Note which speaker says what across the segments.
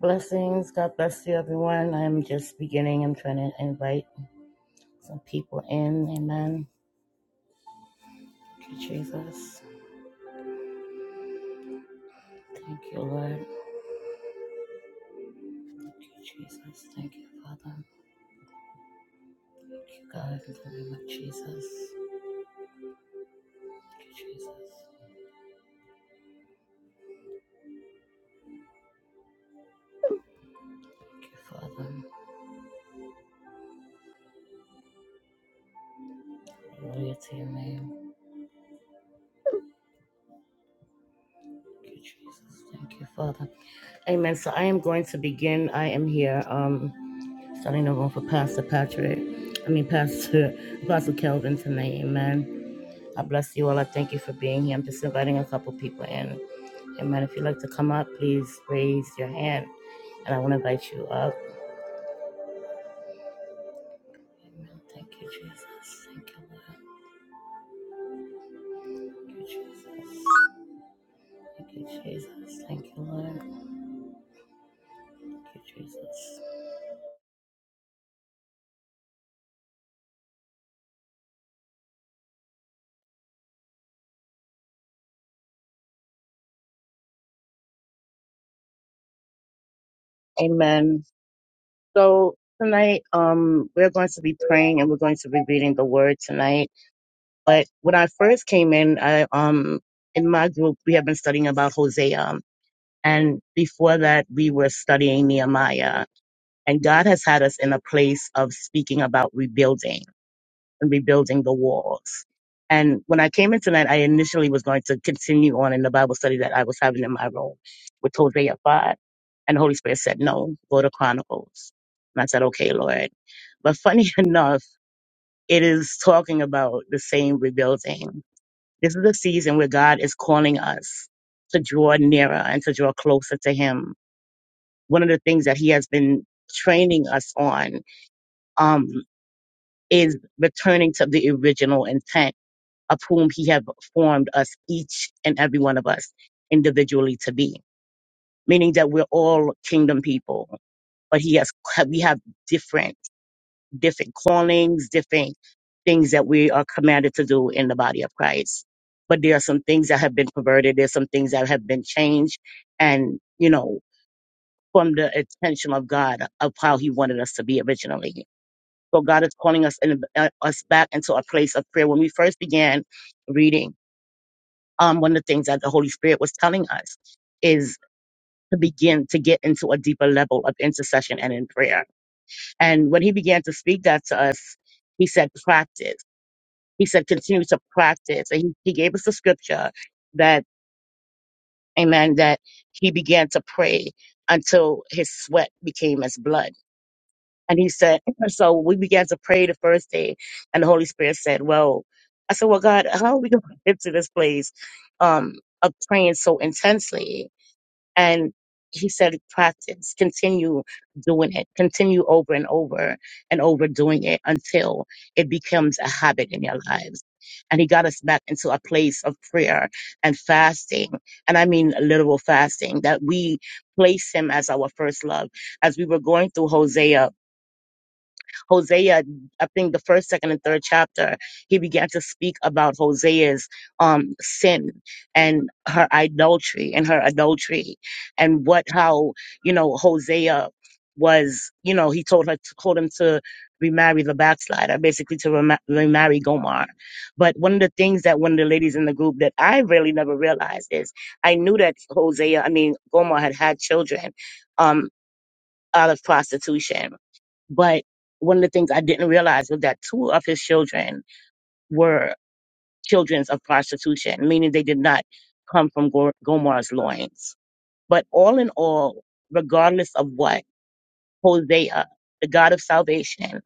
Speaker 1: Blessings. God bless you, everyone. I'm just beginning. I'm trying to invite some people in. Amen. Thank you, Jesus. Thank you, Lord. Thank you, Jesus. Thank you, Father. Thank you, God, in the name of Jesus. Thank you, Jesus. Thank you, Father. Glory to your name. Thank you, Jesus. Thank you, Father. Amen. So I am going to begin. I am here, um, starting over for Pastor Patrick. I mean, Pastor Apostle Kelvin tonight. Amen. I bless you all. I thank you for being here. I'm just inviting a couple people in. Amen. If you'd like to come up, please raise your hand and I want to invite you up. Amen. Thank you, Jesus. Thank you, Lord. Thank you, Jesus. Thank you, Jesus. Thank you, Lord. Thank you, Jesus. Amen. So tonight, um, we're going to be praying and we're going to be reading the word tonight. But when I first came in, I um in my group we have been studying about Hosea. And before that, we were studying Nehemiah. And God has had us in a place of speaking about rebuilding and rebuilding the walls. And when I came in tonight, I initially was going to continue on in the Bible study that I was having in my room with Hosea 5. And the Holy Spirit said, no, go to Chronicles. And I said, okay, Lord. But funny enough, it is talking about the same rebuilding. This is a season where God is calling us to draw nearer and to draw closer to Him one of the things that he has been training us on um, is returning to the original intent of whom he have formed us each and every one of us individually to be meaning that we're all kingdom people but he has we have different different callings different things that we are commanded to do in the body of christ but there are some things that have been perverted there's some things that have been changed and you know from the intention of God of how He wanted us to be originally. So God is calling us in, uh, us back into a place of prayer. When we first began reading, um, one of the things that the Holy Spirit was telling us is to begin to get into a deeper level of intercession and in prayer. And when He began to speak that to us, He said, "Practice." He said, "Continue to practice." And He, he gave us the scripture that, Amen, that He began to pray until His sweat became as blood And he said, so we began to pray the first day, and the Holy Spirit said, well, I said, well, God, how are we going to get to this place um, of praying so intensely? And he said, practice, continue doing it, continue over and over and over doing it until it becomes a habit in your lives. And he got us back into a place of prayer and fasting. And I mean literal fasting that we place him as our first love. As we were going through Hosea Hosea, I think the first, second, and third chapter, he began to speak about Hosea's um, sin and her idolatry and her adultery and what, how, you know, Hosea was, you know, he told her, told him to remarry the backslider, basically to rema- remarry Gomar. But one of the things that one of the ladies in the group that I really never realized is I knew that Hosea, I mean, Gomar had had children um, out of prostitution but one of the things I didn't realize was that two of his children were children of prostitution, meaning they did not come from Gor- Gomar's loins. But all in all, regardless of what, Hosea, the God of salvation,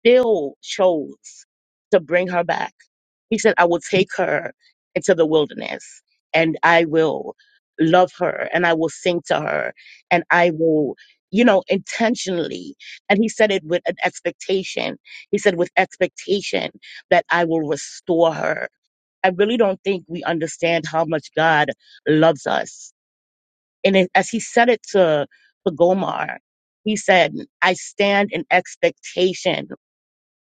Speaker 1: still chose to bring her back. He said, I will take her into the wilderness and I will love her and I will sing to her and I will, you know, intentionally. And he said it with an expectation. He said, with expectation that I will restore her. I really don't think we understand how much God loves us. And it, as he said it to, to Gomar, he said, I stand in expectation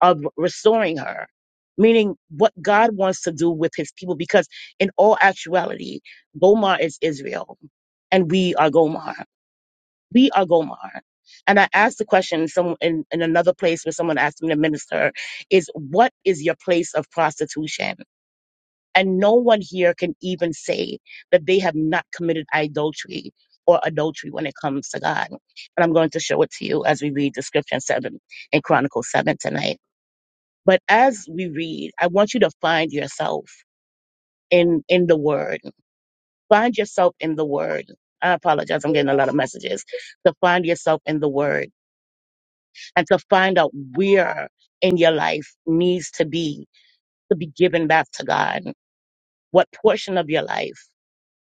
Speaker 1: of restoring her, meaning what God wants to do with his people. Because in all actuality, Gomar is Israel, and we are Gomar. We are Gomar. And I asked the question some, in, in another place where someone asked me to minister is what is your place of prostitution? And no one here can even say that they have not committed idolatry or adultery when it comes to God. And I'm going to show it to you as we read the scripture in seven in Chronicles seven tonight. But as we read, I want you to find yourself in in the word. Find yourself in the word. I apologize, I'm getting a lot of messages. To find yourself in the word and to find out where in your life needs to be to be given back to God. What portion of your life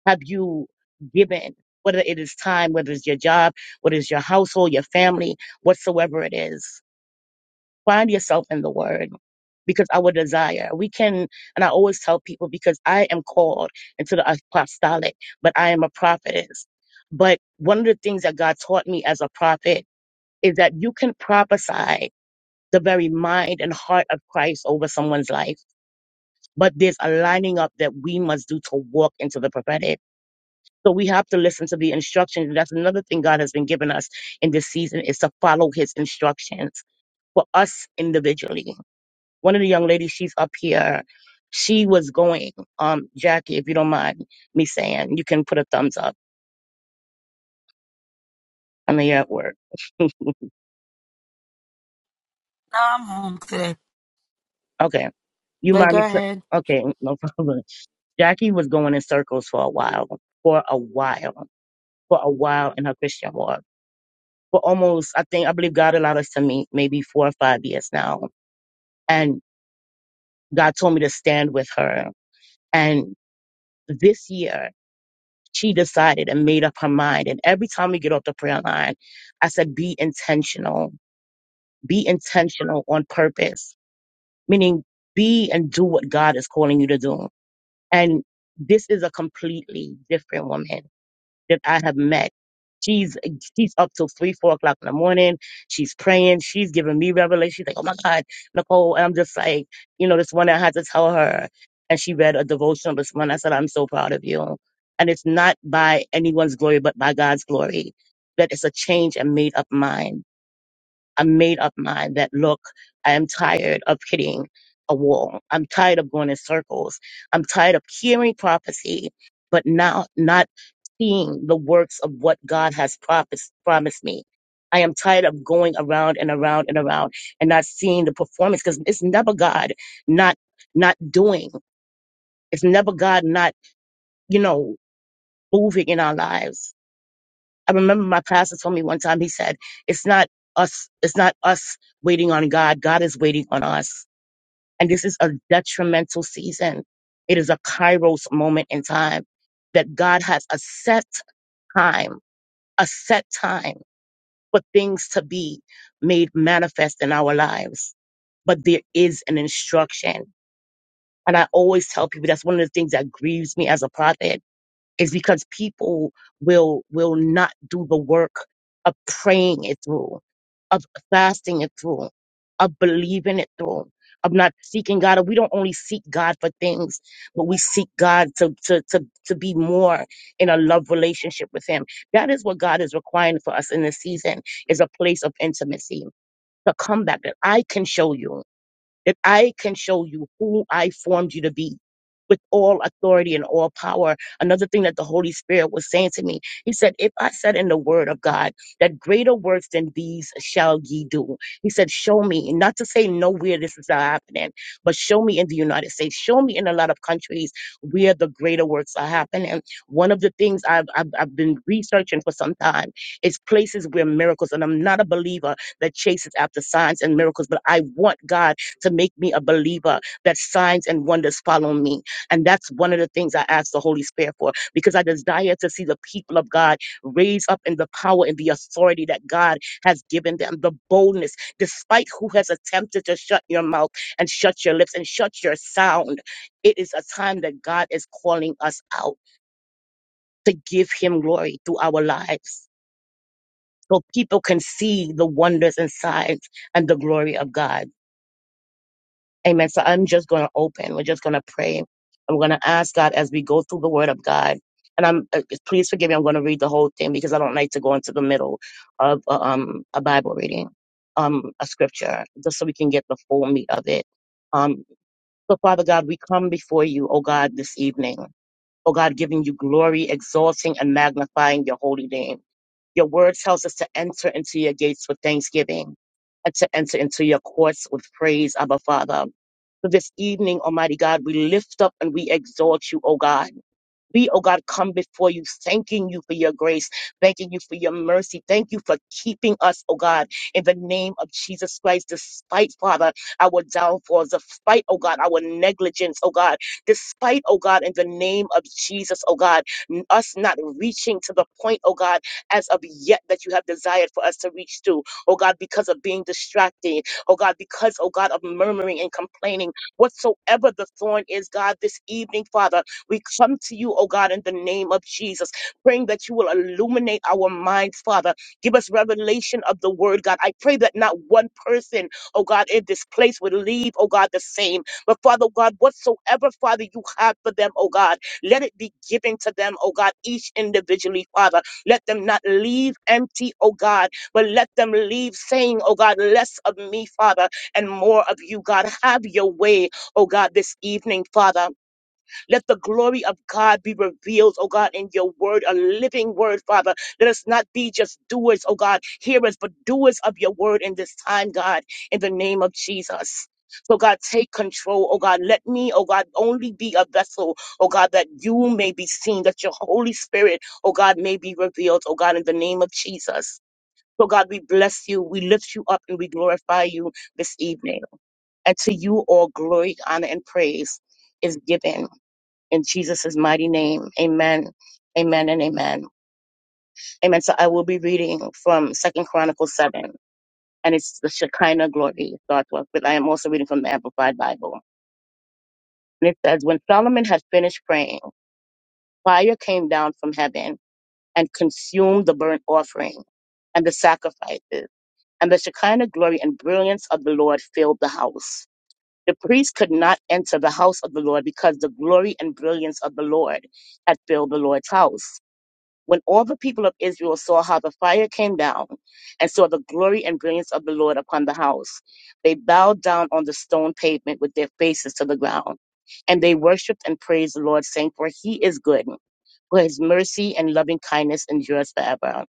Speaker 1: have you given? Whether it is time, whether it's your job, whether it's your household, your family, whatsoever it is. Find yourself in the word because our desire. We can, and I always tell people because I am called into the apostolic, but I am a prophetess. But one of the things that God taught me as a prophet is that you can prophesy the very mind and heart of Christ over someone's life, but there's a lining up that we must do to walk into the prophetic. So we have to listen to the instructions. And That's another thing God has been giving us in this season is to follow his instructions for us individually one of the young ladies, she's up here. She was going, um, Jackie, if you don't mind me saying, you can put a thumbs up. I mean, you're at work.
Speaker 2: No, I'm home today.
Speaker 1: Okay. You
Speaker 2: But
Speaker 1: mind
Speaker 2: go
Speaker 1: me?
Speaker 2: ahead.
Speaker 1: Okay, no problem. Jackie was going in circles for a while, for a while, for a while in her Christian walk. For almost, I think, I believe God allowed us to meet maybe four or five years now. And God told me to stand with her. And this year, she decided and made up her mind. And every time we get off the prayer line, I said, be intentional, be intentional on purpose, meaning be and do what God is calling you to do. And this is a completely different woman that I have met. She's she's up till three, four o'clock in the morning. She's praying. She's giving me revelation. She's like, oh my God, Nicole. And I'm just like, you know, this one I had to tell her. And she read a devotional this morning. I said, I'm so proud of you. And it's not by anyone's glory, but by God's glory that it's a change and made up mind. I made up mine that look, I am tired of hitting a wall. I'm tired of going in circles. I'm tired of hearing prophecy, but now not seeing the works of what God has promised, promised me. I am tired of going around and around and around and not seeing the performance because it's never God not not doing. It's never God not, you know, moving in our lives. I remember my pastor told me one time, he said, it's not us, it's not us waiting on God. God is waiting on us. And this is a detrimental season. It is a kairos moment in time that God has a set time, a set time for things to be made manifest in our lives. But there is an instruction. And I always tell people that's one of the things that grieves me as a prophet is because people will will not do the work of praying it through, of fasting it through, of believing it through, of not seeking God. We don't only seek God for things, but we seek God to to to to be more in a love relationship with Him. That is what God is requiring for us in this season is a place of intimacy. The comeback that I can show you that I can show you who I formed you to be with all authority and all power. Another thing that the Holy Spirit was saying to me, he said, If I said in the word of God that greater works than these shall ye do, he said, Show me, and not to say nowhere this is not happening, but show me in the United States, show me in a lot of countries where the greater works are happening. One of the things I've, I've, I've been researching for some time is places where miracles, and I'm not a believer that chases after signs and miracles, but I want God to make me a believer that signs and wonders follow me. And that's one of the things I ask the Holy Spirit for because I desire to see the people of God raise up in the power and the authority that God has given them, the boldness, despite who has attempted to shut your mouth and shut your lips and shut your sound. It is a time that God is calling us out to give Him glory through our lives. So people can see the wonders and signs and the glory of God. Amen. So I'm just going to open. We're just going to pray. I'm going to ask God as we go through the Word of God. And I'm uh, please forgive me. I'm going to read the whole thing because I don't like to go into the middle of uh, um a Bible reading, um a scripture, just so we can get the full meat of it. Um, so Father God, we come before you, oh God, this evening. Oh God, giving you glory, exalting and magnifying your holy name. Your word tells us to enter into your gates with thanksgiving and to enter into your courts with praise, Abba Father. So this evening, Almighty God, we lift up and we exalt you, O God. We, oh God, come before you, thanking you for your grace, thanking you for your mercy. Thank you for keeping us, oh God, in the name of Jesus Christ, despite, Father, our downfalls, despite, oh God, our negligence, oh God, despite, oh God, in the name of Jesus, oh God, n- us not reaching to the point, oh God, as of yet that you have desired for us to reach to, oh God, because of being distracted, oh God, because, oh God, of murmuring and complaining, whatsoever the thorn is, God, this evening, Father. We come to you, oh God, in the name of Jesus, praying that you will illuminate our minds, Father. Give us revelation of the word, God. I pray that not one person, oh God, in this place would leave, oh God, the same. But Father God, whatsoever, Father, you have for them, oh God, let it be given to them, oh God, each individually, Father. Let them not leave empty, oh God, but let them leave saying, oh God, less of me, Father, and more of you, God. Have your way, oh God, this evening, Father. Let the glory of God be revealed, oh God, in your word, a living word, Father. Let us not be just doers, oh God, hearers, but doers of your word in this time, God, in the name of Jesus. So God, take control, oh God. Let me, oh God, only be a vessel, oh God, that you may be seen, that your Holy Spirit, oh God, may be revealed, oh God, in the name of Jesus. So God, we bless you, we lift you up, and we glorify you this evening. And to you all glory, honor, and praise is given in Jesus' mighty name. Amen. Amen and amen. Amen. So I will be reading from Second Chronicles seven, and it's the Shekinah glory starts with, but I am also reading from the Amplified Bible. And it says, When Solomon had finished praying, fire came down from heaven and consumed the burnt offering and the sacrifices, and the Shekinah glory and brilliance of the Lord filled the house. The priest could not enter the house of the Lord because the glory and brilliance of the Lord had filled the Lord's house When all the people of Israel saw how the fire came down and saw the glory and brilliance of the Lord upon the house, they bowed down on the stone pavement with their faces to the ground. And they worshiped and praised the Lord, saying, For he is good, for his mercy and loving kindness endures forever.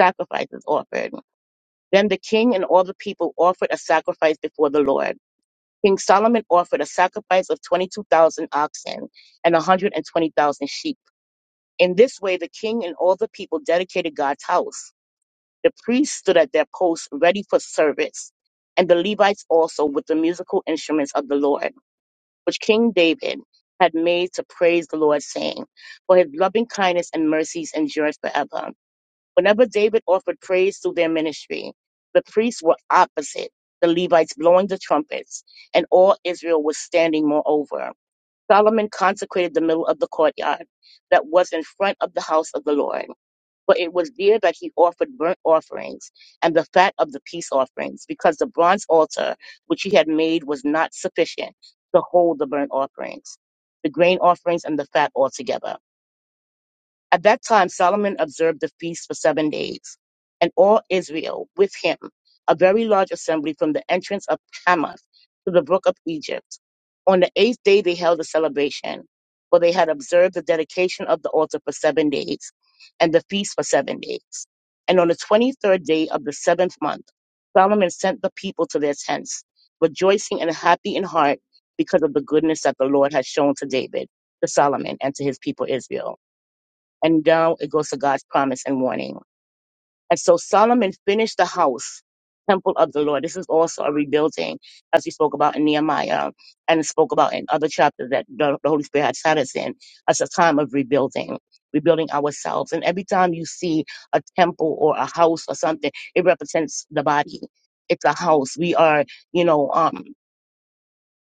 Speaker 1: Sacrifices offered. Then the king and all the people offered a sacrifice before the Lord. King Solomon offered a sacrifice of 22,000 oxen and a 120,000 sheep In this way, the king and all the people dedicated God's house. The priests stood at their posts ready for service, and the Levites also with the musical instruments of the Lord, which King David had made to praise the Lord, saying, For his loving kindness and mercies endureth forever. Whenever David offered praise through their ministry, the priests were opposite, the Levites blowing the trumpets, and all Israel was standing moreover. Solomon consecrated the middle of the courtyard that was in front of the house of the Lord for it was there that he offered burnt offerings and the fat of the peace offerings, because the bronze altar which he had made was not sufficient to hold the burnt offerings, the grain offerings, and the fat altogether. At that time Solomon observed the feast for seven days, and all Israel with him, a very large assembly from the entrance of Hamath to the brook of Egypt. On the eighth day they held a celebration, for they had observed the dedication of the altar for seven days, and the feast for seven days. And on the twenty-third day of the seventh month, Solomon sent the people to their tents, rejoicing and happy in heart because of the goodness that the Lord had shown to David, to Solomon, and to his people Israel and down it goes to God's promise and warning. And so Solomon finished the house, temple of the Lord. This is also a rebuilding, as we spoke about in Nehemiah and spoke about in other chapters that the, the Holy Spirit has had us in as a time of rebuilding, rebuilding ourselves. And every time you see a temple or a house or something, it represents the body. It's a house. We are, you know, um,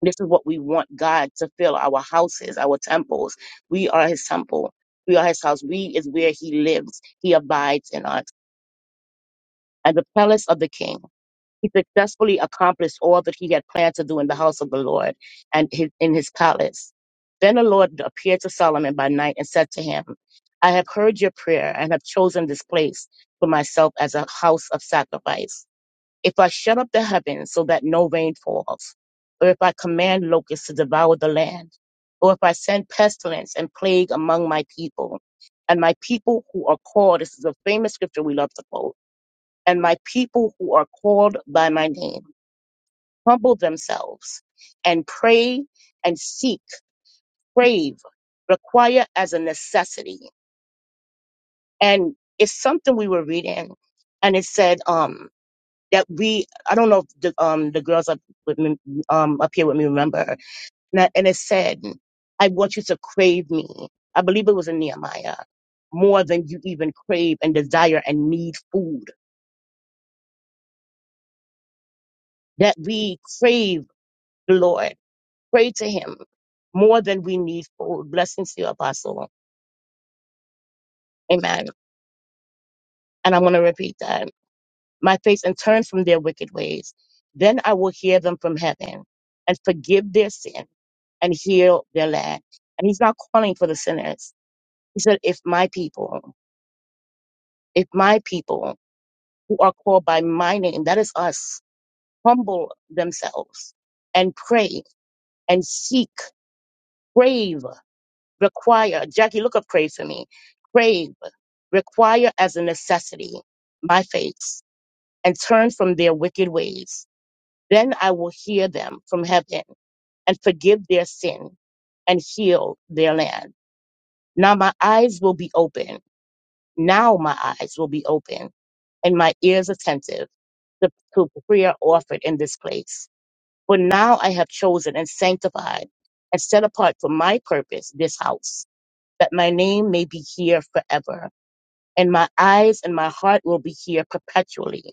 Speaker 1: this is what we want God to fill our houses, our temples. We are his temple. We are his house. We is where he lives. He abides in us. At the palace of the king, he successfully accomplished all that he had planned to do in the house of the Lord and his, in his palace. Then the Lord appeared to Solomon by night and said to him, I have heard your prayer and have chosen this place for myself as a house of sacrifice. If I shut up the heavens so that no rain falls, or if I command locusts to devour the land, or if I send pestilence and plague among my people, and my people who are called, this is a famous scripture we love to quote, and my people who are called by my name humble themselves and pray and seek, crave, require as a necessity. And it's something we were reading, and it said, um. that we I don't know if the um the girls up with me, um up here with me remember and, I, and it said I want you to crave me I believe it was in Nehemiah more than you even crave and desire and need food that we crave the Lord pray to Him more than we need food blessings to you apostle amen and I'm gonna repeat that my face and turn from their wicked ways. Then I will hear them from heaven and forgive their sin and heal their land. And he's not calling for the sinners. He said, if my people, if my people who are called by my name, that is us, humble themselves and pray and seek, crave, require. Jackie, look up crave for me. Crave, require as a necessity my face and turn from their wicked ways Then I will hear them from heaven and forgive their sin and heal their land. Now my eyes will be open. Now my eyes will be open and my ears attentive to, to prayer offered in this place. For now I have chosen and sanctified and set apart for my purpose this house, that my name may be here forever. And my eyes and my heart will be here perpetually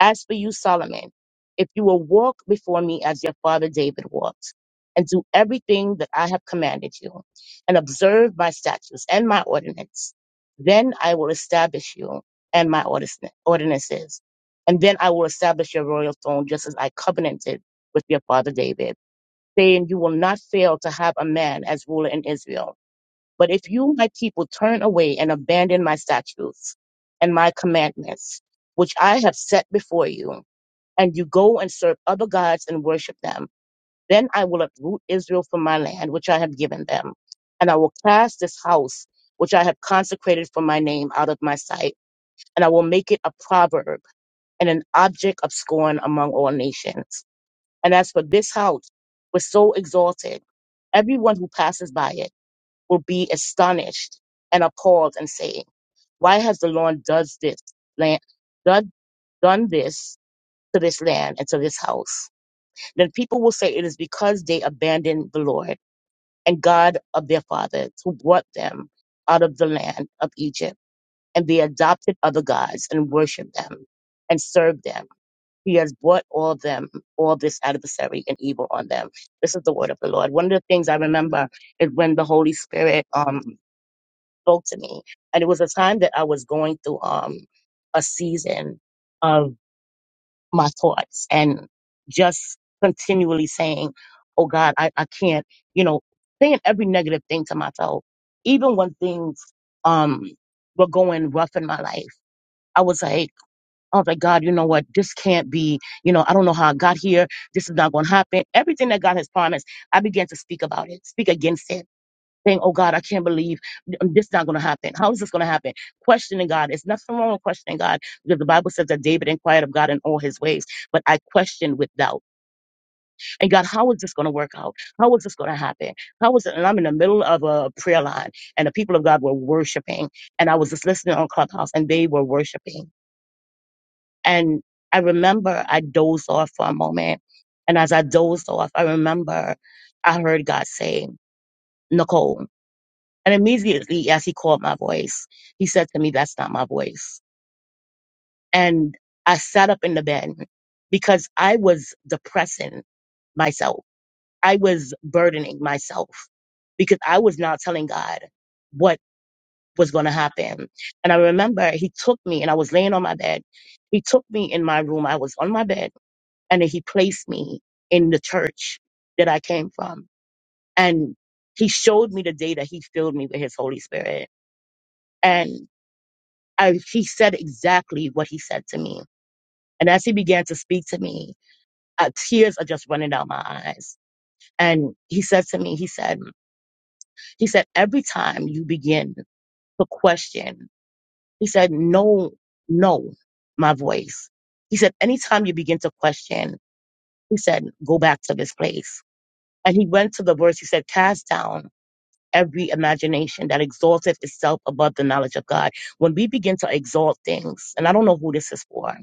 Speaker 1: As for you, Solomon, if you will walk before me as your father David walked, and do everything that I have commanded you, and observe my statutes and my ordinance, then I will establish you and my ordis- ordinances, and then I will establish your royal throne just as I covenanted with your father David, saying, You will not fail to have a man as ruler in Israel. But if you, my people, turn away and abandon my statutes and my commandments, which I have set before you, and you go and serve other gods and worship them. Then I will uproot Israel from my land, which I have given them, and I will cast this house, which I have consecrated for my name, out of my sight, and I will make it a proverb and an object of scorn among all nations. And as for this house, was so exalted, everyone who passes by it will be astonished and appalled and say, Why has the Lord does this land, done done this to this land and to this house? Then people will say it is because they abandoned the Lord and God of their fathers who brought them out of the land of Egypt, and they adopted other gods and worshiped them and served them. He has brought all them, all this adversary and evil on them. This is the word of the Lord. One of the things I remember is when the Holy Spirit um spoke to me. And it was a time that I was going through um a season my thoughts and just continually saying, Oh God, I, I can't, you know, saying every negative thing to myself. Even when things um were going rough in my life, I was like, I was like, God, you know what? This can't be, you know, I don't know how I got here. This is not gonna happen. Everything that God has promised, I began to speak about it, speak against it saying, Oh God, I can't believe um, this is not going to happen. How is this going to happen? Questioning God. There's nothing wrong with questioning God because the Bible says that David inquired of God in all his ways, but I questioned with doubt. And God, how is this going to work out? How is this going to happen? How is it? And I'm in the middle of a prayer line and the people of God were worshiping. And I was just listening on Clubhouse and they were worshiping. And I remember I dozed off for a moment. And as I dozed off, I remember I heard God say, Nicole, And immediately, as he called my voice, he said to me, That's not my voice. And I sat up in the bed because I was depressing myself. I was burdening myself because I was not telling God what was going to happen. And I remember he took me and I was laying on my bed. He took me in my room. I was on my bed and then he placed me in the church that I came from. And he showed me the day that he filled me with his Holy Spirit. and And he said exactly what he said to me. And as he began to speak to me, uh, tears are just running down my eyes. And he said to me, he said, he said, every time you begin to question, he said, no, no, my voice. He said, anytime you begin to question, he said, go back to this place. And he went to the verse, he said, cast down every imagination that exalted itself above the knowledge of God. When we begin to exalt things, and I don't know who this is for,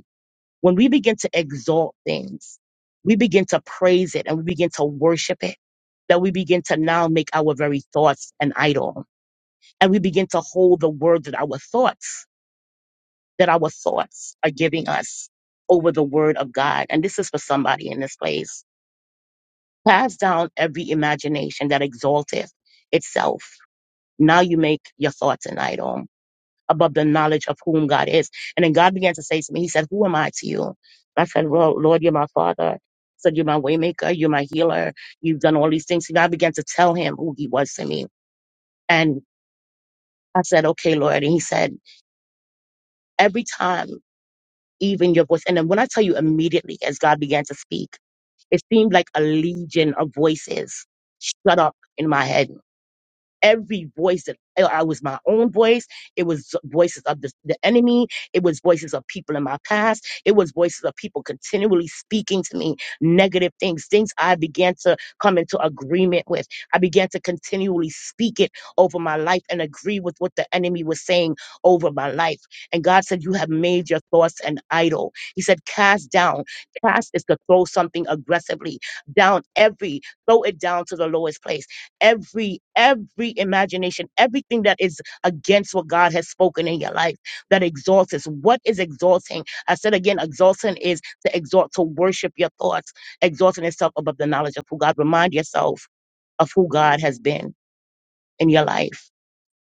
Speaker 1: When we begin to exalt things, we begin to praise it and we begin to worship it, that we begin to now make our very thoughts an idol. And we begin to hold the word that our thoughts, that our thoughts are giving us over the word of God. And this is for somebody in this place. Cast down every imagination that exalteth itself. Now you make your thoughts an idol. above the knowledge of whom God is. And then God began to say to me, He said, Who am I to you? I said, Well, Lord, you're my father. He said, You're my waymaker, you're my healer, you've done all these things. And I began to tell him who he was to me. And I said, Okay, Lord. And he said, Every time, even your voice, and then when I tell you immediately as God began to speak, it seemed like a legion of voices shut up in my head every voice that I I was my own voice. It was voices of the, the enemy. It was voices of people in my past. It was voices of people continually speaking to me negative things, things I began to come into agreement with. I began to continually speak it over my life and agree with what the enemy was saying over my life. And God said, You have made your thoughts an idol. He said, Cast down. Cast is to throw something aggressively down every, throw it down to the lowest place every every imagination everything that is against what god has spoken in your life that exalts us what is exalting i said again exalting is to exalt to worship your thoughts exalting itself above the knowledge of who god remind yourself of who god has been in your life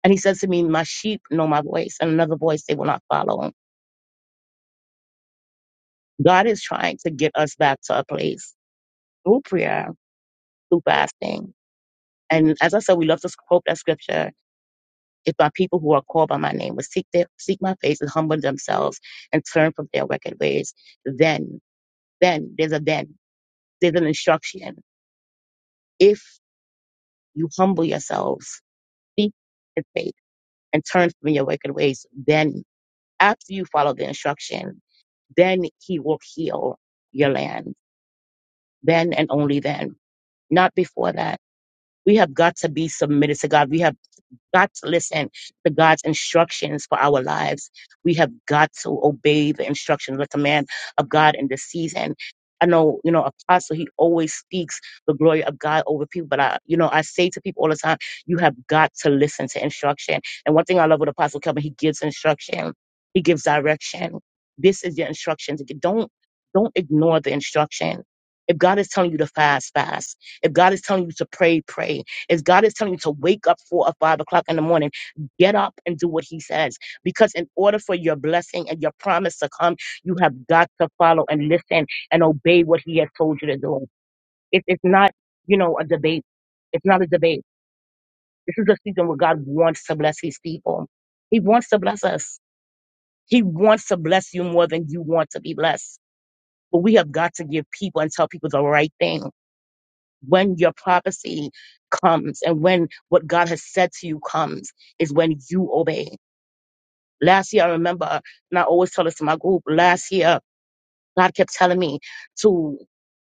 Speaker 1: and he says to me my sheep know my voice and another voice they will not follow god is trying to get us back to a place through prayer through fasting and as i said we love to quote that scripture If my people who are called by my name will seek their, seek my face and humble themselves and turn from their wicked ways, then, then, there's a then, there's an instruction. If you humble yourselves, seek his faith, and turn from your wicked ways, then after you follow the instruction, then he will heal your land. Then and only then, not before that. We have got to be submitted to God. We have got to listen to God's instructions for our lives. We have got to obey the instructions, the command of God in this season. I know, you know, Apostle, he always speaks the glory of God over people. But I, you know, I say to people all the time, you have got to listen to instruction. And one thing I love with Apostle Kelvin, he gives instruction, he gives direction. This is your instructions. Don't don't ignore the instruction. If God is telling you to fast, fast. If God is telling you to pray, pray is God is telling you to wake up four or five o'clock in the morning, get up and do what He says. Because in order for your blessing and your promise to come, you have got to follow and listen and obey what He has told you to do. It, it's not, you know, a debate. It's not a debate. This is a season where God wants to bless His people. He wants to bless us. He wants to bless you more than you want to be blessed. But we have got to give people and tell people the right thing when your prophecy comes and when what God has said to you comes is when you obey. Last year, I remember, and I always tell this to my group, last year, God kept telling me to,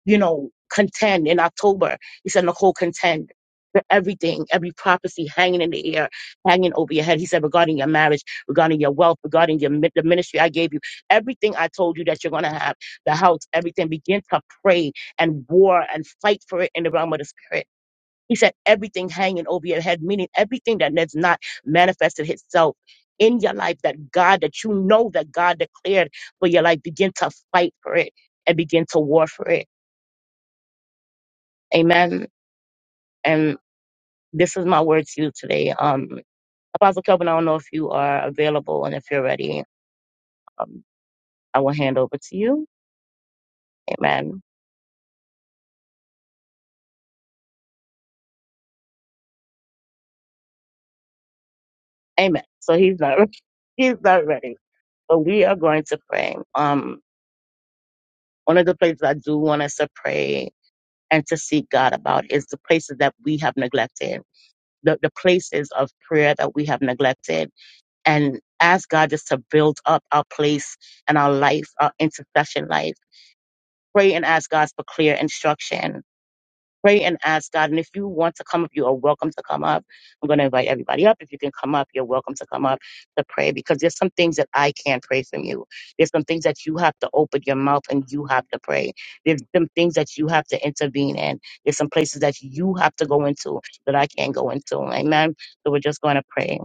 Speaker 1: you know, contend in October. He said, Nicole, contend for everything, every prophecy hanging in the air, hanging over your head. He said, regarding your marriage, regarding your wealth, regarding your mi- the ministry I gave you, everything I told you that you're going to have, the house, everything, begin to pray and war and fight for it in the realm of the spirit he said, everything hanging over your head, meaning everything that has not manifested itself in your life, that God, that you know that God declared for your life, begin to fight for it and begin to war for it. Amen. And this is my word to you today. Um, Apostle Kelvin, I don't know if you are available and if you're ready, um, I will hand over to you. Amen. Amen. So he's not, he's not ready, but we are going to pray. Um, one of the places I do want us to pray and to seek God about is the places that we have neglected, the, the places of prayer that we have neglected, and ask God just to build up our place and our life, our intercession life. Pray and ask God for clear instruction pray and ask God. And if you want to come up, you are welcome to come up. I'm going to invite everybody up. If you can come up, you're welcome to come up to pray because there's some things that I can't pray from you. There's some things that you have to open your mouth and you have to pray. There's some things that you have to intervene in. There's some places that you have to go into that I can't go into. Amen. So we're just going to pray.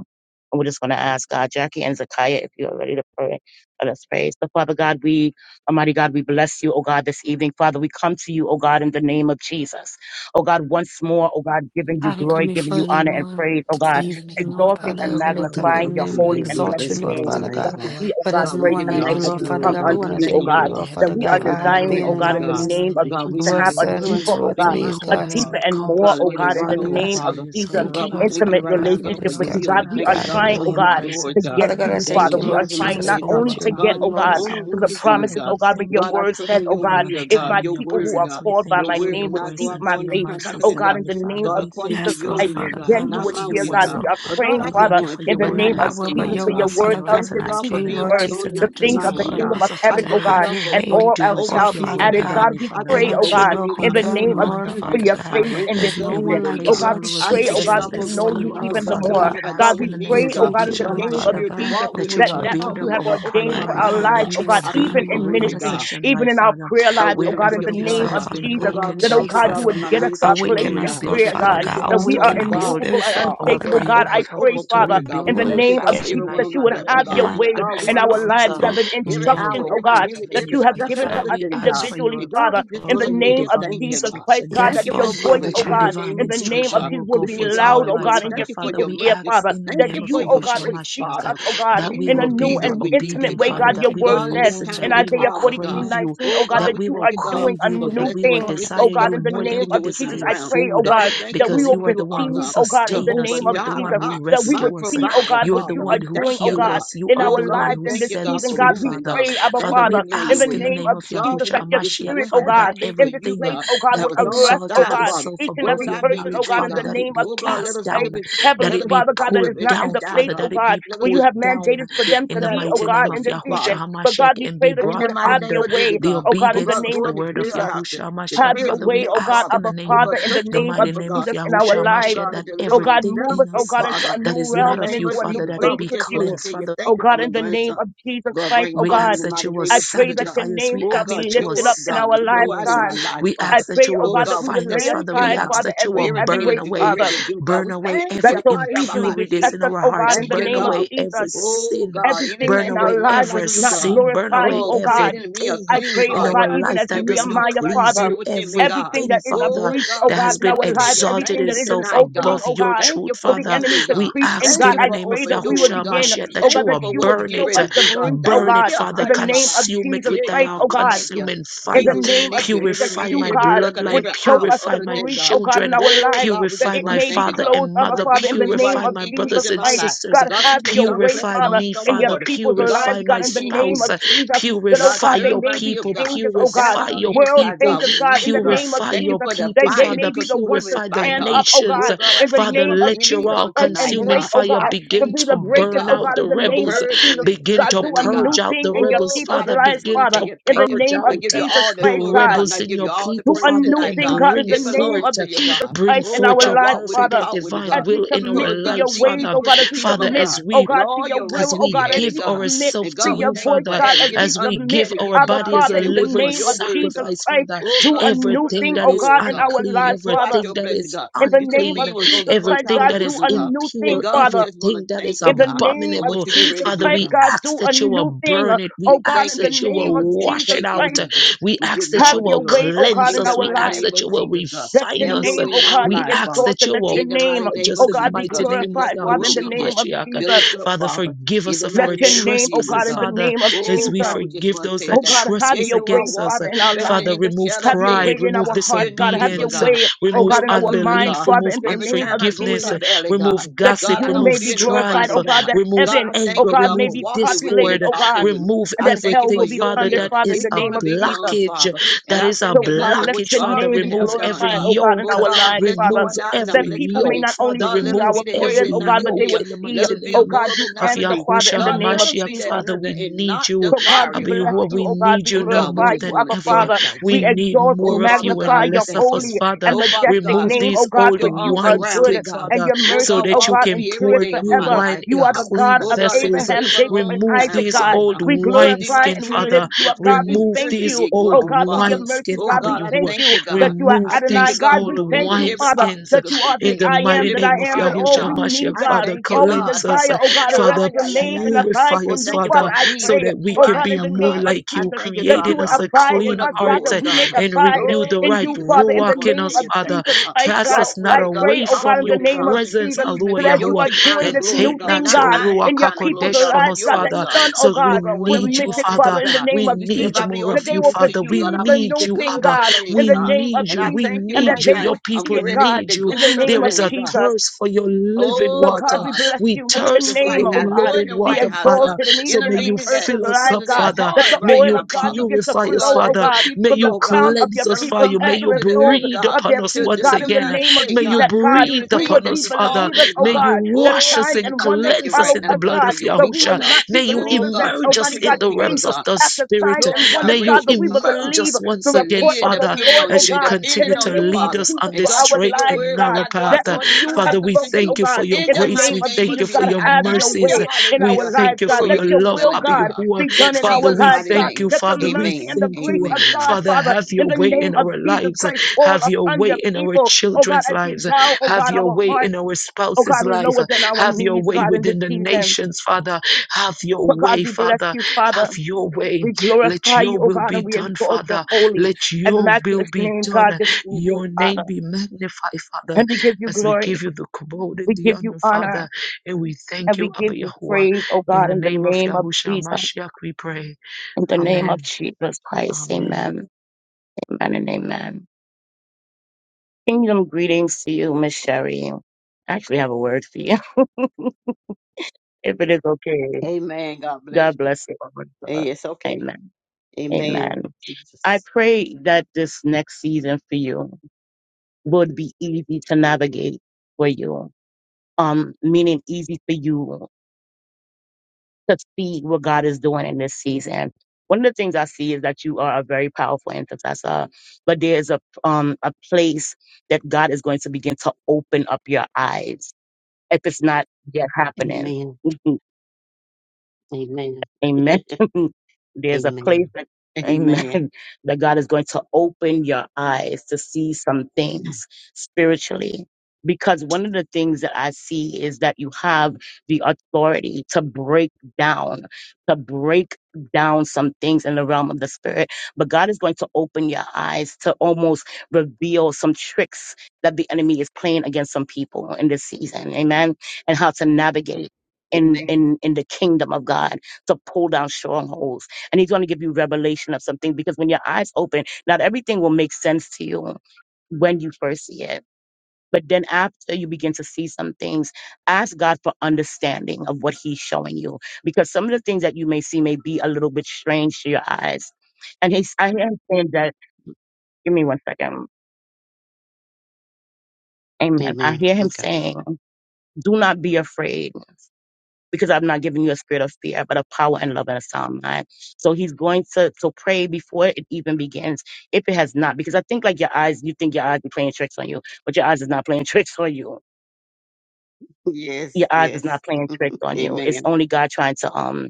Speaker 1: And we're just going to ask God, Jackie and Zakiah, if you're ready to pray, let us pray. So, Father God, we, Almighty God, we bless you, oh God, this evening. Father, we come to you, oh God, in the name of Jesus. Oh God, once more, oh God, giving you
Speaker 2: Father, come
Speaker 1: glory, giving
Speaker 2: before
Speaker 1: you
Speaker 2: you,
Speaker 1: honor and
Speaker 2: Lord.
Speaker 1: praise, oh
Speaker 2: This
Speaker 1: God,
Speaker 3: Heavenly
Speaker 2: evening,
Speaker 3: Father,
Speaker 2: Lord
Speaker 1: exalting
Speaker 3: Abba
Speaker 1: and
Speaker 2: Father, we
Speaker 3: Yahweh,
Speaker 2: lift
Speaker 3: we
Speaker 2: up
Speaker 4: Thank
Speaker 2: your
Speaker 1: magnifying
Speaker 4: you,
Speaker 3: come
Speaker 1: your
Speaker 2: name.
Speaker 3: before
Speaker 2: We
Speaker 4: Jesus.
Speaker 1: holy
Speaker 3: you
Speaker 1: and
Speaker 4: We
Speaker 3: here on
Speaker 2: exalt
Speaker 4: bless
Speaker 2: you,
Speaker 1: blessed
Speaker 4: your
Speaker 2: Lord
Speaker 1: name.
Speaker 3: tonight,
Speaker 4: holy
Speaker 2: Father
Speaker 3: Abba
Speaker 4: name,
Speaker 2: God.
Speaker 1: God,
Speaker 4: God.
Speaker 3: Yahweh,
Speaker 1: we, oh
Speaker 2: For
Speaker 1: God,
Speaker 2: there's
Speaker 4: God,
Speaker 2: no
Speaker 4: we
Speaker 1: pray
Speaker 4: give
Speaker 2: one
Speaker 4: you
Speaker 2: like
Speaker 4: all
Speaker 1: tonight
Speaker 2: you,
Speaker 4: the
Speaker 3: because
Speaker 1: as
Speaker 2: Lord
Speaker 3: you
Speaker 1: we
Speaker 3: are
Speaker 2: Father
Speaker 4: glory,
Speaker 1: come
Speaker 3: good,
Speaker 2: God. We
Speaker 1: unto
Speaker 4: God. We
Speaker 2: want to
Speaker 3: because
Speaker 1: you,
Speaker 4: thank
Speaker 3: you
Speaker 1: oh
Speaker 3: are
Speaker 2: thank
Speaker 4: you,
Speaker 2: you,
Speaker 1: God,
Speaker 3: worthy,
Speaker 4: God,
Speaker 2: Lord
Speaker 1: that
Speaker 2: Father
Speaker 1: we
Speaker 3: Heavenly
Speaker 2: God,
Speaker 1: are
Speaker 4: for
Speaker 2: for
Speaker 4: what
Speaker 3: Father,
Speaker 4: you
Speaker 2: having
Speaker 4: get
Speaker 1: desiring,
Speaker 4: ready
Speaker 1: oh
Speaker 2: been
Speaker 4: to
Speaker 3: Yahweh.
Speaker 2: in
Speaker 4: do,
Speaker 1: God, in
Speaker 2: our
Speaker 3: There
Speaker 1: the
Speaker 4: God.
Speaker 3: is
Speaker 2: midst.
Speaker 1: name
Speaker 3: none
Speaker 1: of
Speaker 3: like
Speaker 4: God,
Speaker 1: Jesus
Speaker 2: The
Speaker 4: we
Speaker 1: to
Speaker 3: unto
Speaker 4: need
Speaker 2: word
Speaker 1: have
Speaker 4: to
Speaker 1: a
Speaker 3: you.
Speaker 2: said
Speaker 4: fill
Speaker 2: when
Speaker 4: me,
Speaker 1: deeper,
Speaker 2: two
Speaker 1: oh
Speaker 2: or
Speaker 4: fill
Speaker 3: Abba
Speaker 1: God,
Speaker 2: three
Speaker 4: my
Speaker 2: is
Speaker 1: a
Speaker 4: cup,
Speaker 3: Yahweh, as
Speaker 2: gathered.
Speaker 4: Father.
Speaker 1: deeper
Speaker 3: we
Speaker 1: and
Speaker 3: come
Speaker 1: more,
Speaker 4: God,
Speaker 1: oh
Speaker 3: before
Speaker 4: let it
Speaker 3: you,
Speaker 1: God, in the
Speaker 4: run
Speaker 2: Father
Speaker 3: Father,
Speaker 4: over,
Speaker 3: we
Speaker 2: God,
Speaker 1: name
Speaker 3: tell
Speaker 1: of
Speaker 4: Father.
Speaker 3: you,
Speaker 1: Jesus,
Speaker 4: Oh,
Speaker 3: Toda
Speaker 2: thank you,
Speaker 4: God, we
Speaker 3: Rabbah,
Speaker 2: Lord
Speaker 4: thank
Speaker 3: Toda
Speaker 4: you
Speaker 1: intimate
Speaker 2: Father
Speaker 4: right
Speaker 3: Rabbah,
Speaker 4: now,
Speaker 2: God,
Speaker 3: for
Speaker 2: for
Speaker 4: God,
Speaker 3: your
Speaker 4: for
Speaker 1: relationship
Speaker 2: this
Speaker 3: love,
Speaker 1: with
Speaker 4: your
Speaker 1: you,
Speaker 2: gather-
Speaker 4: healing.
Speaker 1: God.
Speaker 4: We
Speaker 3: Toda,
Speaker 1: We
Speaker 4: thank
Speaker 1: are
Speaker 4: you, God, for
Speaker 1: trying,
Speaker 2: gathering,
Speaker 3: for
Speaker 1: oh
Speaker 4: opening
Speaker 3: your
Speaker 2: Lord.
Speaker 4: up
Speaker 1: God,
Speaker 3: grace
Speaker 4: doors,
Speaker 3: and
Speaker 1: to
Speaker 3: for
Speaker 4: God,
Speaker 1: get
Speaker 3: your
Speaker 2: Father
Speaker 1: to
Speaker 2: God, I
Speaker 1: you,
Speaker 4: that
Speaker 3: mercy,
Speaker 4: have
Speaker 2: thank
Speaker 1: Father.
Speaker 4: been
Speaker 3: for
Speaker 2: you,
Speaker 1: We
Speaker 3: your
Speaker 1: are
Speaker 2: Lord
Speaker 4: closed in my
Speaker 1: trying
Speaker 3: favor,
Speaker 2: Jesus,
Speaker 1: not
Speaker 4: face,
Speaker 2: for
Speaker 4: God.
Speaker 2: what
Speaker 4: But
Speaker 1: only
Speaker 3: Heavenly
Speaker 2: you're
Speaker 1: to get,
Speaker 4: God,
Speaker 3: Father,
Speaker 2: doing,
Speaker 1: oh
Speaker 4: you the
Speaker 2: Lord,
Speaker 1: God,
Speaker 2: in
Speaker 3: because
Speaker 4: only
Speaker 3: you
Speaker 2: our
Speaker 3: are
Speaker 1: to
Speaker 4: one
Speaker 1: the
Speaker 3: good,
Speaker 4: can
Speaker 2: midst,
Speaker 4: do it,
Speaker 3: Father.
Speaker 1: promises,
Speaker 4: God.
Speaker 1: oh
Speaker 3: We
Speaker 1: God, but your
Speaker 3: thank
Speaker 4: God, I
Speaker 3: you
Speaker 1: word
Speaker 4: trust in
Speaker 2: Lord.
Speaker 1: says, oh
Speaker 4: your
Speaker 3: for
Speaker 1: God.
Speaker 3: another
Speaker 4: will,
Speaker 1: If
Speaker 4: God,
Speaker 3: time
Speaker 1: my
Speaker 3: in
Speaker 4: your
Speaker 3: your
Speaker 1: people who
Speaker 4: word,
Speaker 1: are
Speaker 3: presence.
Speaker 4: God.
Speaker 3: We
Speaker 1: called by
Speaker 4: Your
Speaker 3: thank you
Speaker 1: my
Speaker 3: for
Speaker 4: word will
Speaker 3: your
Speaker 1: name would
Speaker 4: not
Speaker 3: grace
Speaker 4: go
Speaker 1: seek
Speaker 4: out
Speaker 3: and
Speaker 1: my
Speaker 3: for
Speaker 4: void and
Speaker 3: your
Speaker 1: face,
Speaker 4: return back
Speaker 3: mercies,
Speaker 1: oh
Speaker 4: to
Speaker 1: God,
Speaker 4: God.
Speaker 1: in
Speaker 3: Heavenly
Speaker 1: the name
Speaker 3: Father.
Speaker 4: God,
Speaker 1: of
Speaker 3: We
Speaker 4: according
Speaker 3: thank you
Speaker 1: Jesus
Speaker 4: to
Speaker 2: Yes,
Speaker 3: for
Speaker 4: your
Speaker 2: Lord
Speaker 1: Christ,
Speaker 4: will,
Speaker 3: tonight.
Speaker 2: Father
Speaker 3: We
Speaker 4: God,
Speaker 2: God,
Speaker 1: then
Speaker 3: thank
Speaker 1: you
Speaker 3: you
Speaker 4: not
Speaker 2: Lord
Speaker 3: for
Speaker 1: would
Speaker 4: my
Speaker 3: your
Speaker 1: hear,
Speaker 4: will,
Speaker 1: God.
Speaker 4: God.
Speaker 2: Jesus,
Speaker 3: word.
Speaker 1: We
Speaker 2: Lord
Speaker 1: are
Speaker 4: But
Speaker 2: Father
Speaker 4: God,
Speaker 1: praying,
Speaker 4: I
Speaker 3: We
Speaker 2: God,
Speaker 4: just
Speaker 2: Lord.
Speaker 3: thank
Speaker 1: Father,
Speaker 3: you
Speaker 4: want
Speaker 3: for
Speaker 4: to
Speaker 1: in
Speaker 3: your
Speaker 4: tell
Speaker 1: the
Speaker 4: you
Speaker 2: But
Speaker 3: word
Speaker 1: name
Speaker 2: not
Speaker 3: that
Speaker 4: thank
Speaker 2: my
Speaker 4: you
Speaker 1: of
Speaker 3: has
Speaker 2: will,
Speaker 3: come
Speaker 2: but
Speaker 1: Jesus,
Speaker 4: tonight,
Speaker 2: your
Speaker 3: unto
Speaker 1: for
Speaker 2: will,
Speaker 1: your
Speaker 4: God.
Speaker 3: us
Speaker 1: word
Speaker 2: Father
Speaker 3: here on
Speaker 1: tells
Speaker 2: God.
Speaker 4: Thank
Speaker 1: us
Speaker 2: I'm
Speaker 4: you,
Speaker 1: to
Speaker 3: tonight,
Speaker 4: God,
Speaker 1: seek
Speaker 4: for
Speaker 2: asking you,
Speaker 3: Father.
Speaker 1: you
Speaker 4: being
Speaker 2: Lord
Speaker 3: Help
Speaker 4: back
Speaker 1: first.
Speaker 3: us to
Speaker 4: on
Speaker 2: Jesus,
Speaker 4: this
Speaker 2: to
Speaker 1: The
Speaker 3: not just
Speaker 1: things
Speaker 3: be
Speaker 2: please,
Speaker 1: of the
Speaker 4: line,
Speaker 2: Lord,
Speaker 1: kingdom
Speaker 4: God.
Speaker 1: of
Speaker 3: hearers of
Speaker 4: I
Speaker 3: your
Speaker 1: heaven,
Speaker 2: to
Speaker 1: oh
Speaker 4: thank you,
Speaker 3: word,
Speaker 2: have
Speaker 1: God,
Speaker 4: God,
Speaker 2: your
Speaker 4: for
Speaker 1: and
Speaker 2: way,
Speaker 3: but
Speaker 1: all else
Speaker 3: doers of
Speaker 2: Lord
Speaker 1: shall
Speaker 3: your
Speaker 1: be
Speaker 4: overseeing
Speaker 2: Father
Speaker 3: word,
Speaker 4: me,
Speaker 1: added.
Speaker 4: God.
Speaker 2: God,
Speaker 1: God,
Speaker 3: Heavenly
Speaker 1: we
Speaker 4: I
Speaker 3: Father.
Speaker 2: and
Speaker 4: thank
Speaker 1: pray,
Speaker 4: you
Speaker 1: oh
Speaker 3: Father,
Speaker 4: for
Speaker 2: let
Speaker 3: as
Speaker 2: your
Speaker 1: God,
Speaker 3: we
Speaker 4: waking
Speaker 2: will
Speaker 4: me,
Speaker 2: be
Speaker 3: come
Speaker 1: in
Speaker 4: my
Speaker 1: the
Speaker 3: before
Speaker 1: name
Speaker 2: done,
Speaker 4: husband,
Speaker 3: you
Speaker 1: of
Speaker 4: my
Speaker 3: on
Speaker 2: Lord
Speaker 3: the
Speaker 1: Jesus for
Speaker 4: children,
Speaker 2: Father
Speaker 1: your
Speaker 3: altar,
Speaker 2: God.
Speaker 4: my
Speaker 1: faith
Speaker 3: Father,
Speaker 1: in this
Speaker 2: There's
Speaker 4: grandkids up,
Speaker 2: no
Speaker 3: and we
Speaker 1: season.
Speaker 2: one
Speaker 4: baby
Speaker 2: like
Speaker 1: Oh
Speaker 2: you,
Speaker 3: place
Speaker 4: God.
Speaker 1: God,
Speaker 2: Lord
Speaker 3: all
Speaker 1: we
Speaker 3: our
Speaker 4: I
Speaker 1: pray, oh
Speaker 4: thank you,
Speaker 2: Jesus,
Speaker 1: God,
Speaker 3: petitions
Speaker 4: God,
Speaker 2: in
Speaker 1: to
Speaker 4: for
Speaker 2: this
Speaker 4: roof
Speaker 3: before
Speaker 1: know
Speaker 4: over
Speaker 2: time,
Speaker 3: you,
Speaker 1: you
Speaker 4: my
Speaker 2: Lord
Speaker 3: Abba
Speaker 4: head,
Speaker 1: even the
Speaker 4: God,
Speaker 2: Father
Speaker 3: Father,
Speaker 1: more.
Speaker 4: closing
Speaker 3: we
Speaker 4: my
Speaker 2: God.
Speaker 4: back.
Speaker 1: God,
Speaker 4: God,
Speaker 3: ask
Speaker 4: we
Speaker 1: we
Speaker 3: in the
Speaker 4: need
Speaker 2: We
Speaker 3: name
Speaker 4: you,
Speaker 3: of
Speaker 1: pray, oh
Speaker 4: God.
Speaker 2: thank
Speaker 1: God,
Speaker 2: you,
Speaker 1: in the
Speaker 3: Yahushua
Speaker 4: God,
Speaker 2: Lord
Speaker 4: even
Speaker 1: name of
Speaker 2: Father
Speaker 3: Mashiach
Speaker 4: spiritual
Speaker 2: God,
Speaker 1: Jesus,
Speaker 4: walk
Speaker 2: for
Speaker 4: with
Speaker 3: that
Speaker 4: me,
Speaker 3: you
Speaker 1: that
Speaker 2: what
Speaker 3: will
Speaker 2: you
Speaker 4: God.
Speaker 2: are
Speaker 1: that which
Speaker 3: build
Speaker 4: Talk
Speaker 1: you
Speaker 3: up
Speaker 4: with
Speaker 2: doing
Speaker 4: me,
Speaker 1: have
Speaker 3: our
Speaker 4: God. Open up
Speaker 1: ordained
Speaker 3: prayer
Speaker 4: my
Speaker 2: right
Speaker 1: for
Speaker 3: life,
Speaker 4: mouth
Speaker 1: our
Speaker 4: so,
Speaker 2: now
Speaker 3: Father,
Speaker 1: lives,
Speaker 4: God,
Speaker 2: and
Speaker 3: that
Speaker 1: oh
Speaker 3: you
Speaker 2: this
Speaker 1: God,
Speaker 3: will
Speaker 4: I can
Speaker 3: build
Speaker 1: even
Speaker 3: up
Speaker 4: speak
Speaker 2: time,
Speaker 4: the
Speaker 1: in
Speaker 3: our
Speaker 2: Lord
Speaker 4: word,
Speaker 2: Father
Speaker 1: ministry,
Speaker 4: God
Speaker 2: God.
Speaker 3: intercession
Speaker 1: even
Speaker 3: life,
Speaker 1: in our
Speaker 3: Father.
Speaker 1: prayer
Speaker 4: uh,
Speaker 1: lives, oh
Speaker 4: wisdom
Speaker 1: God,
Speaker 4: to
Speaker 3: Wherever
Speaker 1: in
Speaker 4: your
Speaker 1: the
Speaker 3: the
Speaker 4: people,
Speaker 3: wall
Speaker 2: Yes,
Speaker 1: name
Speaker 2: Lord
Speaker 3: has
Speaker 4: God.
Speaker 1: of
Speaker 3: been
Speaker 2: Father
Speaker 4: Oh,
Speaker 1: Jesus.
Speaker 2: God,
Speaker 4: God,
Speaker 2: Lord
Speaker 4: we
Speaker 3: broken
Speaker 1: That, oh
Speaker 4: thank
Speaker 3: down,
Speaker 4: you,
Speaker 1: God,
Speaker 4: God,
Speaker 1: you
Speaker 2: Jesus.
Speaker 3: Father,
Speaker 4: for
Speaker 1: would
Speaker 3: we
Speaker 4: my
Speaker 1: get us
Speaker 3: ask
Speaker 1: to
Speaker 4: ministry
Speaker 1: a
Speaker 3: that you will
Speaker 4: today,
Speaker 1: place
Speaker 2: Awaken
Speaker 1: in
Speaker 4: God.
Speaker 2: us, Lord
Speaker 3: rebuild
Speaker 1: prayer,
Speaker 3: it,
Speaker 4: We
Speaker 2: Father
Speaker 1: God,
Speaker 3: Father.
Speaker 4: thank
Speaker 2: God.
Speaker 4: you,
Speaker 3: Help
Speaker 1: that
Speaker 4: God,
Speaker 3: us to
Speaker 1: we
Speaker 4: for
Speaker 1: are
Speaker 2: Awaken our
Speaker 4: God.
Speaker 3: rebuild
Speaker 1: immovable
Speaker 2: spirits,
Speaker 1: and
Speaker 4: Uh,
Speaker 2: Lord
Speaker 3: our
Speaker 2: Father
Speaker 1: unshakable.
Speaker 4: open,
Speaker 2: God.
Speaker 3: prayer
Speaker 1: God, I
Speaker 3: life.
Speaker 4: open,
Speaker 3: Help
Speaker 1: pray,
Speaker 4: open
Speaker 3: us to
Speaker 1: Father,
Speaker 4: portal, God.
Speaker 1: in
Speaker 3: rebuild
Speaker 4: We
Speaker 1: the
Speaker 3: our
Speaker 4: thank
Speaker 2: week
Speaker 4: you,
Speaker 1: name
Speaker 4: God,
Speaker 1: of
Speaker 2: and
Speaker 4: for
Speaker 3: fasting
Speaker 1: Jesus,
Speaker 4: everyone
Speaker 1: that
Speaker 3: life,
Speaker 4: on
Speaker 1: you
Speaker 4: this
Speaker 1: would
Speaker 3: Father. Let
Speaker 4: platform,
Speaker 1: have
Speaker 3: the
Speaker 4: God.
Speaker 1: your
Speaker 2: I
Speaker 3: fire
Speaker 1: way
Speaker 3: on
Speaker 4: God, we
Speaker 1: in
Speaker 3: our
Speaker 4: need
Speaker 1: our
Speaker 4: you,
Speaker 1: lives,
Speaker 3: altar
Speaker 1: God,
Speaker 2: saw
Speaker 4: Jesus.
Speaker 1: the
Speaker 4: Every
Speaker 3: never
Speaker 4: hour,
Speaker 1: instructions, oh
Speaker 3: go
Speaker 4: every
Speaker 3: out,
Speaker 1: God,
Speaker 4: minute,
Speaker 1: that
Speaker 3: Heavenly
Speaker 4: every
Speaker 1: you have
Speaker 3: Father.
Speaker 1: given
Speaker 4: second
Speaker 1: to
Speaker 4: of
Speaker 3: Father,
Speaker 4: the
Speaker 1: us
Speaker 3: we
Speaker 4: day,
Speaker 3: ask
Speaker 4: God.
Speaker 3: for
Speaker 2: Jesus.
Speaker 3: your
Speaker 1: individually,
Speaker 4: And God,
Speaker 1: Father,
Speaker 4: we just
Speaker 1: in
Speaker 4: want
Speaker 2: Lord.
Speaker 1: the
Speaker 3: for
Speaker 4: to
Speaker 3: your
Speaker 4: tell
Speaker 1: name
Speaker 4: you,
Speaker 1: of
Speaker 3: divine
Speaker 4: thank you,
Speaker 1: Jesus
Speaker 4: God.
Speaker 1: Christ,
Speaker 3: instruction,
Speaker 1: God,
Speaker 4: Thank
Speaker 1: that
Speaker 2: Yes,
Speaker 3: Father,
Speaker 4: you
Speaker 1: your
Speaker 2: Lord
Speaker 4: for
Speaker 1: voice,
Speaker 2: Father
Speaker 4: moving
Speaker 3: that
Speaker 1: oh
Speaker 3: your
Speaker 4: in the
Speaker 1: God,
Speaker 2: God.
Speaker 4: name
Speaker 3: divine
Speaker 1: in
Speaker 4: of
Speaker 1: the
Speaker 4: Jesus,
Speaker 1: name of
Speaker 3: instruction
Speaker 4: God.
Speaker 3: will
Speaker 1: Jesus will
Speaker 3: go
Speaker 4: We
Speaker 1: be
Speaker 4: give
Speaker 3: forth
Speaker 4: you
Speaker 3: in
Speaker 4: all
Speaker 3: our
Speaker 1: loud,
Speaker 4: the
Speaker 1: oh
Speaker 3: lives,
Speaker 4: glory.
Speaker 1: God, in
Speaker 3: Father.
Speaker 1: your
Speaker 4: Thank you for
Speaker 3: Father,
Speaker 1: people's
Speaker 4: your
Speaker 3: we
Speaker 1: ear,
Speaker 4: mercy.
Speaker 3: ask
Speaker 1: Father,
Speaker 3: in the
Speaker 4: Thank
Speaker 1: that
Speaker 2: Yes,
Speaker 4: you
Speaker 3: name of
Speaker 4: for
Speaker 1: you, oh
Speaker 4: your
Speaker 2: Lord
Speaker 1: God,
Speaker 3: Yahushua
Speaker 2: Jesus.
Speaker 1: would
Speaker 4: grace,
Speaker 1: speak to
Speaker 3: Mashiach uh,
Speaker 1: us,
Speaker 4: Father.
Speaker 1: oh God,
Speaker 2: Father
Speaker 3: that we
Speaker 1: in a
Speaker 2: God,
Speaker 3: will
Speaker 4: In
Speaker 3: be
Speaker 1: new
Speaker 4: Jesus,
Speaker 3: more
Speaker 2: Lord.
Speaker 1: and
Speaker 4: we need
Speaker 1: intimate
Speaker 4: you,
Speaker 2: Father
Speaker 3: obedient,
Speaker 1: way,
Speaker 4: God.
Speaker 2: God,
Speaker 3: Father,
Speaker 1: God,
Speaker 2: we
Speaker 3: that
Speaker 1: your
Speaker 2: thank
Speaker 3: we
Speaker 2: you
Speaker 3: will
Speaker 1: word
Speaker 4: God,
Speaker 2: for
Speaker 4: in
Speaker 1: says
Speaker 4: this
Speaker 2: all
Speaker 3: listen,
Speaker 2: that
Speaker 4: time
Speaker 1: in
Speaker 3: that
Speaker 4: and
Speaker 2: you're
Speaker 4: this
Speaker 3: we will
Speaker 1: Isaiah
Speaker 2: doing.
Speaker 4: hours,
Speaker 1: 43
Speaker 4: God.
Speaker 3: crave
Speaker 2: Lord.
Speaker 3: you,
Speaker 1: 19,
Speaker 4: Oh
Speaker 1: oh God,
Speaker 4: God,
Speaker 3: that
Speaker 1: that
Speaker 4: we
Speaker 3: we
Speaker 1: you
Speaker 4: thank
Speaker 3: will
Speaker 1: are
Speaker 4: you, God,
Speaker 2: Yes,
Speaker 1: doing
Speaker 3: crave
Speaker 1: a
Speaker 3: you,
Speaker 4: for
Speaker 3: with- that
Speaker 1: new
Speaker 3: we
Speaker 2: Lord
Speaker 4: blessing
Speaker 3: will
Speaker 4: us.
Speaker 1: thing,
Speaker 4: We
Speaker 2: Father
Speaker 1: oh
Speaker 4: thank
Speaker 3: desire
Speaker 4: you, God,
Speaker 1: God,
Speaker 3: you
Speaker 1: in
Speaker 4: for
Speaker 1: the
Speaker 3: more
Speaker 4: turning
Speaker 3: than
Speaker 1: name
Speaker 3: we
Speaker 1: of
Speaker 4: situation
Speaker 2: God.
Speaker 1: Jesus.
Speaker 3: desire
Speaker 1: I
Speaker 4: around.
Speaker 1: pray, oh
Speaker 3: food,
Speaker 4: God, we
Speaker 1: God,
Speaker 4: thank you
Speaker 1: that
Speaker 4: for
Speaker 1: we
Speaker 3: because
Speaker 1: will
Speaker 4: who
Speaker 3: you are the
Speaker 4: you
Speaker 3: one
Speaker 4: are,
Speaker 3: who
Speaker 1: perceive,
Speaker 4: God.
Speaker 1: oh God, in the
Speaker 3: sustain us,
Speaker 4: Jehovah
Speaker 1: name
Speaker 3: you
Speaker 1: of
Speaker 3: are the one
Speaker 4: Jireh,
Speaker 1: Jesus,
Speaker 4: huh?
Speaker 3: who
Speaker 1: that we
Speaker 4: my
Speaker 1: would
Speaker 3: rescue us,
Speaker 1: see, oh
Speaker 4: provider,
Speaker 1: God,
Speaker 3: you are
Speaker 1: what
Speaker 3: the
Speaker 1: you
Speaker 4: Father.
Speaker 1: are
Speaker 3: one
Speaker 4: We
Speaker 3: who
Speaker 4: thank
Speaker 1: doing, oh
Speaker 4: you,
Speaker 3: healed
Speaker 1: God,
Speaker 4: God.
Speaker 3: us, you
Speaker 1: in
Speaker 3: are
Speaker 4: Oh
Speaker 3: the
Speaker 1: our
Speaker 4: God,
Speaker 3: one
Speaker 4: we
Speaker 1: lives
Speaker 3: who
Speaker 1: in
Speaker 4: thank
Speaker 1: this
Speaker 4: you,
Speaker 3: set
Speaker 4: God,
Speaker 3: us
Speaker 1: season.
Speaker 4: for
Speaker 3: free,
Speaker 1: God, we
Speaker 4: moving,
Speaker 3: Father.
Speaker 4: God.
Speaker 1: pray, Abba
Speaker 4: Thank
Speaker 3: Father,
Speaker 4: you,
Speaker 3: we
Speaker 1: Father, in the
Speaker 3: ask in the
Speaker 4: Emmanuel.
Speaker 1: name
Speaker 3: name
Speaker 1: of
Speaker 3: of
Speaker 4: God,
Speaker 1: Jesus,
Speaker 3: Yahushua
Speaker 4: we,
Speaker 1: that your
Speaker 4: if
Speaker 3: Hamashiach,
Speaker 1: spirit,
Speaker 4: it
Speaker 1: oh
Speaker 3: Father,
Speaker 4: had
Speaker 3: that
Speaker 1: God,
Speaker 4: not been for
Speaker 1: in this
Speaker 4: you,
Speaker 3: everything
Speaker 1: place,
Speaker 4: God,
Speaker 1: oh God,
Speaker 4: that
Speaker 3: that
Speaker 1: would
Speaker 4: was on my
Speaker 1: arrest, oh
Speaker 3: exalted
Speaker 4: side,
Speaker 1: God,
Speaker 4: Father,
Speaker 3: itself
Speaker 1: each and
Speaker 4: where
Speaker 3: above
Speaker 4: would
Speaker 1: every
Speaker 3: your
Speaker 4: I be
Speaker 1: person, oh
Speaker 3: knowledge,
Speaker 4: today,
Speaker 1: God, in
Speaker 3: Father,
Speaker 1: the
Speaker 4: God?
Speaker 3: that it
Speaker 1: name of
Speaker 3: be
Speaker 4: Oh God,
Speaker 1: Jesus
Speaker 4: let
Speaker 3: cast
Speaker 4: us live
Speaker 1: Christ.
Speaker 3: down,
Speaker 4: in,
Speaker 3: that
Speaker 4: let
Speaker 1: Heavenly
Speaker 3: it
Speaker 4: us
Speaker 3: be
Speaker 1: Father, God, that
Speaker 4: live
Speaker 1: is
Speaker 3: pulled
Speaker 4: and
Speaker 1: not in
Speaker 4: not
Speaker 3: down,
Speaker 1: the
Speaker 4: die,
Speaker 1: place,
Speaker 3: Father,
Speaker 4: God.
Speaker 1: oh
Speaker 3: that it
Speaker 1: God,
Speaker 3: be
Speaker 4: Let us
Speaker 1: where you
Speaker 4: just
Speaker 1: have
Speaker 3: pulled down
Speaker 1: mandated for them
Speaker 3: in
Speaker 1: to
Speaker 3: the
Speaker 4: declare
Speaker 1: be,
Speaker 4: the
Speaker 1: oh
Speaker 3: mighty
Speaker 4: works
Speaker 1: God,
Speaker 3: name
Speaker 4: of
Speaker 3: of
Speaker 1: in this
Speaker 4: you, Father.
Speaker 1: season.
Speaker 3: Yahushua
Speaker 1: But God,
Speaker 3: Hamashiach
Speaker 1: we
Speaker 3: and be
Speaker 1: pray that
Speaker 4: In
Speaker 1: you
Speaker 3: brought
Speaker 4: the
Speaker 1: would
Speaker 4: mighty
Speaker 1: have
Speaker 4: name
Speaker 3: under
Speaker 1: your
Speaker 4: of Jesus,
Speaker 1: way,
Speaker 3: the
Speaker 4: God.
Speaker 1: oh God,
Speaker 4: Oh,
Speaker 1: in the
Speaker 3: obedience
Speaker 4: God,
Speaker 3: of
Speaker 1: name
Speaker 4: go
Speaker 3: the
Speaker 4: in
Speaker 1: of
Speaker 4: the
Speaker 3: word of
Speaker 1: Jesus.
Speaker 4: jailhouse, the,
Speaker 3: Yahushua
Speaker 4: the
Speaker 1: Have
Speaker 3: Hamashiach.
Speaker 1: your
Speaker 3: Father,
Speaker 4: prison
Speaker 3: we
Speaker 1: way, oh
Speaker 4: camp,
Speaker 1: God,
Speaker 3: ask
Speaker 4: Father.
Speaker 3: in
Speaker 1: of
Speaker 3: the
Speaker 4: Oh,
Speaker 3: name,
Speaker 4: God,
Speaker 1: Father, in the
Speaker 4: touch
Speaker 3: the
Speaker 4: your
Speaker 1: name
Speaker 3: mighty
Speaker 1: of
Speaker 4: people,
Speaker 3: name of
Speaker 4: God.
Speaker 1: Jesus in our
Speaker 3: Yahushua
Speaker 4: Save them,
Speaker 1: lives.
Speaker 3: Hamashiach,
Speaker 4: God,
Speaker 3: that
Speaker 4: and
Speaker 1: Oh
Speaker 4: deliver them.
Speaker 1: God,
Speaker 3: everything
Speaker 4: Set
Speaker 1: move
Speaker 4: them
Speaker 3: in
Speaker 1: us,
Speaker 4: free,
Speaker 1: oh
Speaker 3: us uh,
Speaker 1: God, into
Speaker 4: Father.
Speaker 1: a
Speaker 3: that
Speaker 1: new
Speaker 3: is
Speaker 4: In the
Speaker 1: realm
Speaker 3: not of
Speaker 1: and
Speaker 4: name
Speaker 3: you,
Speaker 1: into
Speaker 4: of
Speaker 1: a new
Speaker 3: Father,
Speaker 4: Jesus,
Speaker 3: that it
Speaker 4: God,
Speaker 1: place
Speaker 4: we
Speaker 3: be
Speaker 1: with
Speaker 4: just want to
Speaker 1: you.
Speaker 3: cleansed,
Speaker 4: tell
Speaker 3: Father.
Speaker 4: you thank
Speaker 1: Oh
Speaker 4: you for
Speaker 1: God,
Speaker 4: my
Speaker 1: in the name
Speaker 4: grandson.
Speaker 1: of Jesus
Speaker 4: Oh, God,
Speaker 1: Christ,
Speaker 4: bring him
Speaker 1: oh
Speaker 3: We
Speaker 4: home in
Speaker 1: God,
Speaker 3: ask
Speaker 4: the
Speaker 3: that you
Speaker 4: mighty
Speaker 3: will
Speaker 4: name
Speaker 1: I
Speaker 4: of
Speaker 1: pray
Speaker 4: Jesus,
Speaker 1: that
Speaker 4: God.
Speaker 3: sanctify
Speaker 1: your
Speaker 3: us.
Speaker 1: name
Speaker 3: We
Speaker 4: Oh,
Speaker 1: shall
Speaker 3: ask
Speaker 4: God,
Speaker 1: be
Speaker 3: that you will
Speaker 4: show
Speaker 1: lifted
Speaker 4: up,
Speaker 1: up in
Speaker 4: God,
Speaker 1: our
Speaker 4: and
Speaker 1: lives,
Speaker 3: saturate
Speaker 4: show out
Speaker 3: us.
Speaker 4: in my
Speaker 1: God.
Speaker 4: life,
Speaker 3: We
Speaker 1: I
Speaker 3: ask
Speaker 4: Father.
Speaker 3: that
Speaker 1: pray,
Speaker 3: you
Speaker 1: oh
Speaker 3: will
Speaker 4: Oh,
Speaker 1: God, that
Speaker 4: God,
Speaker 1: we
Speaker 4: we
Speaker 1: will
Speaker 3: refine us,
Speaker 1: lay
Speaker 4: thank
Speaker 3: Father.
Speaker 4: you,
Speaker 3: We
Speaker 1: aside,
Speaker 3: ask
Speaker 4: God,
Speaker 1: Father,
Speaker 3: that you
Speaker 4: for
Speaker 3: will
Speaker 1: every heavy
Speaker 4: everything
Speaker 3: burn
Speaker 4: that
Speaker 1: weight,
Speaker 4: you get
Speaker 3: away,
Speaker 1: Father,
Speaker 4: ready to do, God.
Speaker 3: burn
Speaker 4: We
Speaker 3: away
Speaker 4: thank you.
Speaker 1: that
Speaker 3: every
Speaker 1: so
Speaker 4: Hiya,
Speaker 1: easily
Speaker 4: Baba
Speaker 3: impurities
Speaker 1: besets
Speaker 4: Shi.
Speaker 3: in
Speaker 1: us,
Speaker 3: our
Speaker 1: oh God,
Speaker 3: hearts,
Speaker 1: in
Speaker 4: Thank
Speaker 1: the
Speaker 4: you,
Speaker 3: burn
Speaker 1: name of
Speaker 4: God.
Speaker 3: away every
Speaker 1: Jesus.
Speaker 4: Oh,
Speaker 3: sin,
Speaker 4: God,
Speaker 1: Everything
Speaker 3: burn
Speaker 4: anything
Speaker 1: in
Speaker 4: that's
Speaker 3: away
Speaker 1: our
Speaker 4: not
Speaker 1: lives does
Speaker 3: every
Speaker 4: like you,
Speaker 1: not
Speaker 4: God.
Speaker 3: sin, burn
Speaker 1: glorify
Speaker 3: away
Speaker 1: you,
Speaker 4: Oh,
Speaker 1: oh
Speaker 4: create
Speaker 3: everything
Speaker 1: God.
Speaker 4: in me a
Speaker 1: I
Speaker 4: clean
Speaker 1: pray,
Speaker 3: in
Speaker 1: oh
Speaker 4: heart,
Speaker 1: God,
Speaker 3: our
Speaker 4: God,
Speaker 1: even
Speaker 3: life
Speaker 1: as
Speaker 4: and
Speaker 3: that does
Speaker 4: renew
Speaker 3: not
Speaker 4: a
Speaker 1: Nehemiah,
Speaker 4: right
Speaker 3: please
Speaker 1: Father,
Speaker 4: spirit
Speaker 3: you,
Speaker 4: within me,
Speaker 3: everything.
Speaker 4: God.
Speaker 1: everything that is a
Speaker 3: Father,
Speaker 4: Oh,
Speaker 1: breach,
Speaker 4: God,
Speaker 1: oh
Speaker 3: that
Speaker 4: I
Speaker 1: God,
Speaker 3: has
Speaker 4: just
Speaker 1: in
Speaker 3: been
Speaker 4: want to
Speaker 1: our
Speaker 4: tell
Speaker 1: lives,
Speaker 4: you,
Speaker 3: exalted
Speaker 4: thank
Speaker 1: everything
Speaker 4: you
Speaker 1: that is an
Speaker 3: itself
Speaker 4: tonight, God.
Speaker 1: opening,
Speaker 3: above
Speaker 1: oh
Speaker 3: your
Speaker 1: God,
Speaker 4: Thank
Speaker 3: truth,
Speaker 4: you
Speaker 1: for
Speaker 4: for
Speaker 1: the
Speaker 3: Father.
Speaker 1: enemy
Speaker 4: moving,
Speaker 1: to
Speaker 4: God.
Speaker 3: We
Speaker 1: creep in,
Speaker 3: ask
Speaker 4: Thank
Speaker 1: God,
Speaker 3: in
Speaker 4: you
Speaker 3: the
Speaker 1: I
Speaker 4: for
Speaker 3: name of
Speaker 1: pray
Speaker 4: open
Speaker 1: that we would
Speaker 4: doors,
Speaker 3: Yahushua
Speaker 4: God.
Speaker 1: begin,
Speaker 3: Mashiach
Speaker 1: oh
Speaker 3: that
Speaker 4: Thank
Speaker 3: you
Speaker 1: God,
Speaker 4: you
Speaker 1: that
Speaker 3: will
Speaker 4: for
Speaker 1: you
Speaker 4: what
Speaker 1: would
Speaker 4: you
Speaker 3: burn
Speaker 4: get
Speaker 1: show
Speaker 3: it,
Speaker 1: us
Speaker 4: ready to
Speaker 1: the
Speaker 4: do, God.
Speaker 1: breach, oh
Speaker 3: Burn
Speaker 4: Thank
Speaker 3: it,
Speaker 1: God,
Speaker 4: you.
Speaker 1: in
Speaker 3: Father.
Speaker 1: the
Speaker 4: Hiya,
Speaker 1: name
Speaker 4: bye-bye.
Speaker 1: of
Speaker 3: Consume it
Speaker 1: Jesus
Speaker 3: with
Speaker 4: Yeah,
Speaker 3: thy
Speaker 1: Christ,
Speaker 3: all
Speaker 4: God,
Speaker 1: oh
Speaker 4: we
Speaker 1: God
Speaker 4: thank you.
Speaker 3: consuming
Speaker 1: in the
Speaker 3: fire.
Speaker 4: Jesus, we
Speaker 1: name of
Speaker 4: need you every
Speaker 1: Jesus,
Speaker 3: Purify
Speaker 1: you,
Speaker 4: minute,
Speaker 3: my
Speaker 4: every
Speaker 1: God,
Speaker 4: second,
Speaker 1: would
Speaker 3: bloodline.
Speaker 4: every
Speaker 1: show
Speaker 4: hour
Speaker 1: us
Speaker 4: of
Speaker 3: Purify
Speaker 1: the
Speaker 4: the
Speaker 3: my
Speaker 4: day,
Speaker 1: breach,
Speaker 4: God.
Speaker 1: oh God, in
Speaker 3: children.
Speaker 1: our
Speaker 4: Oh,
Speaker 1: lives,
Speaker 4: God, we
Speaker 1: that
Speaker 4: just
Speaker 3: Purify
Speaker 1: it
Speaker 4: want
Speaker 3: my
Speaker 4: to
Speaker 1: may
Speaker 4: thank
Speaker 1: be
Speaker 4: you,
Speaker 3: father
Speaker 4: God.
Speaker 1: closed,
Speaker 3: and
Speaker 1: Abba
Speaker 4: I
Speaker 3: mother.
Speaker 1: Father, in the
Speaker 4: decrease while
Speaker 1: name
Speaker 3: Purify
Speaker 1: of
Speaker 4: you
Speaker 3: my
Speaker 4: increase
Speaker 1: Jesus
Speaker 3: brothers
Speaker 4: in
Speaker 3: and
Speaker 4: my
Speaker 1: Christ.
Speaker 4: life.
Speaker 3: sisters.
Speaker 1: God,
Speaker 4: God, you
Speaker 1: have
Speaker 4: said
Speaker 1: your
Speaker 4: some
Speaker 1: way,
Speaker 4: plant,
Speaker 3: Purify
Speaker 1: Father,
Speaker 4: some,
Speaker 3: me,
Speaker 4: some
Speaker 1: in your
Speaker 3: Father.
Speaker 4: water.
Speaker 1: people's
Speaker 4: And God,
Speaker 1: lives,
Speaker 3: Purify
Speaker 4: you do
Speaker 3: my
Speaker 1: God,
Speaker 4: the
Speaker 1: in the name
Speaker 4: increase.
Speaker 3: spouse.
Speaker 1: of Jesus, that, oh
Speaker 4: God,
Speaker 3: Purify
Speaker 1: God,
Speaker 4: stir
Speaker 1: they
Speaker 4: up
Speaker 3: your
Speaker 4: my
Speaker 1: may be
Speaker 4: gift,
Speaker 3: people.
Speaker 4: God.
Speaker 1: changes, oh God,
Speaker 3: Purify
Speaker 4: Down on the
Speaker 3: your
Speaker 1: world
Speaker 4: inside,
Speaker 3: people.
Speaker 4: God,
Speaker 1: changes,
Speaker 4: we
Speaker 1: God,
Speaker 4: need
Speaker 1: in
Speaker 4: you,
Speaker 1: the
Speaker 4: God.
Speaker 1: name of
Speaker 3: Purify
Speaker 4: Thank you
Speaker 3: your
Speaker 1: Jesus,
Speaker 4: for the
Speaker 1: that
Speaker 3: people,
Speaker 1: they
Speaker 4: fire, the
Speaker 1: may
Speaker 3: Father.
Speaker 1: be the ones
Speaker 4: consuming
Speaker 1: to
Speaker 3: Purify the
Speaker 4: fire,
Speaker 1: stand
Speaker 4: God.
Speaker 1: up, oh
Speaker 3: nations.
Speaker 4: Oh,
Speaker 1: God,
Speaker 4: God, I
Speaker 1: in the
Speaker 4: thank you
Speaker 3: Father,
Speaker 4: for
Speaker 1: name
Speaker 4: my
Speaker 1: of
Speaker 3: let your
Speaker 4: enemies
Speaker 1: Jesus
Speaker 3: all
Speaker 4: on
Speaker 1: Christ and
Speaker 4: tonight,
Speaker 3: consuming
Speaker 1: break,
Speaker 4: God.
Speaker 1: oh
Speaker 3: fire
Speaker 4: I
Speaker 1: God, to
Speaker 3: begin
Speaker 4: thank
Speaker 1: be
Speaker 3: to
Speaker 1: the
Speaker 4: you,
Speaker 1: breakers,
Speaker 3: burn
Speaker 1: oh
Speaker 4: God,
Speaker 3: out
Speaker 1: God,
Speaker 3: the
Speaker 1: in the
Speaker 4: for
Speaker 1: name
Speaker 3: rebels
Speaker 1: of
Speaker 4: purging
Speaker 1: Jesus.
Speaker 4: me,
Speaker 3: Begin
Speaker 1: God,
Speaker 3: to
Speaker 1: do
Speaker 4: cleansing
Speaker 1: a
Speaker 4: me, God.
Speaker 3: purge
Speaker 1: new
Speaker 3: out
Speaker 1: thing
Speaker 3: the
Speaker 1: in your
Speaker 3: rebels,
Speaker 4: Oh,
Speaker 1: people's
Speaker 4: God,
Speaker 3: Father.
Speaker 4: I just
Speaker 1: lives,
Speaker 4: want to
Speaker 3: Begin
Speaker 1: Father
Speaker 4: tell
Speaker 3: to
Speaker 4: you
Speaker 1: in
Speaker 4: thank
Speaker 1: the
Speaker 4: you.
Speaker 3: purge
Speaker 1: name
Speaker 4: I
Speaker 1: of
Speaker 3: out
Speaker 4: give
Speaker 3: uh,
Speaker 4: you
Speaker 1: Jesus
Speaker 4: all the
Speaker 3: the
Speaker 1: Christ,
Speaker 4: glory,
Speaker 1: God.
Speaker 4: God, and
Speaker 3: rebels
Speaker 4: I
Speaker 3: in
Speaker 4: give you
Speaker 3: your
Speaker 4: all the
Speaker 3: people,
Speaker 1: Do a
Speaker 4: praise
Speaker 3: Father,
Speaker 1: new
Speaker 4: tonight,
Speaker 3: and
Speaker 1: thing,
Speaker 4: God.
Speaker 1: God, in
Speaker 3: bring
Speaker 1: the
Speaker 4: It
Speaker 1: name
Speaker 3: forth,
Speaker 4: belongs
Speaker 1: of
Speaker 3: uh,
Speaker 4: to you,
Speaker 1: Jesus
Speaker 4: God.
Speaker 3: bring
Speaker 1: Christ in
Speaker 4: Oh,
Speaker 3: forth
Speaker 1: our
Speaker 4: God,
Speaker 3: your
Speaker 1: lives,
Speaker 4: walk with me,
Speaker 3: perfect
Speaker 1: Father.
Speaker 3: and
Speaker 4: talk with me,
Speaker 3: divine
Speaker 1: As
Speaker 4: God.
Speaker 1: we
Speaker 3: will in our
Speaker 1: submit
Speaker 4: Because,
Speaker 1: to
Speaker 4: God,
Speaker 1: your
Speaker 3: lives,
Speaker 4: seek
Speaker 1: ways,
Speaker 4: ye
Speaker 3: Father.
Speaker 1: oh
Speaker 4: first
Speaker 1: God,
Speaker 4: the
Speaker 1: as we
Speaker 4: kingdom
Speaker 3: Father,
Speaker 4: of
Speaker 1: submit,
Speaker 3: as
Speaker 4: God,
Speaker 1: oh
Speaker 3: we
Speaker 4: and
Speaker 1: God, to
Speaker 4: all
Speaker 1: your
Speaker 4: your
Speaker 3: as
Speaker 1: will,
Speaker 4: righteousness
Speaker 1: oh
Speaker 3: we
Speaker 4: be
Speaker 1: God, as
Speaker 4: added,
Speaker 3: give
Speaker 1: we
Speaker 4: God.
Speaker 1: submit
Speaker 3: ourselves
Speaker 4: And
Speaker 1: to
Speaker 3: to
Speaker 4: God, we
Speaker 1: your
Speaker 3: you,
Speaker 4: thank you
Speaker 1: voice,
Speaker 4: for
Speaker 3: Father,
Speaker 1: God,
Speaker 4: adding.
Speaker 1: as
Speaker 4: Give me
Speaker 1: we
Speaker 3: as we
Speaker 1: submit,
Speaker 3: give
Speaker 4: understanding. Give
Speaker 3: our
Speaker 4: me
Speaker 1: Abba
Speaker 3: body
Speaker 4: knowledge.
Speaker 3: as
Speaker 4: Give
Speaker 1: Father,
Speaker 3: a
Speaker 4: me
Speaker 1: in the
Speaker 4: wisdom
Speaker 3: living
Speaker 4: of
Speaker 1: name
Speaker 4: your
Speaker 1: of
Speaker 4: word,
Speaker 1: Jesus
Speaker 4: God.
Speaker 3: sacrifice,
Speaker 1: Christ,
Speaker 3: Father,
Speaker 4: Oh,
Speaker 1: do
Speaker 4: God,
Speaker 1: a
Speaker 4: just
Speaker 1: new
Speaker 4: open up
Speaker 3: everything
Speaker 4: the
Speaker 1: thing,
Speaker 3: that
Speaker 1: oh
Speaker 3: is
Speaker 1: God,
Speaker 4: doors,
Speaker 1: in
Speaker 4: God,
Speaker 1: our
Speaker 3: unclean,
Speaker 4: and
Speaker 1: lives,
Speaker 4: pour out
Speaker 1: Father.
Speaker 3: everything
Speaker 4: your
Speaker 3: that
Speaker 4: blessing,
Speaker 3: is
Speaker 4: God.
Speaker 1: In the
Speaker 4: You said
Speaker 1: name
Speaker 3: unclean,
Speaker 1: of
Speaker 4: men was going to
Speaker 1: Jesus
Speaker 4: give unto
Speaker 1: Christ,
Speaker 4: our
Speaker 3: everything
Speaker 1: God,
Speaker 3: that
Speaker 1: do
Speaker 3: is
Speaker 4: bosom,
Speaker 1: a
Speaker 4: God.
Speaker 1: new
Speaker 4: And
Speaker 3: impure,
Speaker 1: thing,
Speaker 4: God, we
Speaker 1: Father.
Speaker 4: just want
Speaker 3: everything that
Speaker 4: to thank
Speaker 3: is
Speaker 4: you,
Speaker 1: In the
Speaker 4: God,
Speaker 1: name
Speaker 4: for
Speaker 1: of
Speaker 4: what
Speaker 3: abominable,
Speaker 4: you get
Speaker 1: Jesus
Speaker 4: ready to
Speaker 3: Father,
Speaker 4: do,
Speaker 1: Christ,
Speaker 3: we
Speaker 4: God.
Speaker 1: God,
Speaker 3: ask
Speaker 1: do a
Speaker 3: that you will
Speaker 1: new thing.
Speaker 3: burn it. We
Speaker 1: Oh
Speaker 4: We
Speaker 1: God,
Speaker 4: thank
Speaker 3: ask
Speaker 1: in the
Speaker 4: you,
Speaker 3: that you
Speaker 1: name
Speaker 3: will
Speaker 1: of
Speaker 4: Jesus. We
Speaker 3: wash
Speaker 1: Jesus
Speaker 3: it
Speaker 4: thank you,
Speaker 3: out.
Speaker 1: Christ.
Speaker 4: Jesus.
Speaker 3: We
Speaker 4: We give
Speaker 3: ask
Speaker 4: you
Speaker 3: that you
Speaker 1: Have
Speaker 4: all the
Speaker 1: your
Speaker 3: will
Speaker 1: way,
Speaker 4: glory.
Speaker 1: oh God,
Speaker 3: cleanse
Speaker 4: In
Speaker 1: in
Speaker 4: the
Speaker 3: us. We
Speaker 1: our
Speaker 4: mighty
Speaker 3: ask
Speaker 1: lives.
Speaker 4: name
Speaker 3: that you
Speaker 4: of
Speaker 3: will
Speaker 4: Jesus, God.
Speaker 1: Let your
Speaker 3: refine
Speaker 4: Have your
Speaker 3: us.
Speaker 1: name,
Speaker 4: way
Speaker 1: oh
Speaker 4: in our
Speaker 1: God,
Speaker 3: We
Speaker 1: be
Speaker 4: life,
Speaker 3: ask
Speaker 4: Father.
Speaker 3: that
Speaker 1: exalted.
Speaker 3: you
Speaker 1: Let
Speaker 3: will
Speaker 1: your
Speaker 4: In the
Speaker 1: name,
Speaker 4: mighty name
Speaker 3: just
Speaker 1: oh
Speaker 4: of
Speaker 3: in the
Speaker 1: God, be
Speaker 4: Jesus,
Speaker 3: mighty
Speaker 4: God.
Speaker 3: name
Speaker 4: Strengthen
Speaker 3: of
Speaker 4: us
Speaker 1: glorified,
Speaker 4: where
Speaker 1: Father,
Speaker 4: we're
Speaker 1: in the
Speaker 3: Yahushua
Speaker 4: weak
Speaker 1: name
Speaker 4: at.
Speaker 1: of
Speaker 3: Mashiach.
Speaker 4: Fill
Speaker 1: Jesus.
Speaker 4: us up,
Speaker 3: Father,
Speaker 4: Father.
Speaker 3: forgive
Speaker 4: In
Speaker 3: us
Speaker 4: the
Speaker 3: of
Speaker 1: Let
Speaker 3: our
Speaker 4: mighty
Speaker 1: your
Speaker 4: name of
Speaker 1: name, oh
Speaker 4: Jesus,
Speaker 1: God,
Speaker 3: trespasses,
Speaker 1: in the
Speaker 4: God.
Speaker 3: Father,
Speaker 1: name of
Speaker 3: as
Speaker 4: Oh,
Speaker 3: we
Speaker 1: Jesus.
Speaker 4: God, we just
Speaker 3: forgive
Speaker 4: want to
Speaker 3: those
Speaker 4: say
Speaker 1: Oh
Speaker 3: that
Speaker 4: thanks.
Speaker 1: God, have
Speaker 4: Yea,
Speaker 3: trespass
Speaker 1: your
Speaker 4: though I
Speaker 1: way,
Speaker 3: against
Speaker 4: walk
Speaker 3: us.
Speaker 1: Father,
Speaker 4: through
Speaker 1: in
Speaker 4: the
Speaker 1: our
Speaker 4: valley
Speaker 3: Father,
Speaker 1: lives.
Speaker 4: in the
Speaker 3: remove
Speaker 4: shadow of
Speaker 1: Have your
Speaker 4: death,
Speaker 3: pride,
Speaker 1: way in
Speaker 3: remove
Speaker 4: I
Speaker 1: our
Speaker 4: fear
Speaker 1: hearts, God.
Speaker 4: no
Speaker 1: Have
Speaker 4: evil,
Speaker 1: your
Speaker 3: disobedience,
Speaker 4: God.
Speaker 1: way,
Speaker 4: I
Speaker 1: oh
Speaker 3: remove
Speaker 4: know
Speaker 1: God, in
Speaker 4: you're
Speaker 1: our
Speaker 4: with me,
Speaker 1: minds,
Speaker 3: unbelief,
Speaker 4: God.
Speaker 1: Father,
Speaker 3: remove
Speaker 1: in the
Speaker 4: Every
Speaker 1: name
Speaker 4: time
Speaker 1: of
Speaker 4: I go in
Speaker 3: unforgiveness,
Speaker 4: the
Speaker 1: Jesus.
Speaker 4: valley, God.
Speaker 3: remove
Speaker 1: That
Speaker 3: gossip,
Speaker 4: God, I
Speaker 1: you
Speaker 4: don't
Speaker 3: remove
Speaker 1: may be
Speaker 4: fear
Speaker 1: glorified,
Speaker 3: strife,
Speaker 4: nobody,
Speaker 1: oh God,
Speaker 4: God.
Speaker 1: that
Speaker 3: remove
Speaker 4: God,
Speaker 1: heaven,
Speaker 4: I thank
Speaker 1: oh
Speaker 3: anger,
Speaker 4: you,
Speaker 1: God,
Speaker 4: God,
Speaker 1: may
Speaker 3: remove
Speaker 4: for
Speaker 1: be
Speaker 4: walking with me
Speaker 1: populated,
Speaker 4: and
Speaker 3: discord,
Speaker 1: oh God,
Speaker 4: talking with me.
Speaker 3: remove
Speaker 1: and
Speaker 4: I
Speaker 1: that
Speaker 4: thank you
Speaker 1: hell
Speaker 4: for
Speaker 1: will
Speaker 3: everything,
Speaker 1: be
Speaker 4: your
Speaker 3: Father,
Speaker 1: plundered,
Speaker 4: will.
Speaker 3: that
Speaker 1: Father, in
Speaker 3: is
Speaker 1: the
Speaker 4: It's
Speaker 3: a
Speaker 4: going
Speaker 1: name
Speaker 4: to
Speaker 1: of
Speaker 4: be
Speaker 1: Jesus.
Speaker 4: done,
Speaker 3: blockage,
Speaker 4: Father. And
Speaker 3: that
Speaker 4: I
Speaker 3: is a
Speaker 4: thank
Speaker 1: So
Speaker 4: you, God,
Speaker 1: God,
Speaker 4: for
Speaker 1: let
Speaker 4: what
Speaker 3: blockage,
Speaker 4: you
Speaker 1: your
Speaker 3: Father.
Speaker 1: name be
Speaker 4: already
Speaker 3: Remove
Speaker 4: have done,
Speaker 3: every
Speaker 1: glorified,
Speaker 4: God.
Speaker 1: oh God, in
Speaker 3: yoke,
Speaker 4: Oh,
Speaker 1: our
Speaker 4: God, I'm
Speaker 1: lives,
Speaker 4: blessed
Speaker 1: Father.
Speaker 3: Remove
Speaker 4: going out and I'm
Speaker 1: That
Speaker 3: every
Speaker 4: blessed
Speaker 1: people
Speaker 4: coming
Speaker 1: may
Speaker 3: yoke,
Speaker 4: in.
Speaker 1: not only
Speaker 3: Father.
Speaker 4: God, let
Speaker 1: see
Speaker 4: us
Speaker 3: Remove
Speaker 4: be
Speaker 1: our
Speaker 4: the head
Speaker 1: prayers,
Speaker 3: every
Speaker 4: and
Speaker 1: oh
Speaker 4: not
Speaker 1: God,
Speaker 4: the
Speaker 1: but they
Speaker 3: yoke
Speaker 4: tail.
Speaker 1: would
Speaker 3: in the
Speaker 1: see,
Speaker 4: Let
Speaker 3: mighty
Speaker 4: us be
Speaker 1: oh
Speaker 3: name
Speaker 1: God,
Speaker 4: above
Speaker 1: you
Speaker 4: and
Speaker 3: of
Speaker 4: not
Speaker 1: answer,
Speaker 4: beneath.
Speaker 1: Father, in
Speaker 3: Yahusha
Speaker 1: the
Speaker 4: God,
Speaker 1: name
Speaker 4: let
Speaker 1: of
Speaker 4: us be
Speaker 3: Hamashiach.
Speaker 4: that
Speaker 1: Jesus.
Speaker 3: Father,
Speaker 4: lender
Speaker 3: we
Speaker 4: and
Speaker 3: need
Speaker 4: not
Speaker 3: you.
Speaker 4: the
Speaker 1: So God, we
Speaker 4: borrower,
Speaker 1: bless
Speaker 3: Abiyahua,
Speaker 4: Father.
Speaker 1: you.
Speaker 3: we
Speaker 1: Oh God,
Speaker 3: need
Speaker 1: we
Speaker 3: you
Speaker 4: Oh
Speaker 3: now
Speaker 4: God, we
Speaker 1: glorify
Speaker 3: more
Speaker 4: just
Speaker 1: you,
Speaker 3: than
Speaker 4: want
Speaker 1: Abba
Speaker 4: to tell
Speaker 3: ever.
Speaker 4: you
Speaker 1: Father.
Speaker 4: thank
Speaker 3: We
Speaker 1: We
Speaker 4: you.
Speaker 3: need
Speaker 1: exalt
Speaker 4: Oh
Speaker 1: and
Speaker 3: more of
Speaker 4: Father
Speaker 3: you
Speaker 1: magnify
Speaker 4: God,
Speaker 3: and
Speaker 4: we
Speaker 1: your
Speaker 3: less of
Speaker 4: thank you.
Speaker 3: us,
Speaker 1: holy
Speaker 3: Father.
Speaker 1: and
Speaker 4: Oh Father
Speaker 1: majestic
Speaker 4: God,
Speaker 3: Remove
Speaker 1: name,
Speaker 3: these
Speaker 1: oh
Speaker 4: keep
Speaker 1: God,
Speaker 3: old
Speaker 1: for
Speaker 4: your
Speaker 1: you
Speaker 4: arms
Speaker 1: are
Speaker 4: around
Speaker 1: good
Speaker 4: me,
Speaker 3: wineskin,
Speaker 4: God.
Speaker 1: and
Speaker 3: Father,
Speaker 1: your
Speaker 4: Oh
Speaker 3: so
Speaker 1: mercies,
Speaker 4: God,
Speaker 1: oh
Speaker 3: that you
Speaker 4: walk
Speaker 1: God,
Speaker 4: with
Speaker 3: can
Speaker 4: me every
Speaker 1: endureth
Speaker 3: pour
Speaker 4: day of
Speaker 3: new
Speaker 4: my
Speaker 1: forever.
Speaker 3: wine
Speaker 4: life,
Speaker 1: You
Speaker 3: in
Speaker 1: are
Speaker 4: God.
Speaker 1: the
Speaker 3: clean
Speaker 1: God
Speaker 4: Oh
Speaker 1: of
Speaker 4: God, let me
Speaker 3: vessels.
Speaker 1: Abraham,
Speaker 4: live a
Speaker 1: Jacob, and
Speaker 4: long
Speaker 3: Remove
Speaker 4: time,
Speaker 1: Isaac,
Speaker 3: these
Speaker 1: God.
Speaker 4: Father,
Speaker 3: old
Speaker 1: We
Speaker 4: to see my
Speaker 1: glorify
Speaker 3: wineskin,
Speaker 1: and we lift
Speaker 3: Father.
Speaker 4: children
Speaker 1: you
Speaker 4: and
Speaker 1: up, God. We
Speaker 4: children,
Speaker 3: Remove
Speaker 1: thank
Speaker 4: children
Speaker 3: these
Speaker 1: you.
Speaker 4: get
Speaker 3: old
Speaker 1: Oh
Speaker 4: grown,
Speaker 1: God, for your
Speaker 4: Father.
Speaker 3: wineskin,
Speaker 1: mercies,
Speaker 4: Oh
Speaker 1: God,
Speaker 3: Abba
Speaker 1: we
Speaker 4: God, I
Speaker 3: Yahuwah.
Speaker 1: thank
Speaker 4: thank
Speaker 1: you
Speaker 4: you, God.
Speaker 1: that you are
Speaker 3: Remove
Speaker 4: I thank
Speaker 1: Adonai.
Speaker 4: you,
Speaker 3: these
Speaker 4: God,
Speaker 1: God,
Speaker 4: for
Speaker 3: old
Speaker 1: we thank
Speaker 4: removing
Speaker 1: you,
Speaker 4: every
Speaker 1: Father,
Speaker 3: wineskins uh,
Speaker 1: that
Speaker 4: obstacle
Speaker 1: you are
Speaker 4: and
Speaker 1: the
Speaker 3: in
Speaker 4: taking
Speaker 3: the
Speaker 4: me
Speaker 1: I
Speaker 4: through
Speaker 3: mighty
Speaker 1: am, that
Speaker 4: every
Speaker 3: name of
Speaker 1: I am, that
Speaker 4: trial,
Speaker 1: all
Speaker 3: Yahushua
Speaker 1: we
Speaker 4: God.
Speaker 1: need,
Speaker 3: Mashiach.
Speaker 4: I
Speaker 1: God,
Speaker 3: Father,
Speaker 4: thank you,
Speaker 1: all we
Speaker 4: God.
Speaker 3: cleanse
Speaker 4: I
Speaker 3: us.
Speaker 1: desire,
Speaker 3: uh,
Speaker 1: oh
Speaker 4: thank
Speaker 1: God,
Speaker 4: you.
Speaker 1: rest
Speaker 3: Father,
Speaker 4: Ha, yeah, yeah,
Speaker 1: remains
Speaker 4: yeah,
Speaker 1: and
Speaker 4: yeah.
Speaker 1: abides
Speaker 3: purify
Speaker 4: Oh,
Speaker 1: in
Speaker 3: us,
Speaker 4: thank
Speaker 1: you,
Speaker 4: you for
Speaker 3: Father,
Speaker 1: Father. I
Speaker 3: so
Speaker 4: me,
Speaker 1: pray
Speaker 3: that we
Speaker 4: who
Speaker 1: oh
Speaker 4: I
Speaker 3: can
Speaker 1: God,
Speaker 3: be
Speaker 1: in the
Speaker 4: am, God.
Speaker 3: more
Speaker 1: name of
Speaker 3: like
Speaker 4: I
Speaker 3: you,
Speaker 1: Jesus,
Speaker 4: thank you,
Speaker 1: that you
Speaker 4: God,
Speaker 3: creating
Speaker 1: would
Speaker 3: us
Speaker 4: God.
Speaker 3: a
Speaker 1: abide in
Speaker 3: clean
Speaker 4: Open
Speaker 1: us,
Speaker 4: up
Speaker 3: heart
Speaker 1: God, that
Speaker 4: doors,
Speaker 3: uh,
Speaker 1: we
Speaker 4: God.
Speaker 1: may
Speaker 3: and
Speaker 1: abide
Speaker 3: renew the
Speaker 4: Oh,
Speaker 1: in
Speaker 3: right
Speaker 1: you,
Speaker 4: Jesus, I
Speaker 1: Father, in
Speaker 4: just
Speaker 1: the
Speaker 3: ruach
Speaker 4: want
Speaker 3: in
Speaker 4: to
Speaker 1: name
Speaker 4: tell
Speaker 3: us,
Speaker 1: of
Speaker 4: you thank
Speaker 3: Father.
Speaker 4: you.
Speaker 1: Jesus
Speaker 4: huh?
Speaker 1: Christ,
Speaker 3: Cast
Speaker 1: God.
Speaker 3: us
Speaker 4: Walk with
Speaker 3: not
Speaker 1: I
Speaker 4: me, God.
Speaker 1: pray,
Speaker 3: away
Speaker 1: oh
Speaker 4: Talk
Speaker 3: from
Speaker 1: God, in the
Speaker 4: with
Speaker 3: your
Speaker 4: me,
Speaker 1: name of
Speaker 4: God.
Speaker 3: presence,
Speaker 1: Jesus,
Speaker 4: Use me
Speaker 1: that
Speaker 3: Alua
Speaker 4: for
Speaker 1: as
Speaker 4: your
Speaker 1: you
Speaker 3: Yahuwah,
Speaker 1: are
Speaker 4: kind
Speaker 1: doing
Speaker 4: of
Speaker 3: and
Speaker 1: this
Speaker 4: glory,
Speaker 3: take
Speaker 1: new
Speaker 4: God.
Speaker 1: thing,
Speaker 3: not
Speaker 4: Not
Speaker 3: your
Speaker 1: God,
Speaker 4: my
Speaker 3: ruach
Speaker 1: in your
Speaker 4: kind of
Speaker 1: people's
Speaker 4: glory,
Speaker 3: hakodesh
Speaker 4: God, but
Speaker 3: from
Speaker 1: lives,
Speaker 3: us,
Speaker 1: God,
Speaker 4: yours,
Speaker 1: that
Speaker 3: Father.
Speaker 4: God.
Speaker 1: none, oh
Speaker 3: So we
Speaker 4: Oh,
Speaker 1: God,
Speaker 4: God,
Speaker 1: would
Speaker 4: whatever
Speaker 3: need
Speaker 4: you
Speaker 1: miss
Speaker 3: you,
Speaker 1: it,
Speaker 4: want me to do,
Speaker 3: Father.
Speaker 1: Father, in the
Speaker 4: God.
Speaker 1: name
Speaker 3: We
Speaker 1: of
Speaker 4: You said
Speaker 3: need
Speaker 4: if
Speaker 1: Jesus,
Speaker 4: I be
Speaker 3: more
Speaker 1: that
Speaker 3: of
Speaker 1: they
Speaker 3: you,
Speaker 1: will
Speaker 4: obedient to
Speaker 3: Father.
Speaker 4: you,
Speaker 3: We
Speaker 4: God, I
Speaker 1: perceive
Speaker 4: will
Speaker 1: the
Speaker 4: eat
Speaker 3: need
Speaker 4: the
Speaker 1: new
Speaker 3: you,
Speaker 1: thing,
Speaker 4: good
Speaker 3: Abba.
Speaker 4: of the
Speaker 1: God,
Speaker 4: land,
Speaker 1: in
Speaker 3: We
Speaker 1: the
Speaker 4: God.
Speaker 1: name of
Speaker 3: need
Speaker 4: And
Speaker 3: you.
Speaker 4: I
Speaker 3: We
Speaker 1: Jesus,
Speaker 4: thank you
Speaker 1: and that
Speaker 3: need
Speaker 4: right
Speaker 3: you.
Speaker 1: they
Speaker 4: now.
Speaker 3: Your
Speaker 1: would
Speaker 4: I'm
Speaker 1: see
Speaker 3: people
Speaker 4: getting
Speaker 1: it,
Speaker 4: ready to
Speaker 1: God,
Speaker 4: eat
Speaker 3: need
Speaker 4: the
Speaker 3: you.
Speaker 1: in the
Speaker 4: good of the
Speaker 1: name
Speaker 3: There
Speaker 1: of
Speaker 3: is a
Speaker 4: land, God.
Speaker 1: Jesus.
Speaker 3: thirst for your living
Speaker 1: So
Speaker 4: Oh,
Speaker 3: water.
Speaker 1: God, we
Speaker 4: God
Speaker 1: bless
Speaker 3: We
Speaker 1: you. Let
Speaker 4: touch
Speaker 1: your
Speaker 4: the
Speaker 3: thirst for
Speaker 1: name,
Speaker 3: your
Speaker 4: White
Speaker 1: oh
Speaker 4: House, go
Speaker 1: God,
Speaker 4: in
Speaker 3: living
Speaker 4: the
Speaker 1: be
Speaker 4: White
Speaker 3: water,
Speaker 4: House, God,
Speaker 3: Father.
Speaker 1: exalted in each
Speaker 3: So may
Speaker 1: and every
Speaker 3: you
Speaker 4: intervene in that
Speaker 1: person's
Speaker 3: fill us
Speaker 1: life,
Speaker 3: up,
Speaker 4: President
Speaker 1: God.
Speaker 3: Father.
Speaker 1: Let
Speaker 4: hard
Speaker 1: the
Speaker 3: May
Speaker 4: right
Speaker 1: oil
Speaker 3: you
Speaker 4: now,
Speaker 1: of God
Speaker 4: Father.
Speaker 1: begin to
Speaker 3: purify
Speaker 4: Oh
Speaker 3: us,
Speaker 4: God,
Speaker 1: flow, oh
Speaker 4: let
Speaker 3: Father.
Speaker 4: your
Speaker 1: God,
Speaker 3: May
Speaker 4: people
Speaker 1: from the
Speaker 3: you
Speaker 4: go, God.
Speaker 1: crown of
Speaker 3: cleanse
Speaker 1: your
Speaker 4: Let
Speaker 3: us,
Speaker 4: them
Speaker 1: people's
Speaker 3: Father.
Speaker 4: come
Speaker 1: head
Speaker 3: May
Speaker 4: back
Speaker 1: to
Speaker 3: you
Speaker 1: the
Speaker 4: to the
Speaker 1: soles
Speaker 4: earth,
Speaker 3: breathe
Speaker 4: God,
Speaker 1: of
Speaker 3: upon
Speaker 1: their
Speaker 3: us
Speaker 4: to
Speaker 1: feet,
Speaker 4: the
Speaker 3: once
Speaker 1: God. In the
Speaker 3: again.
Speaker 4: United
Speaker 1: name of
Speaker 4: States,
Speaker 3: May
Speaker 1: Jesus,
Speaker 3: you
Speaker 4: God, to
Speaker 1: God,
Speaker 4: do the
Speaker 3: breathe
Speaker 1: we
Speaker 4: things
Speaker 3: upon
Speaker 1: would
Speaker 4: that
Speaker 1: be
Speaker 3: us,
Speaker 4: you
Speaker 3: Father.
Speaker 4: called them
Speaker 1: believers,
Speaker 4: to,
Speaker 1: oh
Speaker 3: May
Speaker 4: God.
Speaker 3: you
Speaker 1: God. The
Speaker 3: wash
Speaker 4: Oh
Speaker 3: us
Speaker 1: signs
Speaker 4: Jesus,
Speaker 3: and
Speaker 1: and
Speaker 4: I thank
Speaker 1: wonders
Speaker 4: you
Speaker 3: cleanse us
Speaker 4: right
Speaker 1: follow
Speaker 3: in
Speaker 4: now,
Speaker 3: the
Speaker 1: us,
Speaker 4: God,
Speaker 3: blood
Speaker 4: for
Speaker 1: God,
Speaker 3: of
Speaker 4: your
Speaker 1: but we
Speaker 4: people,
Speaker 1: will
Speaker 3: Yahusha.
Speaker 4: God.
Speaker 1: not be
Speaker 3: May you
Speaker 4: Oh
Speaker 1: believers that,
Speaker 4: God,
Speaker 1: oh
Speaker 3: emerge
Speaker 4: speak
Speaker 3: us
Speaker 1: mighty
Speaker 4: to
Speaker 3: in
Speaker 4: your
Speaker 1: God,
Speaker 3: the
Speaker 4: people,
Speaker 1: chase
Speaker 3: realms of
Speaker 4: God.
Speaker 3: the
Speaker 1: after
Speaker 3: Spirit.
Speaker 1: signs
Speaker 4: Show them
Speaker 1: and
Speaker 3: May
Speaker 1: wonders,
Speaker 3: you
Speaker 1: God, but
Speaker 4: direction,
Speaker 1: we will
Speaker 4: God
Speaker 3: emerge
Speaker 1: believe
Speaker 3: us
Speaker 1: the
Speaker 3: once
Speaker 4: and
Speaker 3: again,
Speaker 1: report
Speaker 4: lead and
Speaker 1: of the
Speaker 3: Father,
Speaker 4: depend
Speaker 1: Lord,
Speaker 4: on
Speaker 1: oh
Speaker 4: you.
Speaker 3: as you
Speaker 4: They're
Speaker 1: God, in
Speaker 3: continue
Speaker 4: depending
Speaker 1: the
Speaker 4: on
Speaker 3: to
Speaker 4: you,
Speaker 1: name of
Speaker 3: lead
Speaker 4: Father.
Speaker 3: us
Speaker 1: Jesus
Speaker 3: on
Speaker 4: And
Speaker 1: for
Speaker 3: this
Speaker 4: God,
Speaker 1: our
Speaker 4: you said
Speaker 3: straight
Speaker 4: your
Speaker 1: lives,
Speaker 3: and
Speaker 4: word will
Speaker 1: God.
Speaker 3: narrow
Speaker 4: not go out
Speaker 1: That
Speaker 3: path. Uh,
Speaker 1: which
Speaker 4: void and turn
Speaker 1: you have
Speaker 4: back
Speaker 3: Father, we
Speaker 4: unto
Speaker 1: spoken,
Speaker 4: thee.
Speaker 1: oh
Speaker 3: thank you
Speaker 1: God.
Speaker 3: for your
Speaker 4: In
Speaker 1: In
Speaker 4: the
Speaker 1: the
Speaker 3: grace.
Speaker 1: name
Speaker 4: mighty
Speaker 3: We
Speaker 1: of
Speaker 4: name
Speaker 3: thank
Speaker 4: of
Speaker 1: Jesus,
Speaker 3: you for
Speaker 4: Jesus,
Speaker 1: God,
Speaker 3: your
Speaker 4: I
Speaker 1: have
Speaker 4: thank
Speaker 1: your
Speaker 4: you.
Speaker 3: mercies. Uh,
Speaker 1: way in
Speaker 3: We
Speaker 1: our
Speaker 4: Hallelujah.
Speaker 3: thank
Speaker 1: lives,
Speaker 3: you
Speaker 1: God.
Speaker 3: for
Speaker 4: Glory
Speaker 3: your
Speaker 1: Let
Speaker 4: be
Speaker 1: your
Speaker 4: to
Speaker 3: love,
Speaker 4: the
Speaker 1: will,
Speaker 4: Lamb of
Speaker 1: God,
Speaker 4: God.
Speaker 3: Abiyahua.
Speaker 1: be done
Speaker 4: In
Speaker 1: in
Speaker 3: Father,
Speaker 1: our
Speaker 4: Jesus'
Speaker 3: we
Speaker 1: lives,
Speaker 4: mighty
Speaker 1: God.
Speaker 3: thank you,
Speaker 4: name.
Speaker 1: Let the
Speaker 3: Father. We
Speaker 1: mercy and
Speaker 4: Amen.
Speaker 1: the
Speaker 3: thank
Speaker 1: grace
Speaker 3: you.
Speaker 1: of God,
Speaker 4: Amen.
Speaker 3: Father,
Speaker 1: Father,
Speaker 3: have
Speaker 1: in
Speaker 3: your
Speaker 1: the
Speaker 3: way
Speaker 1: name
Speaker 3: in
Speaker 1: of
Speaker 3: our
Speaker 1: Jesus
Speaker 3: lives. Uh,
Speaker 1: Christ, fall
Speaker 3: Have your
Speaker 1: upon your
Speaker 3: way in our
Speaker 1: people, oh God,
Speaker 3: children's
Speaker 1: as we
Speaker 3: lives. Uh,
Speaker 1: bow, oh
Speaker 3: Have
Speaker 1: God,
Speaker 3: your
Speaker 1: our
Speaker 3: way in
Speaker 1: hearts,
Speaker 3: our
Speaker 1: oh
Speaker 3: spouse's
Speaker 1: God,
Speaker 3: life.
Speaker 1: lower
Speaker 3: Uh,
Speaker 1: than our
Speaker 3: Have your
Speaker 1: knees,
Speaker 3: way
Speaker 1: God, in this
Speaker 3: within the
Speaker 1: season.
Speaker 3: nations, Father. Have your
Speaker 1: But God,
Speaker 3: way,
Speaker 1: we bless
Speaker 3: Father.
Speaker 1: you,
Speaker 3: Have
Speaker 1: Father.
Speaker 3: your way.
Speaker 1: We
Speaker 3: Let
Speaker 1: glorify you,
Speaker 3: your
Speaker 1: oh
Speaker 3: will
Speaker 1: God,
Speaker 3: be
Speaker 1: and we
Speaker 3: done,
Speaker 1: exalt your
Speaker 3: Father.
Speaker 1: holy
Speaker 3: Let
Speaker 1: and
Speaker 3: your will
Speaker 1: matchless
Speaker 3: be
Speaker 1: name, God,
Speaker 3: done.
Speaker 1: this evening,
Speaker 3: Your name
Speaker 1: Father.
Speaker 3: be magnified, Father,
Speaker 1: And we give you
Speaker 3: as we give
Speaker 1: glory.
Speaker 3: you the kabod and
Speaker 1: We
Speaker 3: the
Speaker 1: give you
Speaker 3: honor,
Speaker 1: honor.
Speaker 3: Father. And we thank
Speaker 1: And we
Speaker 3: you, Abba
Speaker 1: give you
Speaker 3: Yahuwah.
Speaker 1: praise, oh
Speaker 3: In
Speaker 1: God,
Speaker 3: the
Speaker 1: in the
Speaker 3: name of
Speaker 1: name of
Speaker 3: Yahushua
Speaker 1: Jesus.
Speaker 3: Mashiach, we pray.
Speaker 1: In the name of
Speaker 3: Amen.
Speaker 1: Jesus Christ.
Speaker 3: Amen.
Speaker 1: Amen. Amen and amen. Kingdom greetings to you, Miss Sherry. I actually have a word for you, if it is okay.
Speaker 4: Amen. God bless
Speaker 1: God
Speaker 4: you.
Speaker 1: bless you. woman of
Speaker 4: Hey,
Speaker 1: God.
Speaker 4: it's okay.
Speaker 1: Amen.
Speaker 4: Amen.
Speaker 1: Amen. I
Speaker 4: Jesus.
Speaker 1: pray that this next season for you would be easy to navigate for you. Um, meaning easy for you to see what God is doing in this season. One of the things I see is that you are a very powerful intercessor, but there is a um a place that God is going to begin to open up your eyes if it's not yet happening.
Speaker 4: Amen. Amen.
Speaker 1: Amen. There's a
Speaker 4: Amen.
Speaker 1: place that,
Speaker 4: Amen.
Speaker 1: amen, that God is going to open your eyes to see some things spiritually. Because one of the things that I see is that you have the authority to break down, to break down some things in the realm of the spirit. But God is going to open your eyes to almost reveal some tricks that the enemy is playing against some people in this season. Amen. And how to navigate in,
Speaker 4: Amen.
Speaker 1: in, in the kingdom of God to pull down strongholds. And he's going to give you revelation of something because when your eyes open, not everything will make sense to you when you first see it. But then after you begin to see some things, ask God for understanding of what he's showing you because some of the things that you may see may be a little bit strange to your eyes. And he's, I hear him saying that, give me one second. Amen. I
Speaker 4: Amen.
Speaker 1: hear him
Speaker 4: Okay.
Speaker 1: saying, do not be. because I'm not giving you a spirit of fear, but of power and love and a sound mind. So he's going to to pray before it even begins, if it has not, because I think like your eyes, you think your eyes be playing tricks on you, but your eyes is not playing tricks on you.
Speaker 4: Yes,
Speaker 1: Your eyes is
Speaker 4: yes.
Speaker 1: not playing tricks on you. It's
Speaker 4: Amen.
Speaker 1: only God trying to um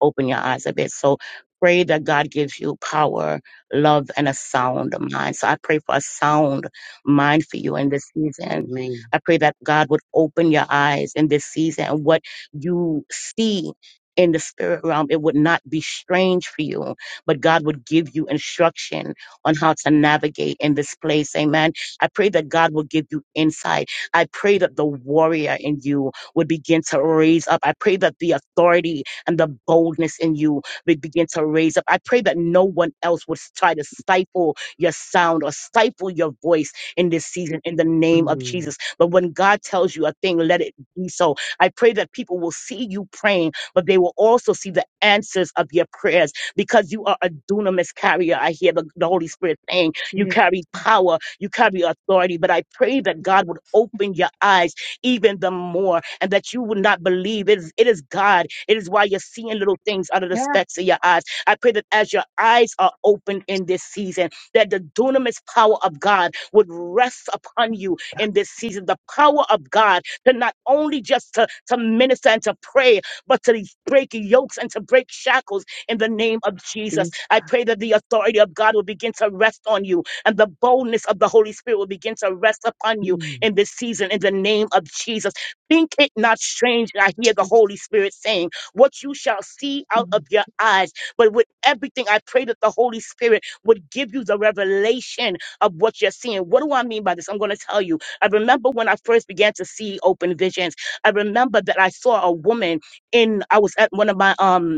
Speaker 1: open your eyes a bit. So pray that God gives you power, love, and a sound mind. So I pray for a sound mind for you in this season.
Speaker 4: Amen.
Speaker 1: I pray that God would open your eyes in this season and what you see. In the spirit realm, it would not be strange for you, but God would give you instruction on how to navigate in this place. Amen. I pray that God will give you insight. I pray that the warrior in you would begin to raise up. I pray that the authority and the boldness in you be- begin to raise up. I pray that no one else would try to stifle your sound or stifle your voice in this season in the name of
Speaker 4: Mm.
Speaker 1: Jesus. But when God tells you a thing, let it be so. I pray that people will see you praying, but they will also see the answers of your prayers because you are a dunamis carrier. I hear the, the Holy Spirit saying, You carry power, you carry authority. But I pray that God would open your eyes even the more, and that you would not believe. It is, it is God. It is why you're seeing little things out of the
Speaker 4: Yeah.
Speaker 1: specks of your eyes. I pray that as your eyes are opened in this season, that the dunamis power of God would rest upon you in this season. The power of God to not only just to, to minister and to pray, but to break yokes and to break shackles in the name of Jesus.
Speaker 4: Yes,
Speaker 1: I
Speaker 4: God.
Speaker 1: pray that the authority of God will begin to rest on you and the boldness of the Holy Spirit will begin to rest upon you
Speaker 4: Mm,
Speaker 1: in this season in the name of Jesus. Think it not strange. that I hear the
Speaker 4: yes,
Speaker 1: Holy Spirit saying, What you shall see out
Speaker 4: mm,
Speaker 1: of your eyes. But with everything, I pray that the Holy Spirit would give you the revelation of what you're seeing. What do I mean by this? I'm going to tell you. I remember when I first began to see open visions. I remember that I saw a woman in, I was at one of my, um,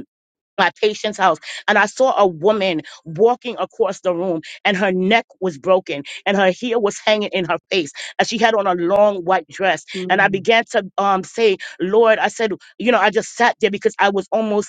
Speaker 1: my patient's house and I saw a woman walking across the room and her neck was broken and her hair was hanging in her face and she had on a long white dress and I
Speaker 4: mm,
Speaker 1: began to um say Lord I said you know I just sat there because I was almost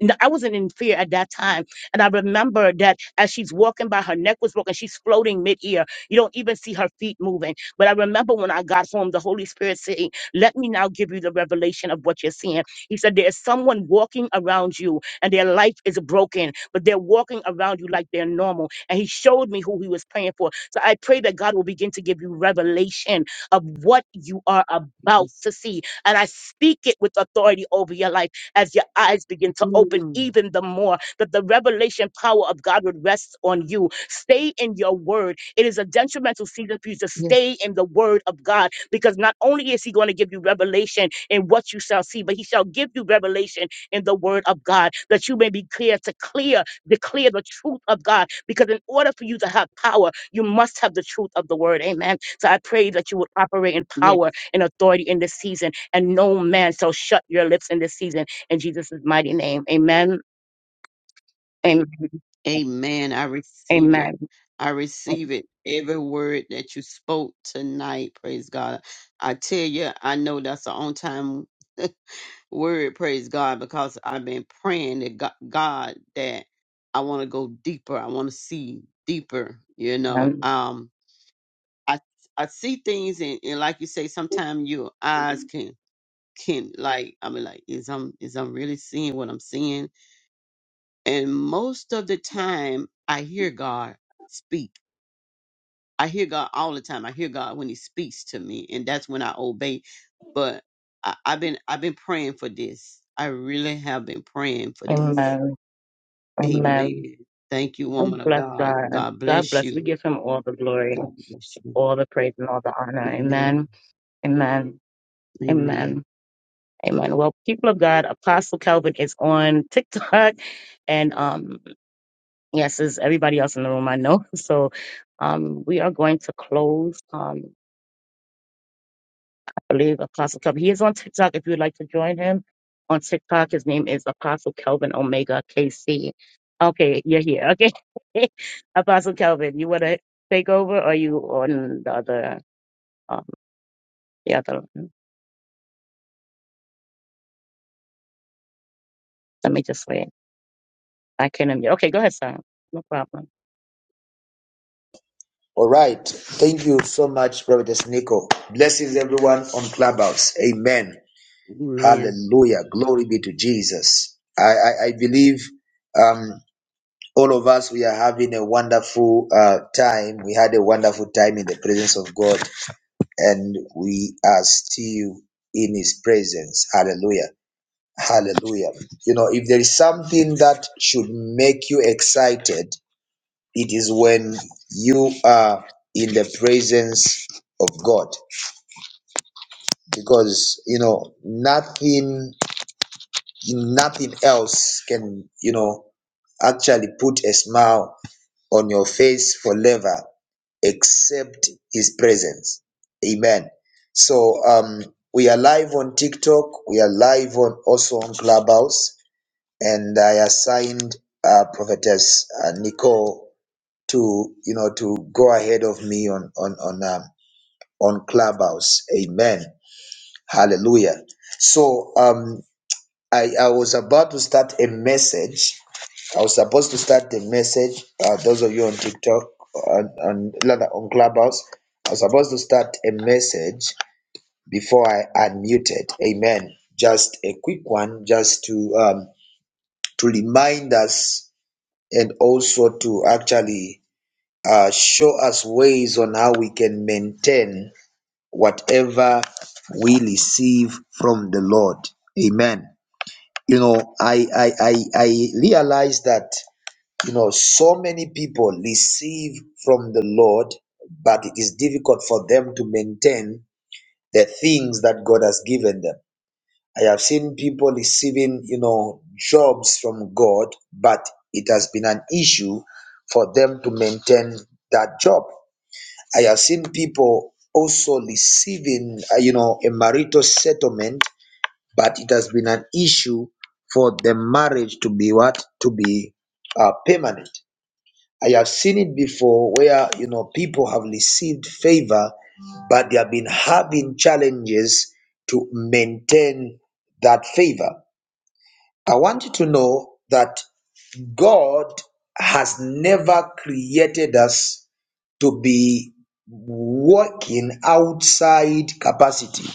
Speaker 1: n- I wasn't in fear at that time. And I remember that as she's walking by, her neck was broken. She's floating mid-air. You don't even see her feet moving. But I remember when I got home, the Holy Spirit saying, let me now give you the revelation of what you're seeing. He said, there is someone walking around you and their life is broken, but they're walking around you like they're normal. And he showed me who he was praying for. So I pray that God will begin to give you revelation of what you are about
Speaker 4: yes,
Speaker 1: to see. And I speak it with authority over your life as your eyes begin to open
Speaker 4: mm,
Speaker 1: even the more, that the revelation power of God would rest on you. Stay in your word. It is a detrimental season for you to
Speaker 4: yes,
Speaker 1: stay in the word of God because not only is He going to give you revelation in what you shall see, but He shall give you revelation in the word of God that you may be clear to clear, declare the truth of God. Because in order for you to have power, you must have the truth of the word. Amen. So I pray that you would operate in
Speaker 4: yes.
Speaker 1: power and authority in this season, and no man shall shut your lips in this season in Jesus' mighty name. Amen. Amen.
Speaker 4: Amen. I receive it.
Speaker 1: Amen.
Speaker 4: I receive it. Every word that you spoke tonight, praise God. I tell you, I know that's the on time word, praise God, because I've been praying to Go- God that I want to go deeper. I want to see deeper, you know.
Speaker 1: Amen.
Speaker 4: Um, I I see things, and, and like you say, sometimes your eyes can can like I mean like is I'm is I'm really seeing what I'm seeing? And most of the time I hear God speak. I hear God all the time. I hear God when He speaks to me, and that's when I obey. But I, I've been I've been praying for this. I really have been praying for this.
Speaker 1: Amen. Amen.
Speaker 4: Amen. Thank you,
Speaker 1: God
Speaker 4: woman of
Speaker 1: bless
Speaker 4: God.
Speaker 1: God.
Speaker 4: God
Speaker 1: God
Speaker 4: bless
Speaker 1: bless. We
Speaker 4: you.
Speaker 1: give him all the glory,
Speaker 4: God bless you.
Speaker 1: all the praise, and all the honor.
Speaker 4: Amen.
Speaker 1: Amen. Amen.
Speaker 4: Amen.
Speaker 1: Amen. Amen. Well, people of God, Apostle Kelvin is on TikTok, and um, yes, is everybody else in the room I know. So, um, we are going to close. Um, believe Apostle Kelvin. He is on TikTok if you'd like to join him. On TikTok, his name is Apostle Kelvin Omega KC. Okay, you're here. Okay. Apostle Kelvin, you want to take over or you on the other, um, the other? one? Let me just wait. I can't hear. Okay, go ahead, sir. No problem.
Speaker 5: All right. Thank you so much, Brother Nico. Blessings everyone on Clubhouse. Amen.
Speaker 4: Amen.
Speaker 5: Hallelujah. Glory be to Jesus. I, I, I believe um, all of us, we are having a wonderful uh, time. We had a wonderful time in the presence of God, and we are still in His presence. Hallelujah. Hallelujah. You know, if there is something that should make you excited, it is when you are in the presence of God because you know nothing nothing else can you know actually put a smile on your face forever except his presence amen so um we are live on tiktok we are live on also on clubhouse and i assigned uh prophetess uh, nicole to you know to go ahead of me on on on um, on clubhouse amen hallelujah so um i i was about to start a message i was supposed to start the message uh, those of you on tiktok on on, rather on clubhouse i was supposed to start a message before i unmuted amen just a quick one just to um to remind us and also to actually uh, show us ways on how we can maintain whatever we receive from the Lord. Amen. You know, I I I, I realize that you know so many people receive from the Lord, but it is difficult for them to maintain the things that God has given them. I have seen people receiving, you know, jobs from God, but it has been an issue for them to maintain that job. I have seen people also receiving, uh, you know, a marital settlement, but it has been an issue for the marriage to be what to be uh, permanent. I have seen it before where you know people have received favor, but they have been having challenges to maintain that favor. I want you to know that God has never created us to be working outside capacity.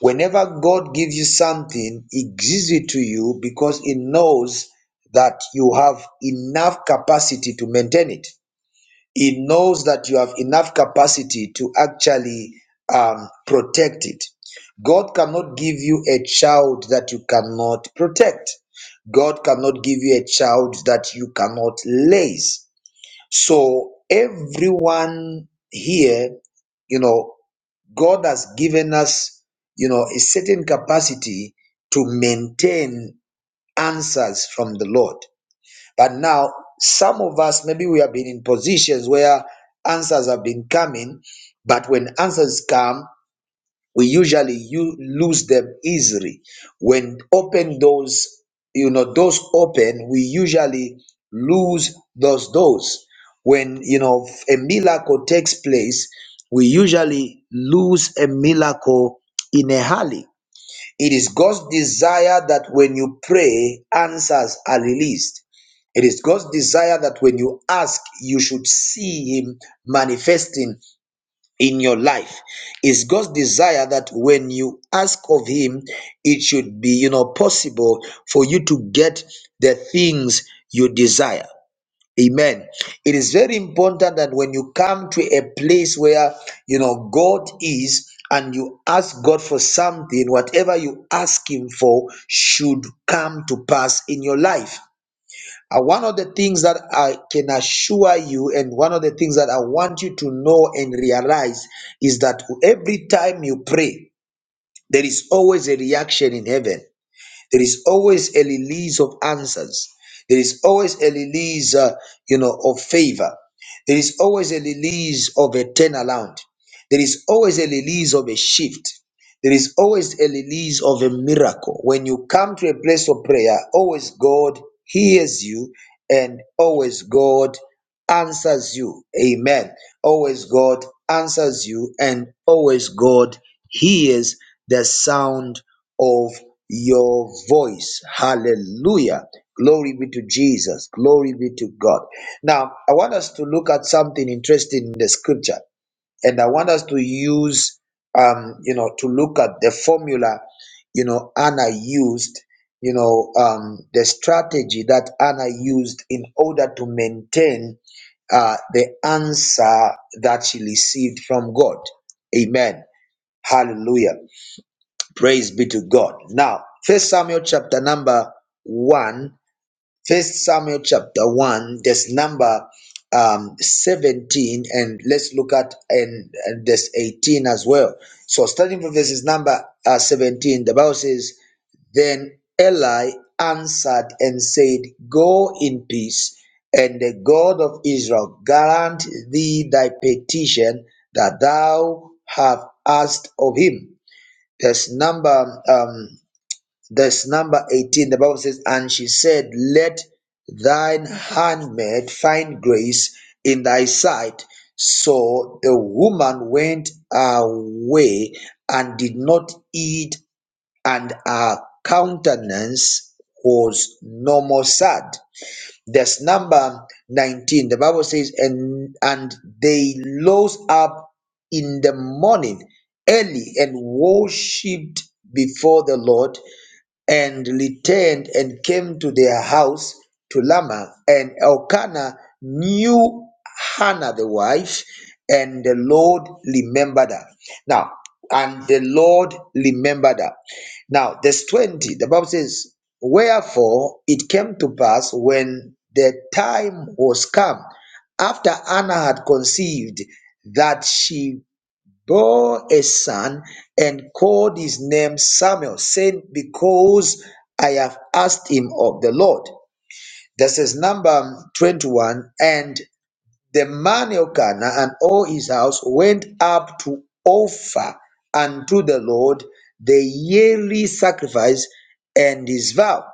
Speaker 5: Whenever God gives you something, He gives it to you because He knows that you have enough capacity to maintain it. He knows that you have enough capacity to actually um, protect it. God cannot give you a child that you cannot protect. God cannot give you a child that you cannot raise. So everyone here, you know, God has given us, you know, a certain capacity to maintain answers from the Lord. But now some of us, maybe we have been in positions where answers have been coming, but when answers come, we usually you lose them easily when open doors you know doors open we usually lose those doors when you know a miracle takes place we usually lose a miracle in a hurry it is god's desire that when you pray answers are released it is god's desire that when you ask you should see him manifesting in your life. It's God's desire that when you ask of Him, it should be, you know, possible for you to get the things you desire. Amen. It is very important that when you come to a place where, you know, God is and you ask God for something, whatever you ask Him for should come to pass in your life. Uh, one of the things that I can assure you, and one of the things that I want you to know and realize, is that every time you pray, there is always a reaction in heaven. There is always a release of answers. There is always a release, uh, you know, of favor. There is always a release of a turnaround. There is always a release of a shift. There is always a release of a miracle. When you come to a place of prayer, always God hears you and always God answers you. Amen. Always God answers you and always God hears the sound of your voice. Hallelujah. Glory be to Jesus. Glory be to God. Now, I want us to look at something interesting in the scripture, and I want us to use, um, you know, to look at the formula, you know, Anna used, you know, um, the strategy that Anna used in order to maintain uh, the answer that she received from God. Amen. Hallelujah. Praise be to God. Now, First Samuel chapter number one, First Samuel chapter one. This number um, seventeen, and let's look at and, and this eighteen as well. So, starting from verses number uh, seventeen, the Bible says, "Then Eli answered and said, Go in peace, and the God of Israel grant thee thy petition that thou have asked of him." That's number um that's number 18. The Bible says, and she said, Let thine handmaid find grace in thy sight. So the woman went away and did not eat, and her countenance was no more sad. There's number 19. The Bible says, and, and they rose up in the morning early and worshipped before the Lord, and returned and came to their house to Lama. And Elkanah knew Hannah the wife, and the Lord remembered her. Now, and the Lord remembered her. Now, verse 20, the Bible says, Wherefore it came to pass when the time was come, after Anna had conceived, that she bore a son and called his name Samuel, saying, Because I have asked him of the Lord. This is number 21. And the man Elkanah and all his house went up to offer unto the Lord the yearly sacrifice and his vow.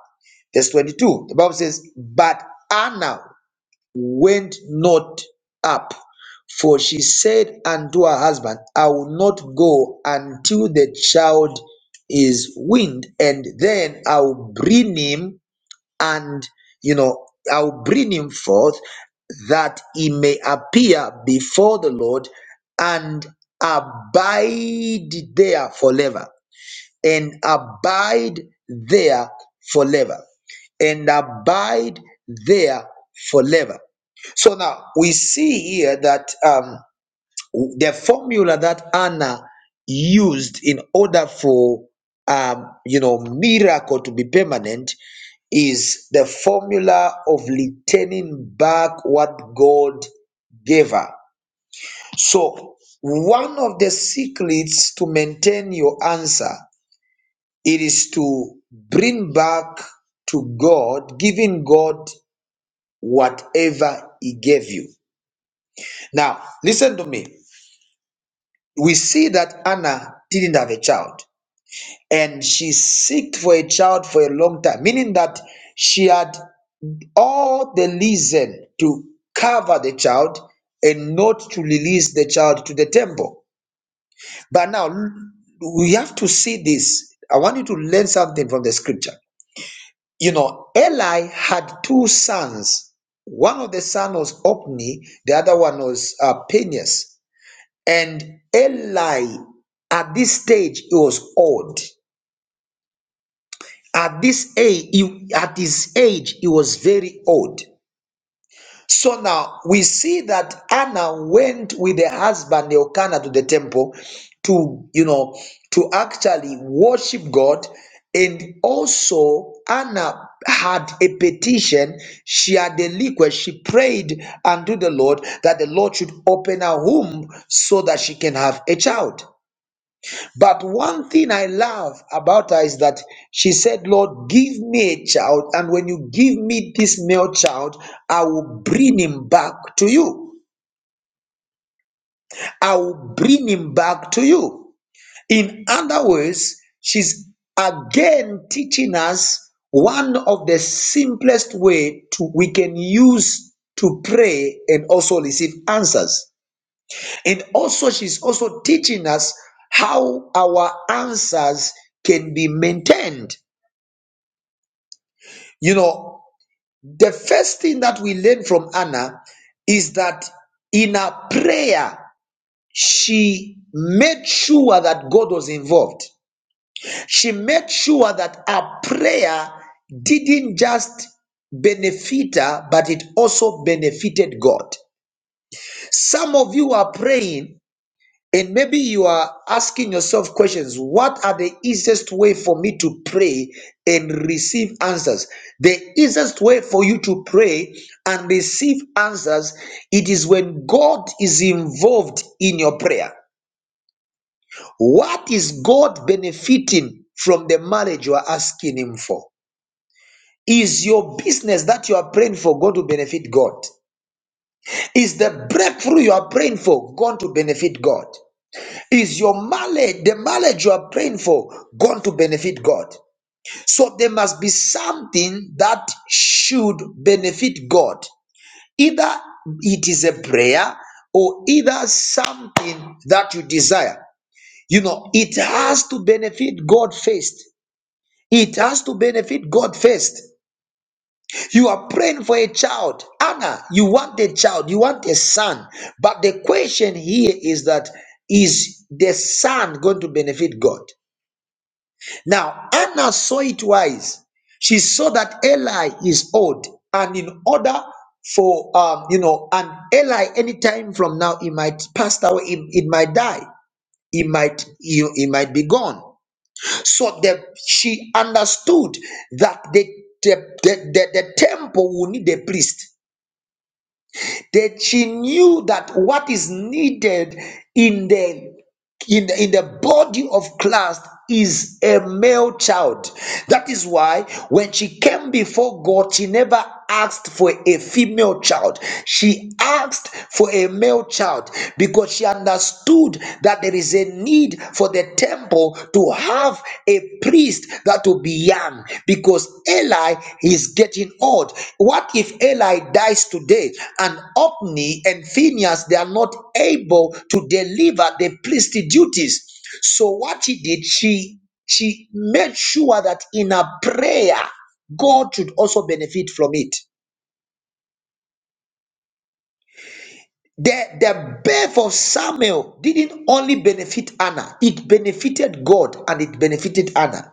Speaker 5: Verse 22, the Bible says, But Anna went not up. For she said unto her husband, I will not go until the child is weaned, and then I'll bring him and you know, I'll bring him forth that he may appear before the Lord and abide there forever and abide there forever. And abide there forever. So now we see here that um, the formula that Anna used in order for um, you know miracle to be permanent is the formula of returning back what God gave her. So one of the secrets to maintain your answer it is to bring back to God, giving God whatever He gave you. Now, listen to me. We see that Anna didn't have a child and she seeked for a child for a long time, meaning that she had all the reason to cover the child and not to release the child to the temple. But now we have to see this. I want you to learn something from the scripture. you know, Eli had two sons. One of the son was Ophni, the other one was uh, Phineas. And Eli, at this stage, he was old. At this age, he, at his age, he was very old. So now we see that Anna went with her husband Elkanah to the temple to, you know, to actually worship God. And also, Anna had a petition. She had a request. She prayed unto the Lord that the Lord should open her womb so that she can have a child. But one thing I love about her is that she said, Lord, give me a child, and when you give me this male child, I will bring him back to you. I will bring him back to you. In other words, she's again teaching us one of the simplest way to we can use to pray and also receive answers. And also, she's also teaching us how our answers can be maintained. You know, the first thing that we learn from Anna is that in her prayer, she made sure that God was involved. She made sure that her prayer didn't just benefit her, but it also benefited God. Some of you are praying And maybe you are asking yourself questions what are the easiest way for me to pray and receive answers? The easiest way for you to pray and receive answers it is when God is involved in your prayer. What is God benefiting from the marriage you are asking him for? Is your business that you are praying for going to benefit God? Is the breakthrough you are praying for going to benefit God? Is your marriage, the marriage you are praying for, going to benefit God? So there must be something that should benefit God. Either it is a prayer or either something that you desire. You know, it has to benefit God first. It has to benefit God first. You are praying for a child. Anna, you want a child, you want a son. But the question here is that is the son going to benefit God? Now, Anna saw it wise. She saw that Eli is old, and in order for um, you know, and Eli anytime from now he might pass away, he, he might die, he might he, he might be gone. So the she understood that the the, the, the, the temple will need a priest that she knew that what is needed in the in the, in the body of Christ is a male child. That is why when she came before God, she never asked for a female child. She asked for a male child because she understood that there is a need for the temple to have a priest to be young because Eli is getting old. What if Eli dies today and Opni and Phineas they are not able to deliver the priestly duties? So what she did, she she made sure that in her prayer, God should also benefit from it. The, the birth of Samuel didn't only benefit Anna, it benefited God and it benefited Anna.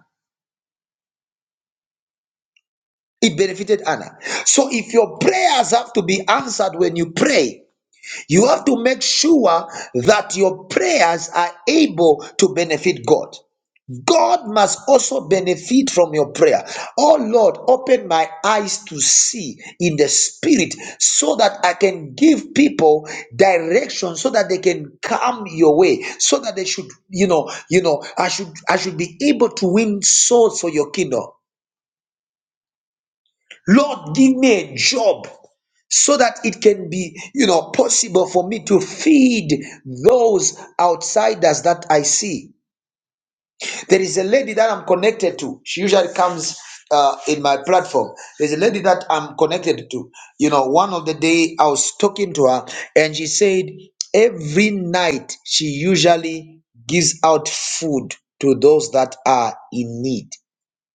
Speaker 5: It benefited Anna. So if your prayers have to be answered when you pray, you have to make sure that your prayers are able to benefit God. God must also benefit from your prayer. Oh Lord, open my eyes to see in the spirit so that I can give people direction so that they can come your way so that they should you know you know I should I should be able to win souls for your kingdom. Lord, give me a job so that it can be, you know, possible for me to feed those outsiders that I see. There is a lady that I'm connected to. She usually comes uh, in my platform. There's a lady that I'm connected to. You know, one of the day I was talking to her and she said every night she usually gives out food to those that are in need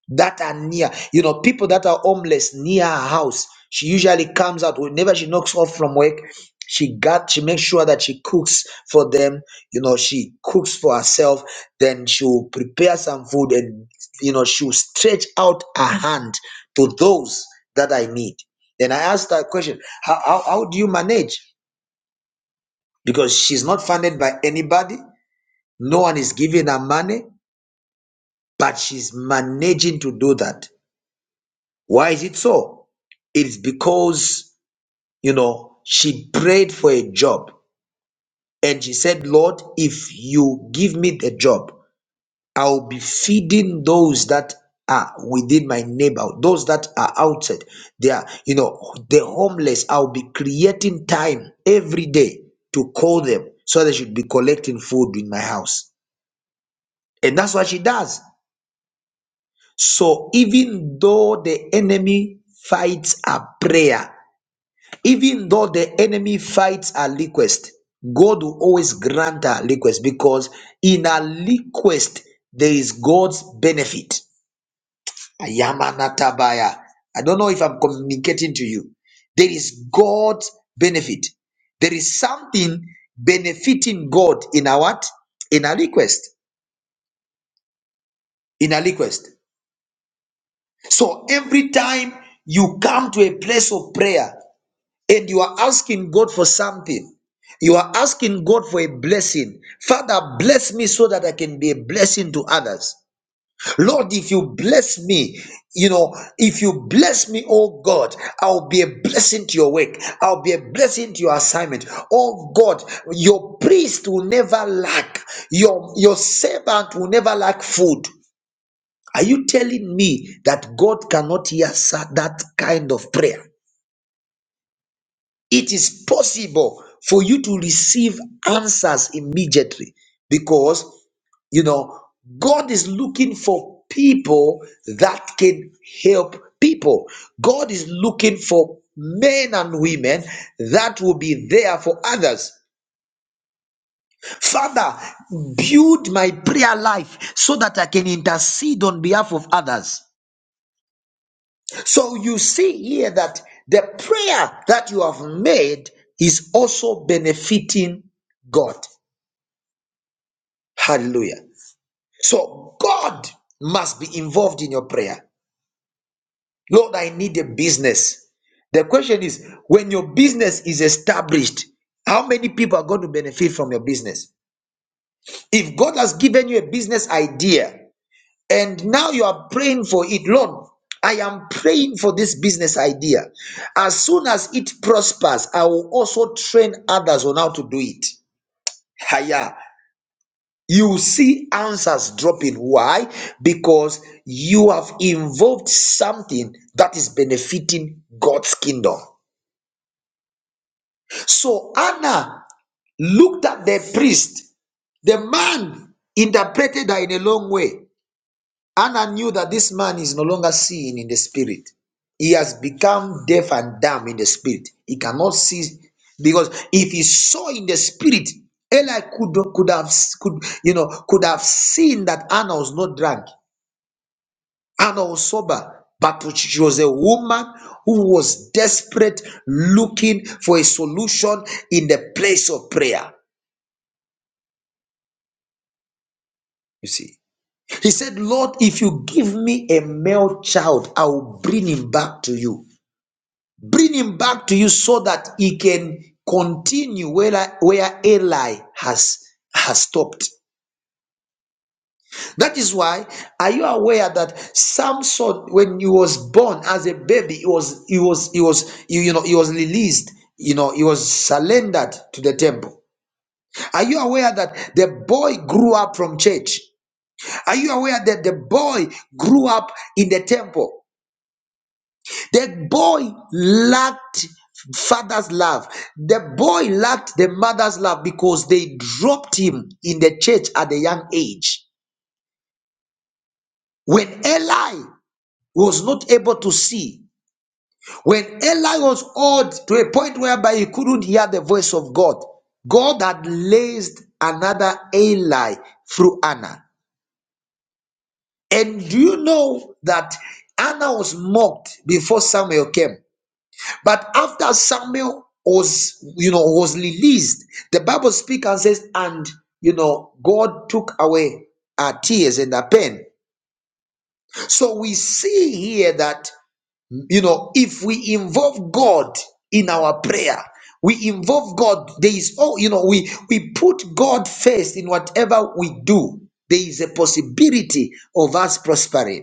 Speaker 5: that are near. You know, people that are homeless near her house. She usually comes out whenever she knocks off from work. She got she makes sure that she cooks for them. You know, she cooks for herself. Then she'll prepare some food and you know she'll stretch out her hand to those that I need. Then I asked her a question: how, how how do you manage? Because she's not funded by anybody. No one is giving her money, but she's managing to do that Why is it so? It is because, you know, she prayed for a job and she said, Lord, if you give me the job, I'll be feeding those that are within my neighborhood, those that are outside. They are, you know, the homeless. I'll be creating time every day to call them so they should be collecting food in my house. And that's what she does. So even though the enemy fights a prayer, even though the enemy fights our request god will always grant our request because in our request there is god's benefit Ayamanatabaya. i don't know if i'm communicating to you there is god's benefit there is something benefiting god in our what in our request in our request so every time you come to a place of prayer and you are asking God for something. You are asking God for a blessing. Father, bless me so that I can be a blessing to others. Lord, if you bless me, you know, if you bless me, oh God, I'll be a blessing to your work. I'll be a blessing to your assignment. Oh God, your priest will never lack. Your, your servant will never lack food. Are you telling me that God cannot hear that kind of prayer? it is possible for you to receive answers immediately because you know god is looking for people that can help people god is looking for men and women that will be there for others father build my prayer life so that i can intercede on behalf of others So you see here that the prayer that you have made is also benefiting God. Hallelujah. So God must be involved in your prayer. Lord, I need a business. The question is when your business is established, how many people are going to benefit from your business? If God has given you a business idea, And now you are praying for it. Lord, I am praying for this business idea. As soon as it prospers, I will also train others on how to do it. Higher. You see answers dropping. Why? Because you have involved something that is benefiting God's kingdom. So Anna looked at the priest. The man interpreted her in a long way. Anna knew that this man is no longer seeing in the spirit. He has become deaf and dumb in the spirit. He cannot see because if he saw in the spirit, Eli could could have could you know could have seen that Anna was not drunk. Anna was sober, but she was a woman who was desperate, looking for a solution in the place of prayer. You see, he said, "Lord, if you give me a male child, I will bring him back to you." Bring him back to you so that he can continue where, where Eli has, has stopped. That is why, are you aware that Samson, when he was born as a baby, he was he was he was you, you know he was released, you know, he was surrendered to the temple. Are you aware that the boy grew up from church? Are you aware that the boy grew up in the temple? The boy lacked father's love. The boy lacked the mother's love because they dropped him in the church at a young age. When Eli was not able to see, when Eli was old to a point whereby he couldn't hear the voice of God, God had raised another Eli through Anna. And do you know that Anna was mocked before Samuel came? But after Samuel was, you know, was released, the Bible speaks and says, and you know, God took away our tears and our pain. So we see here that you know, if we involve God in our prayer, we involve God. There is oh, you know, we we put God first in whatever we do. There is a possibility of us prospering.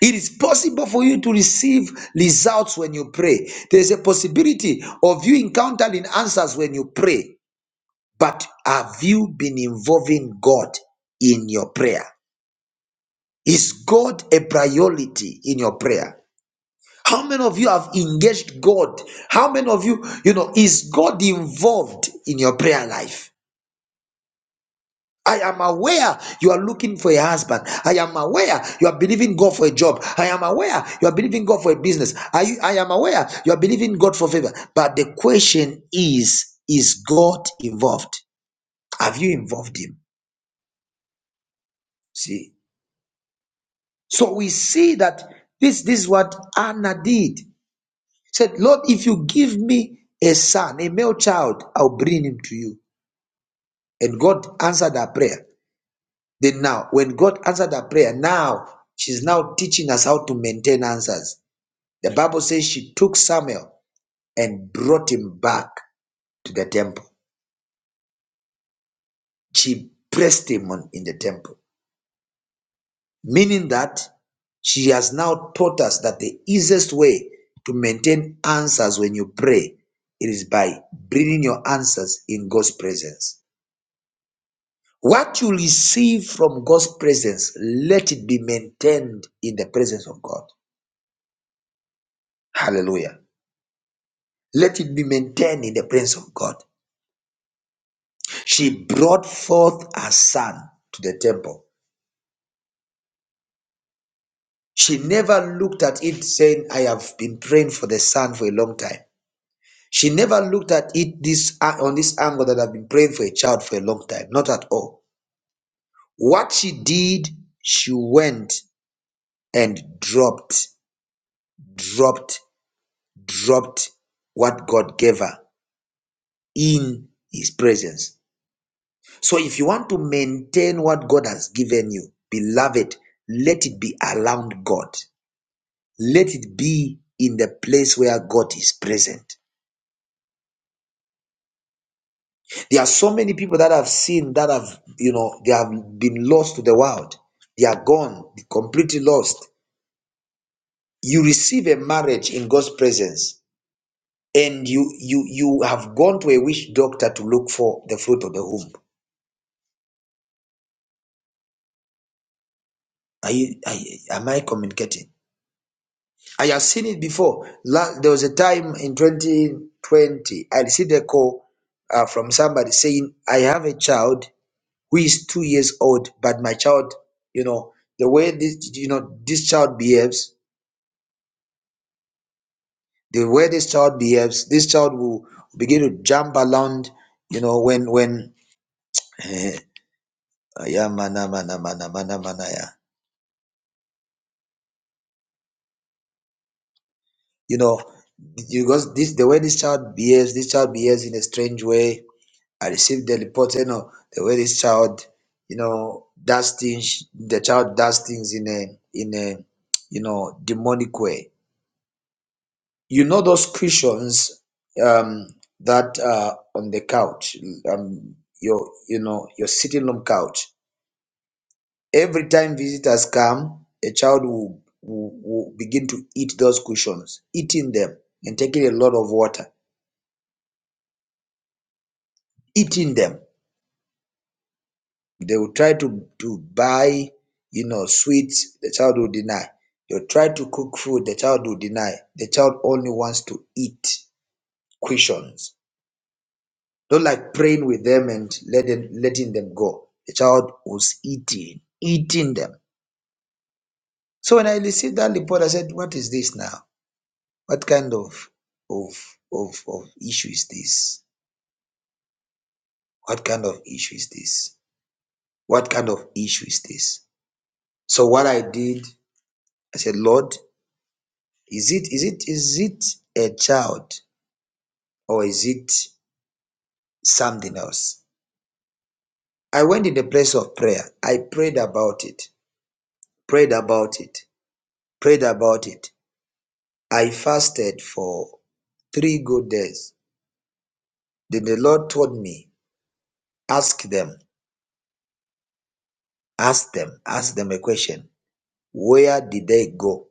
Speaker 5: It is possible for you to receive results when you pray. There's a possibility of you encountering answers when you pray. But have you been involving God in your prayer? Is God a priority in your prayer? How many of you have engaged God? How many of you, you know, is God involved in your prayer life? I am aware you are looking for a husband. I am aware you are believing God for a job. I am aware you are believing God for a business. I, I am aware you are believing God for favor. But the question is Is God involved? Have you involved Him? See? So we see that this, this is what Anna did. Said, Lord, if you give me a son, a male child, I'll bring him to you. And God answered her prayer. Then now, when God answered her prayer, now she's now teaching us how to maintain answers. The Bible says she took Samuel and brought him back to the temple. She pressed him on in the temple, meaning that she has now taught us that the easiest way to maintain answers when you pray it is by bringing your answers in God's presence. What you receive from God's presence, let it be maintained in the presence of God. Hallelujah. Let it be maintained in the presence of God. She brought forth her son to the temple. She never looked at it saying, I have been praying for the son for a long time. She never looked at it this uh, on this angle that I've been praying for a child for a long time. Not at all. What she did, she went and dropped, dropped, dropped what God gave her in his presence. So if you want to maintain what God has given you, beloved, let it be around God. Let it be in the place where God is present. There are so many people that have seen that have, you know, they have been lost to the world. They are gone, completely lost. You receive a marriage in God's presence and you you you have gone to a witch doctor to look for the fruit of the womb. Are you, are you am I communicating? I have seen it before. La there was a time in 2020, I received a call uh, from somebody saying, I have a child who is two years old, but my child, you know, the way this, you know, this child behaves, the way this child behaves, this child will begin to jump around, you know, when, when, eh, yeah, mana, mana, mana, mana, mana, yeah. you know, because this, the way this child behaves, this child behaves in a strange way I received the report, you know, the way this child, you know, does things, the child does things in a, in a, you know, demonic way. You know those cushions um, that are on the couch, um, your, you know, your sitting room couch. Every time visitors come, a child will, will, will begin to eat those cushions, eating them and taking a lot of water, eating them. They will try to to buy you know sweets, the child will deny. They'll try to cook food, the child will deny. The child only wants to eat questions. Don't like praying with them and let them, letting them go. The child was eating, eating them. So when I received that report, I said, What is this now? What kind of of of, of issue is this? What kind of issue is this? What kind of issue is this? So what I did, I said, Lord, Is it is it is it a child or is it something else? I went in the place of prayer. I prayed about it, prayed about it, prayed about it. I fasted for three good days. Then the Lord told me, ask them, ask them, ask them a question. Where did they go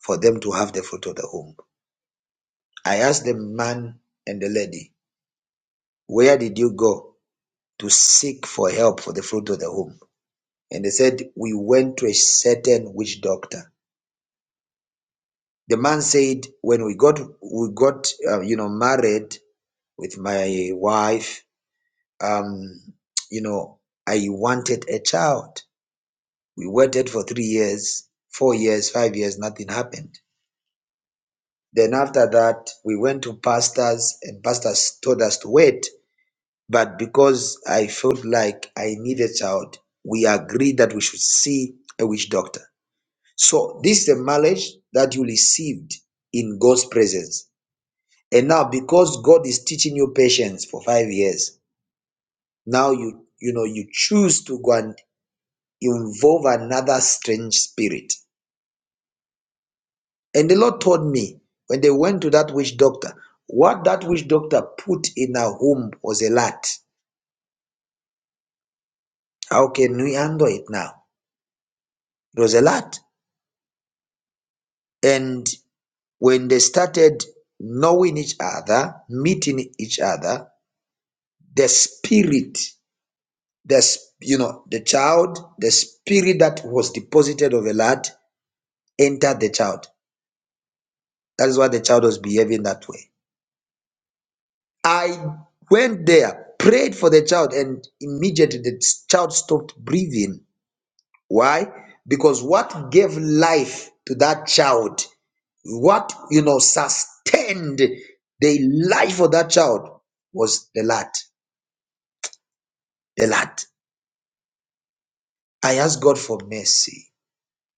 Speaker 5: for them to have the fruit of the womb? I asked the man and the lady, where did you go to seek for help for the fruit of the womb? And they said, We went to a certain witch doctor. The man said, When we got we got uh, you know married with my wife, um, you know, I wanted a child. We waited for three years, four years, five years, nothing happened. Then after that, we went to pastors, and pastors told us to wait. But because I felt like I needed a child, we agreed that we should see a witch doctor. So this is the mileage that you received in God's presence. And now because God is teaching you patience for five years, now you you know you choose to go and involve another strange spirit. And the Lord told me when they went to that witch doctor, what that witch doctor put in her womb was a lot. How can we handle it now? It was a lot. And when they started knowing each other, meeting each other, the spirit the s- you know the child the spirit that was deposited of a lad entered the child that is why the child was behaving that way i went there prayed for the child and immediately the child stopped breathing why because what gave life to that child what you know sustained the life of that child was the lad the lad i asked god for mercy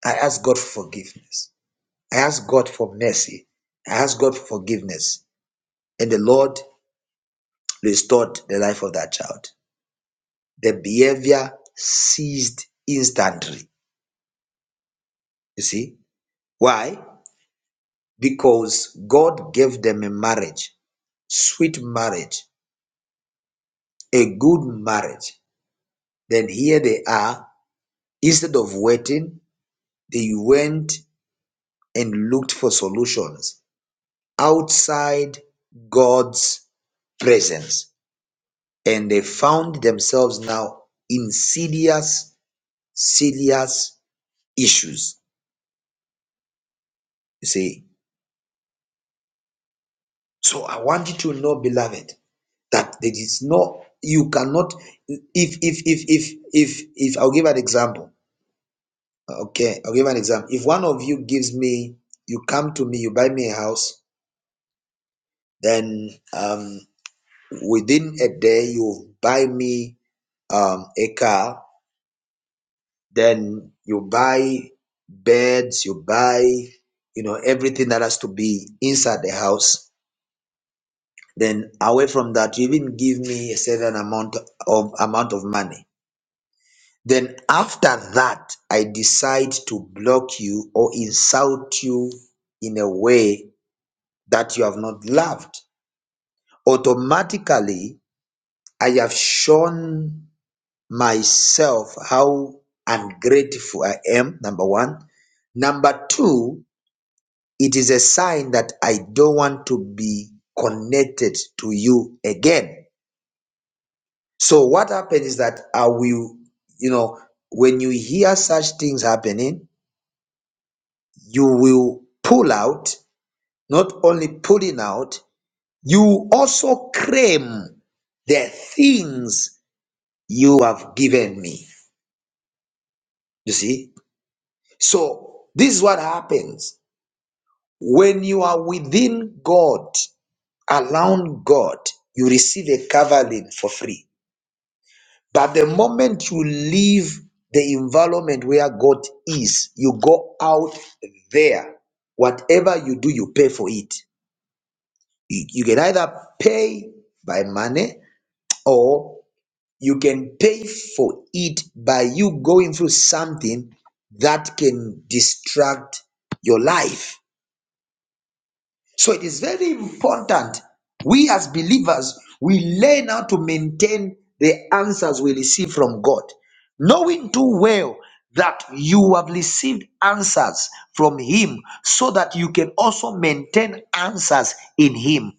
Speaker 5: i asked god for forgiveness I asked God for mercy. I asked God for forgiveness. And the Lord restored the life of that child. The behavior ceased instantly. You see? Why? Because God gave them a marriage, sweet marriage, a good marriage. Then here they are. Instead of waiting, they went and looked for solutions outside God's presence. and they found themselves now in serious, serious issues. You see, so I want you to know, beloved, that there is no you cannot if if if if if if I'll give an example. Okay, I'll give an example. If one of you gives me, you come to me, you buy me a house, then um within a day you buy me um a car then you buy beds, you buy, you know, everything that has to be inside the house. Then away from that, you even give me a certain amount of amount of money. Then after that, I decide to block you or insult you in a way that you have not loved. Automatically, I have shown myself how ungrateful I am, number one. Number two, It is a sign that I don't want to be connected to you again. So what happened is that I will, you know, when you hear such things happening, you will pull out, not only pulling out, you also claim the things you have given me. You see? So this is what happens. When you are within God, around God, you receive a covering for free. But the moment you leave the environment where God is, you go out there. Whatever you do, you pay for it. You, you can either pay by money or you can pay for it by you going through something that can distract your life So it is very important we as believers we learn how to maintain the answers we receive from God, knowing too well that you have received answers from Him so that you can also maintain answers in Him.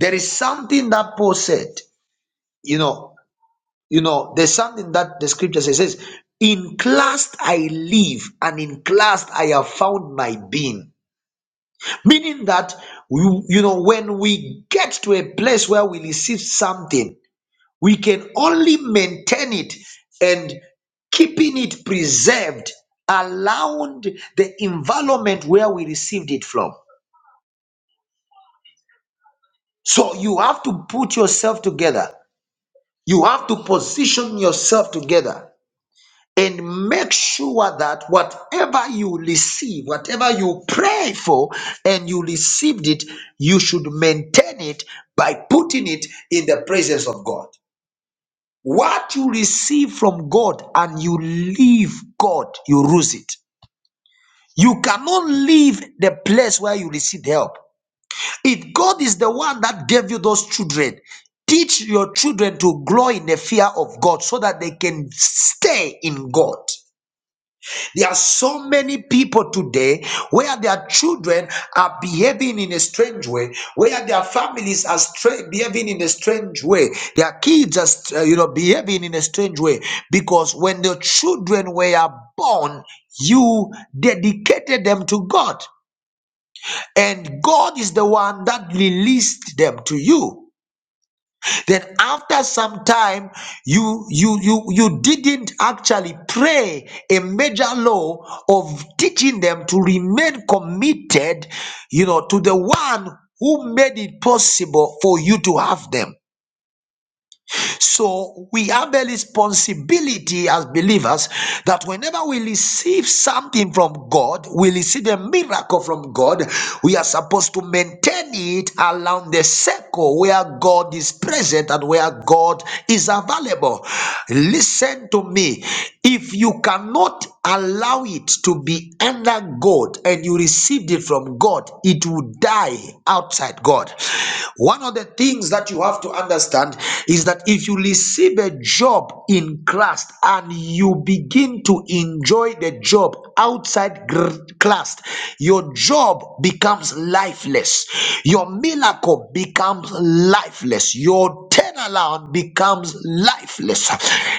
Speaker 5: There is something that Paul said, you know, you know, there's something that the scripture says, says in Christ I live and in Christ I have found my being. meaning that you, you know when we get to a place where we receive something we can only maintain it and keeping it preserved around the environment where we received it from so you have to put yourself together you have to position yourself together and make sure that whatever you receive, whatever you pray for, and you received it, you should maintain it by putting it in the presence of God. What you receive from God and you leave God, you lose it. You cannot leave the place where you received help. If God is the one that gave you those children, teach your children to grow in the fear of God so that they can stay in God. There are so many people today where their children are behaving in a strange way, where their families are stra- behaving in a strange way, their kids are, st- uh, you know, behaving in a strange way. Because when the children were born, you dedicated them to God, and God is the one that released them to you. Then after some time, you you you you didn't actually pray a major law of teaching them to remain committed, you know, to the one who made it possible for you to have them. So we have a responsibility as believers that whenever we receive something from God, we receive a miracle from God, we are supposed to maintain it around the circle where God is present and where God is available. Listen to me. If you cannot allow it to be under God and you received it from God, it will die outside God. One of the things that you have to understand is that if you receive a job in Christ and you begin to enjoy the job outside Christ, your job becomes lifeless. Your miracle becomes lifeless. Your turnaround becomes lifeless.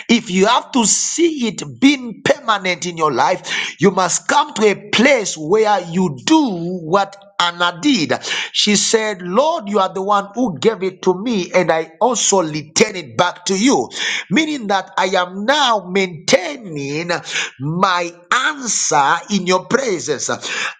Speaker 5: If you have to see it being paid permanent in your life, you must come to a place where you do what Anna did. She said, Lord, you are the one who gave it to me, and I also return it back to you. Meaning that I am now maintaining my answer in your presence.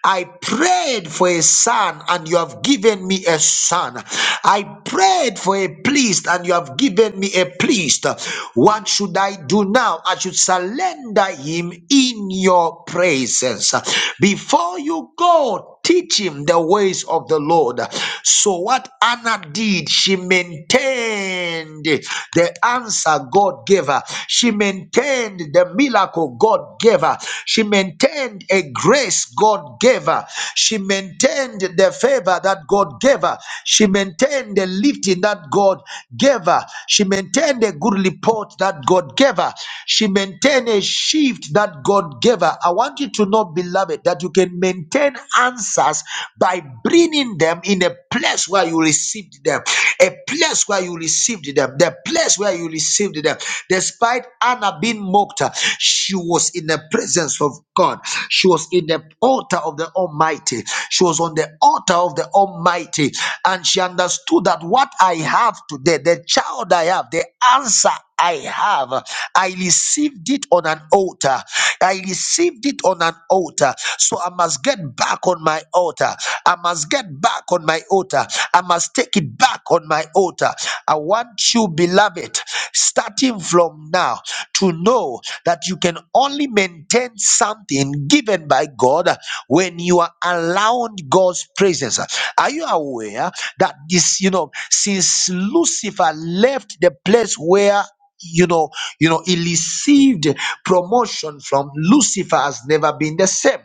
Speaker 5: I prayed for a son, and you have given me a son. I prayed for a priest, and you have given me a priest. What should I do now? Now, as you surrender him in your presence, before you go, teach him the ways of the Lord. So, what Anna did, she maintained the answer God gave her, she maintained the miracle God gave her, she maintained a grace God gave her, she maintained the favor that God gave her, she maintained the lifting that God gave her, she maintained a good report that God gave her. She maintained a shift that God gave her. I want you to know, beloved, that you can maintain answers by bringing them in a place where you received them, a place where you received them, the place where you received them. Despite Anna being mocked, she was in the presence of God. She was in the altar of the Almighty. She was on the altar of the Almighty, and she understood that what I have today, the the child I have, the answer I have, I received it on an altar. I received it on an altar. So I must get back on my altar. I must get back on my altar. I must take it back on my altar. I want you, beloved, starting from now, to know that you can only maintain something given by God when you are allowing God's presence. Are you aware that this, you know? know, since Lucifer left the place where you know, you know, he received promotion from Lucifer has never been the same.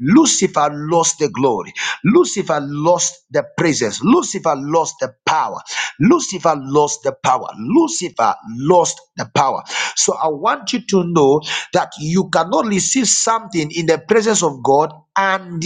Speaker 5: Lucifer lost the glory. Lucifer lost the presence. Lucifer lost the power. Lucifer lost the power. Lucifer lost the power. So I want you to know that you cannot receive something in the presence of God and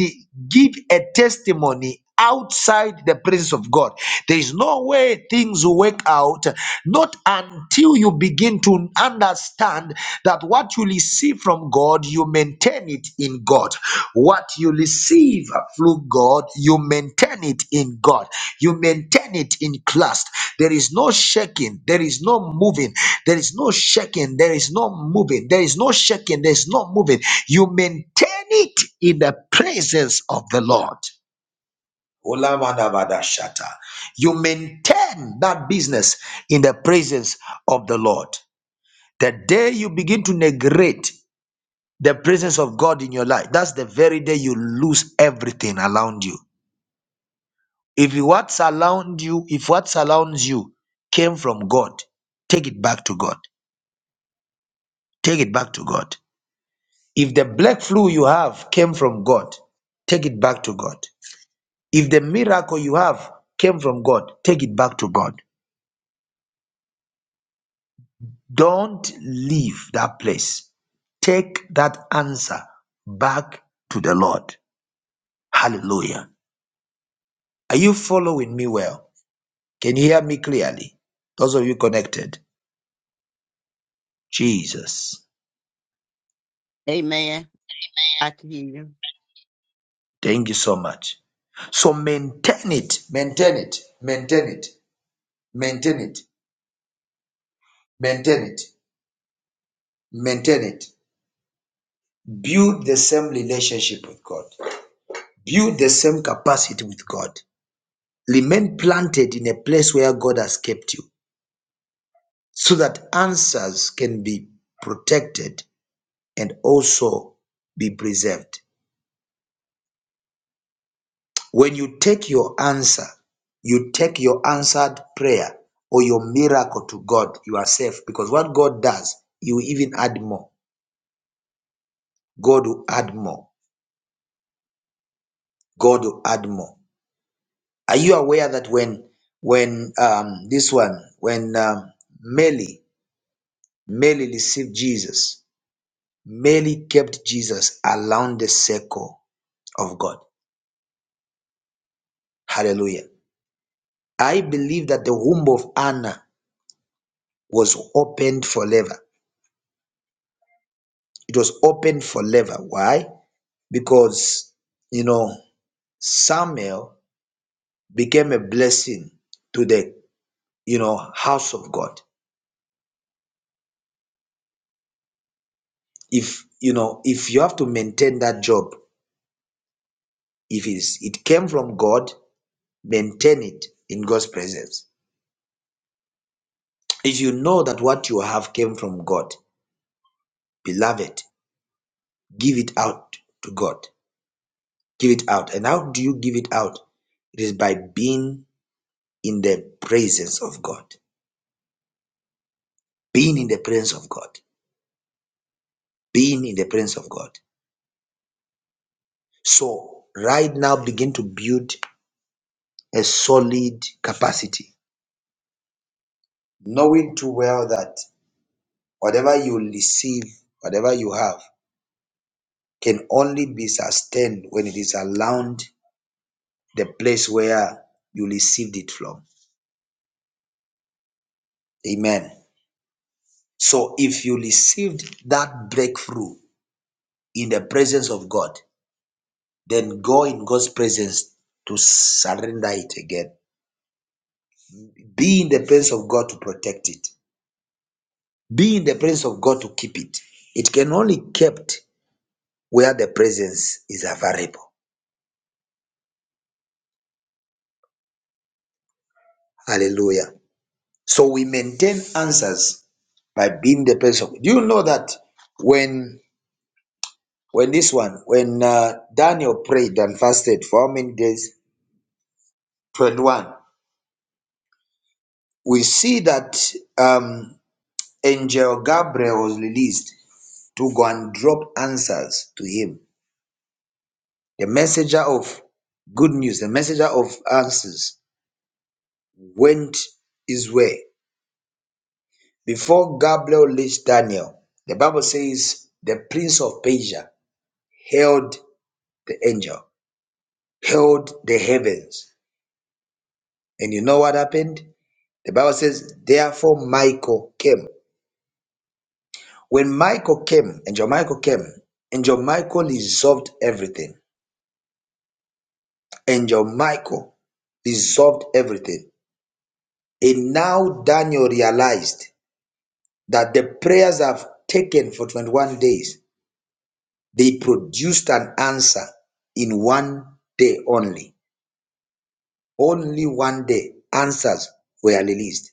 Speaker 5: give a testimony outside the presence of God. There is no way things work out, not until you begin to understand that what you receive from God, you maintain it in God. What you receive through God, you maintain it in God. You maintain it in Christ. There is no shaking, there is no moving, there is no shaking, there is no moving, there is no shaking, there is no moving. You maintain it in the presence of the Lord. Olamanabadashata. You maintain that business in the presence of the Lord. The day you begin to neglect the presence of God in your life, that's the very day you lose everything around you. If what surrounds you, if what surrounds you came from God, take it back to God. Take it back to God. If the black flu you have came from God, take it back to God. If the miracle you have came from God, take it back to God. Don't leave that place. Take that answer back to the Lord. Hallelujah. Are you following me well? Can you hear me clearly? Those of you connected. Jesus.
Speaker 4: Amen. I can hear you.
Speaker 5: Thank you so much. So maintain it, maintain it, maintain it, maintain it, maintain it, maintain it. Build the same relationship with God. Build the same capacity with God. Remain planted in a place where God has kept you. so that answers can be protected and also be preserved. When you take your answer, you take your answered prayer or your miracle to God, you are safe because what God does, He will even add more. God will add more. God will add more. Are you aware that when when um, this one when um, Mary Mary received Jesus, Mary kept Jesus around the circle of God. Hallelujah. I believe that the womb of Anna was opened forever. It was opened forever. Why? Because, you know, Samuel became a blessing to the, you know, house of God. If, you know, if you have to maintain that job, if it's, it came from God, maintain it in God's presence. If you know that what you have came from God, beloved, give it out to God. Give it out. And how do you give it out? It is by being in the presence of God, being in the presence of God, being in the presence of God. So, right now, begin to build a solid capacity, knowing too well that whatever you receive, whatever you have, can only be sustained when it is around the place where you received it from. Amen. So, if you received that breakthrough in the presence of God, then go in God's presence to surrender it again Be in the presence of God to protect it. Be in the presence of God to keep it. It can only kept where the presence is available. Hallelujah. So we maintain answers by being in the presence of. Do you know that when when this one when uh, Daniel prayed and fasted for how many days? Twenty one. We see that um, angel Gabriel was released to go and drop answers to him the messenger of good news, the messenger of answers, went his way. Before Gabriel reached Daniel, the Bible says the prince of Persia held the angel, held the heavens. And you know what happened? The Bible says, therefore Michael came. When Michael came, angel Michael came, angel Michael resolved everything. Angel Michael resolved everything. And now Daniel realized that the prayers I've taken for 21 days, they produced an answer in one day only. Only one day answers were released.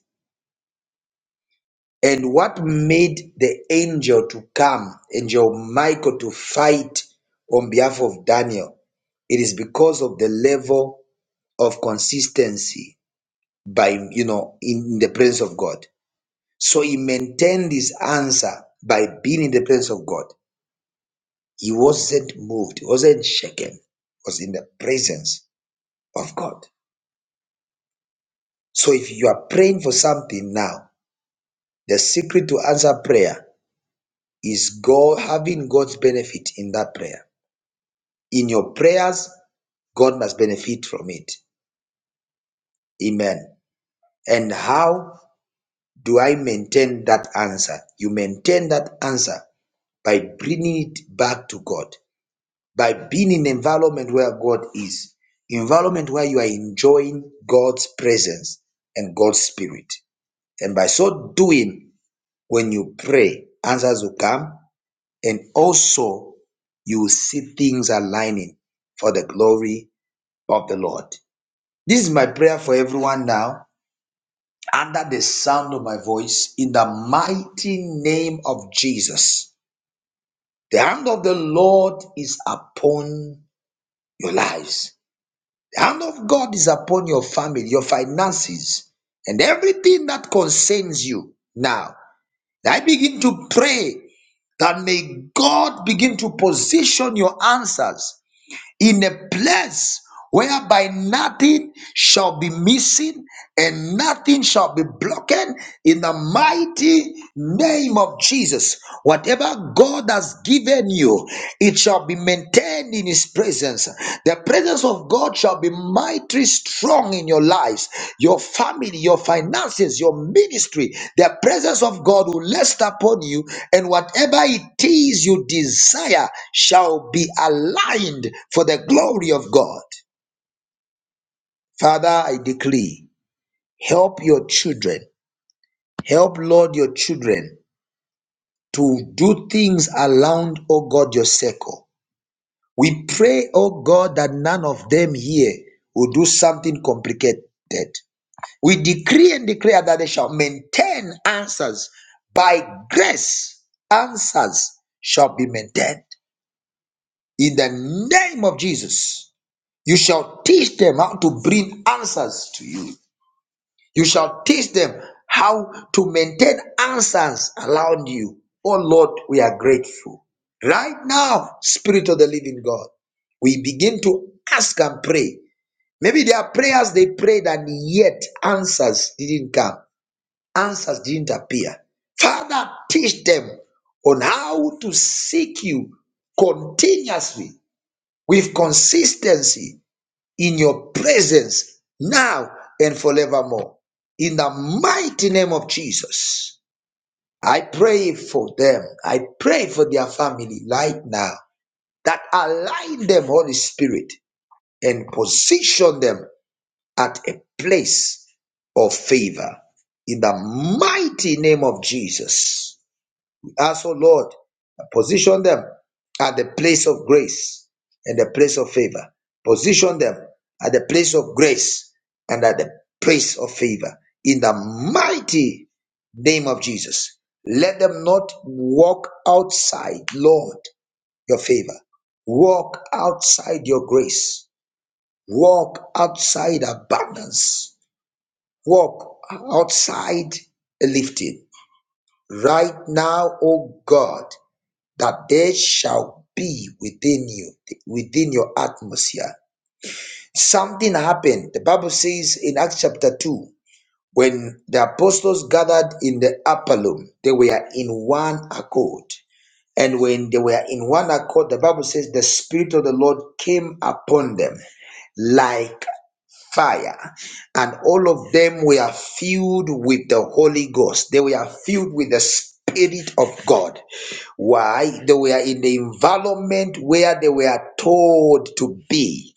Speaker 5: And what made the angel to come, angel Michael to fight on behalf of Daniel, it is because of the level of consistency by, you know, in the presence of God. So he maintained his answer by being in the presence of God. He wasn't moved, he wasn't shaken, he was in the presence of God. So if you are praying for something now, the secret to answer prayer is God having God's benefit in that prayer. In your prayers, God must benefit from it. Amen. And how do I maintain that answer? You maintain that answer by bringing it back to God. by being in environment where God is, environment where you are enjoying God's presence and God's spirit. And by so doing, when you pray, answers will come, and also you will see things aligning for the glory of the Lord. This is my prayer for everyone now, under the sound of my voice, in the mighty name of Jesus. The hand of the Lord is upon your lives. The hand of God is upon your family, your finances, and everything that concerns you. Now, I begin to pray that may God begin to position your answers in a place whereby nothing shall be missing and nothing shall be broken in the mighty name of Jesus. Whatever God has given you, it shall be maintained in His presence. The the presence of God shall be mighty strong in your lives, your family, your finances, your ministry. The presence of God will rest upon you, and whatever it is you desire shall be aligned for the glory of God. Father, I decree, help your children, help Lord your children to do things around, O God, your circle. We pray, O God, that none of them here will do something complicated. We decree and declare that they shall maintain answers. By grace, answers shall be maintained. In the name of Jesus, you shall teach them how to bring answers to you. You shall teach them how to maintain answers around you. Oh Lord, we are grateful. Right now, Spirit of the Living God, we begin to ask and pray. Maybe there are prayers they prayed and yet answers didn't come answers didn't appear. Father, teach them on how to seek you continuously with consistency in your presence now and forevermore. In the mighty name of Jesus, I pray for them. I pray for their family right now that align them, Holy Spirit, and position them at a place of favor. In the mighty name of Jesus. Also, Lord, position them at the place of grace and the place of favor. Position them at the place of grace and at the place of favor. In the mighty name of Jesus, let them not walk outside, Lord, your favor. Walk outside your grace. Walk outside abundance. Walk outside lifting. Right now, oh God that there shall be within you, within your atmosphere. Something happened. The Bible says in Acts chapter 2, when the apostles gathered in the upper room, they were in one accord. And when they were in one accord, the Bible says the Spirit of the Lord came upon them like fire and all of them were filled with the holy ghost they were filled with the spirit of god why they were in the environment where they were told to be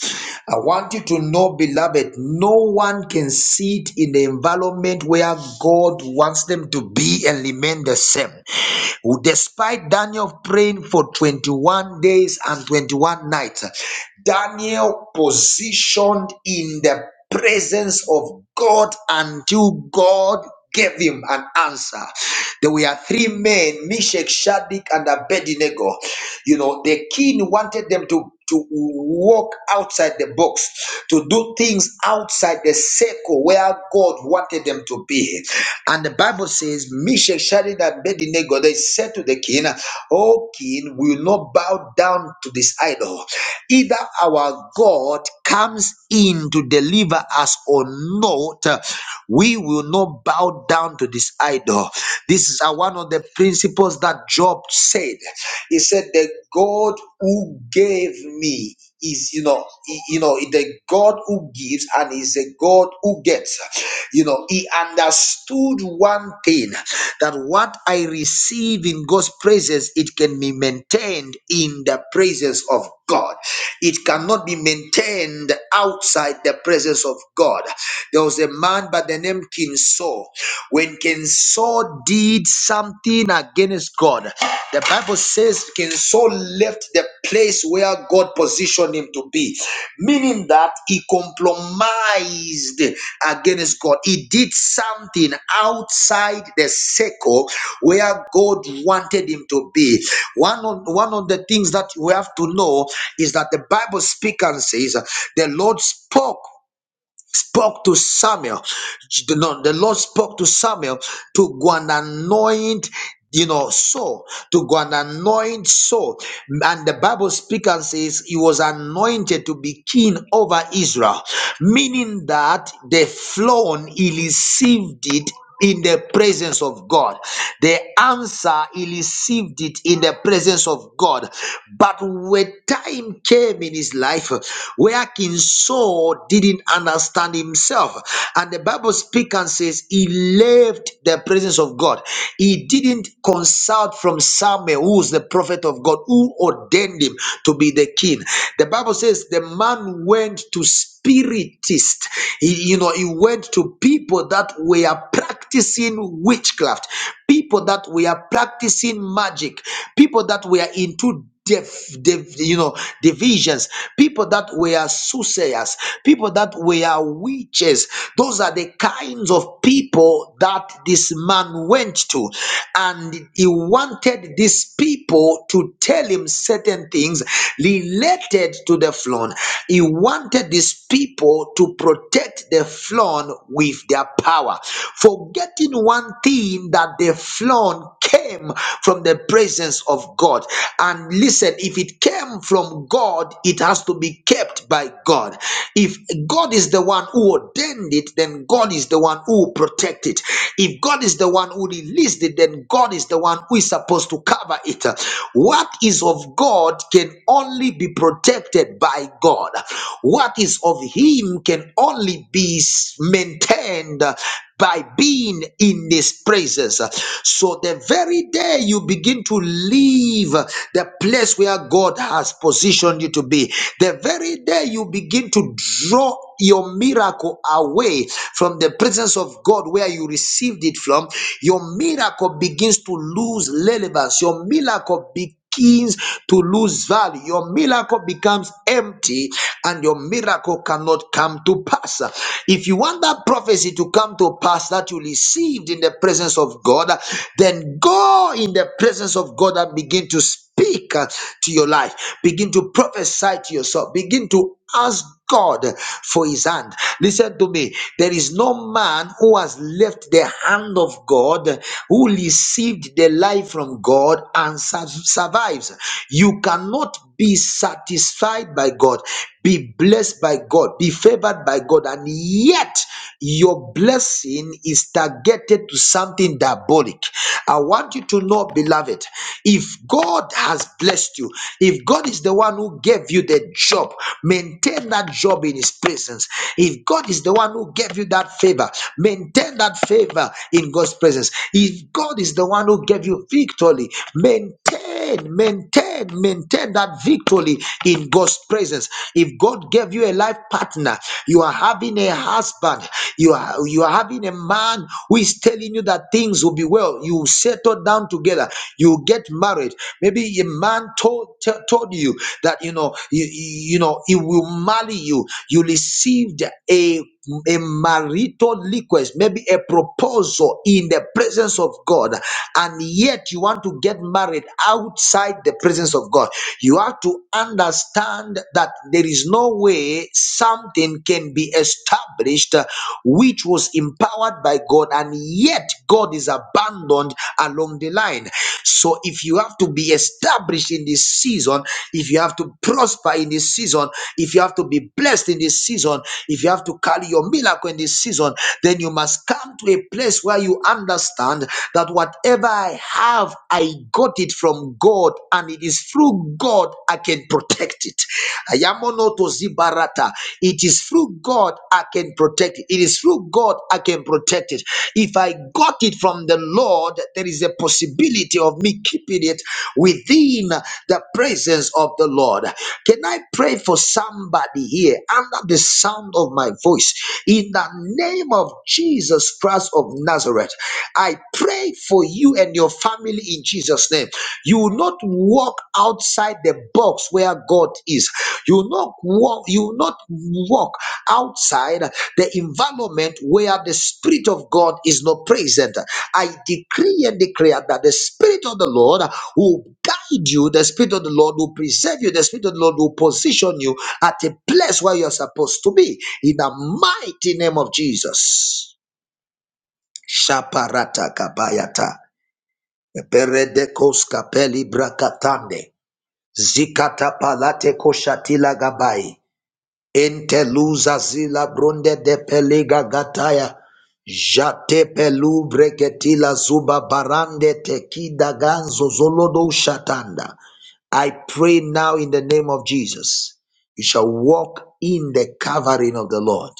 Speaker 5: i want you to know beloved no one can sit in the environment where god wants them to be and remain the same Despite Daniel praying for 21 days and 21 nights, Daniel positioned in the presence of God until God gave him an answer. There were three men, Meshach, Shadrach, and Abednego. You know, the king wanted them to, to walk outside the box, to do things outside the circle where God wanted them to be. And the Bible says, Meshach, Shadrach, and Abednego, they said to the king, Oh, king, we will not bow down to this idol. Either our God comes in to deliver us or not, uh, we will not bow down to this idol. This is uh, one of the principles that Job said. He said, The God who gave me is you know he- you know the god who gives and is a god who gets you know he understood one thing that what i receive in god's presence it can be maintained in the presence of god it cannot be maintained outside the presence of god there was a man by the name king saul when king saul did something against God. The Bible says can Saul left the place where God positioned him to be, meaning that he compromised against God. He did something outside the circle where God wanted him to be. One of, one of the things that we have to know is that the Bible speaks and says the Lord spoke spoke to Samuel. The Lord the Lord spoke to Samuel to go and anoint, you know, Saul, to go and anoint Saul. And the Bible speaks and says he was anointed to be king over Israel, meaning that the throne he received it in the presence of God. The answer, he received it in the presence of God. But when time came in his life where King Saul didn't understand himself, and the Bible speaks and says he left the presence of God. He didn't consult from Samuel, who was the prophet of God, who ordained him to be the king. The Bible says the man went to speak spiritist. He, you know, he went to people that were practicing witchcraft, people that were practicing magic, people that were into def, def, you know divisions people that were soothsayers people that were witches those are the kinds of people that this man went to and he wanted these people to tell him certain things related to the flood. He wanted these people to protect the flood with their power, forgetting one thing that the flood came from the presence of God. And listen, if it came from God, it has to be kept by God. If God is the one who ordained it, then God is the one who will protect it. If God is the one who released it, then God is the one who is supposed to to cover it. What is of God can only be protected by God. What is of Him can only be maintained by being in His presence. So the very day you begin to leave the place where God has positioned you to be, the very day you begin to draw your miracle away from the presence of God where you received it from situation, your miracle begins to lose relevance. Your miracle begins to lose value. Your miracle becomes empty and your miracle cannot come to pass. If you want that prophecy to come to pass that you received in the presence of God, then go in the presence of God and begin to speak speak uh, to your life. Begin to prophesy to yourself. Begin to ask God for his hand. Listen to me. There is no man who has left the hand of God, who received the life from God and sur- survives. You cannot be satisfied by God, be blessed by God, be favored by God, and yet your blessing is targeted to something diabolic. I want you to know, beloved beloved, if God has blessed you, if God is the one who gave you the job, maintain that job in His presence. If God is the one who gave you that favor, maintain that favor in God's presence. If God is the one who gave you victory, maintain maintain, maintain maintain that victory in God's presence. If God gave you a life partner, you are having a husband, you are you are having a man who is telling you that things will be well. You settle down together, you get married. Maybe a man told t- told you that you know you, you know he will marry you. You received a a marital request, maybe a proposal in the presence of God, and yet you want to get married outside the presence of God. You have to understand that there is no way something can be established uh, which was empowered by God, and yet God is abandoned along the line. So if you have to be established in this season, if you have to prosper in this season, if you have to be blessed in this season, if you have to carry your miracle in this season, then you must come to a place where you understand that whatever I have, I got it from God, and it is through God I can protect it. Ayamono to zibarata. It is through God I can protect it. It is through God I can protect it. If I got it from the from the Lord, there is a possibility of me keeping it within the presence of the Lord. Can I pray for somebody here under the sound of my voice? In the name of Jesus Christ of Nazareth, I pray for you and your family in Jesus' name. You will not walk outside the box where God is. You will not walk, you will not walk outside the environment where the Spirit of God is not present. I decree and declare that the Spirit of the Lord will guide you, the Spirit of the Lord will preserve you, the Spirit of the Lord will position you at a place where you're supposed to be. In the mighty name of Jesus. Shaparata kabayata. Eperedekos kapeli brakatande. Zikata palate koshatila gabai. Enteluza zila bronde de peliga gataya. Jate pelu breketila zuba barande tekida ganzo zolodo shatanda. I pray now in the name of Jesus. You shall walk in the covering of the Lord.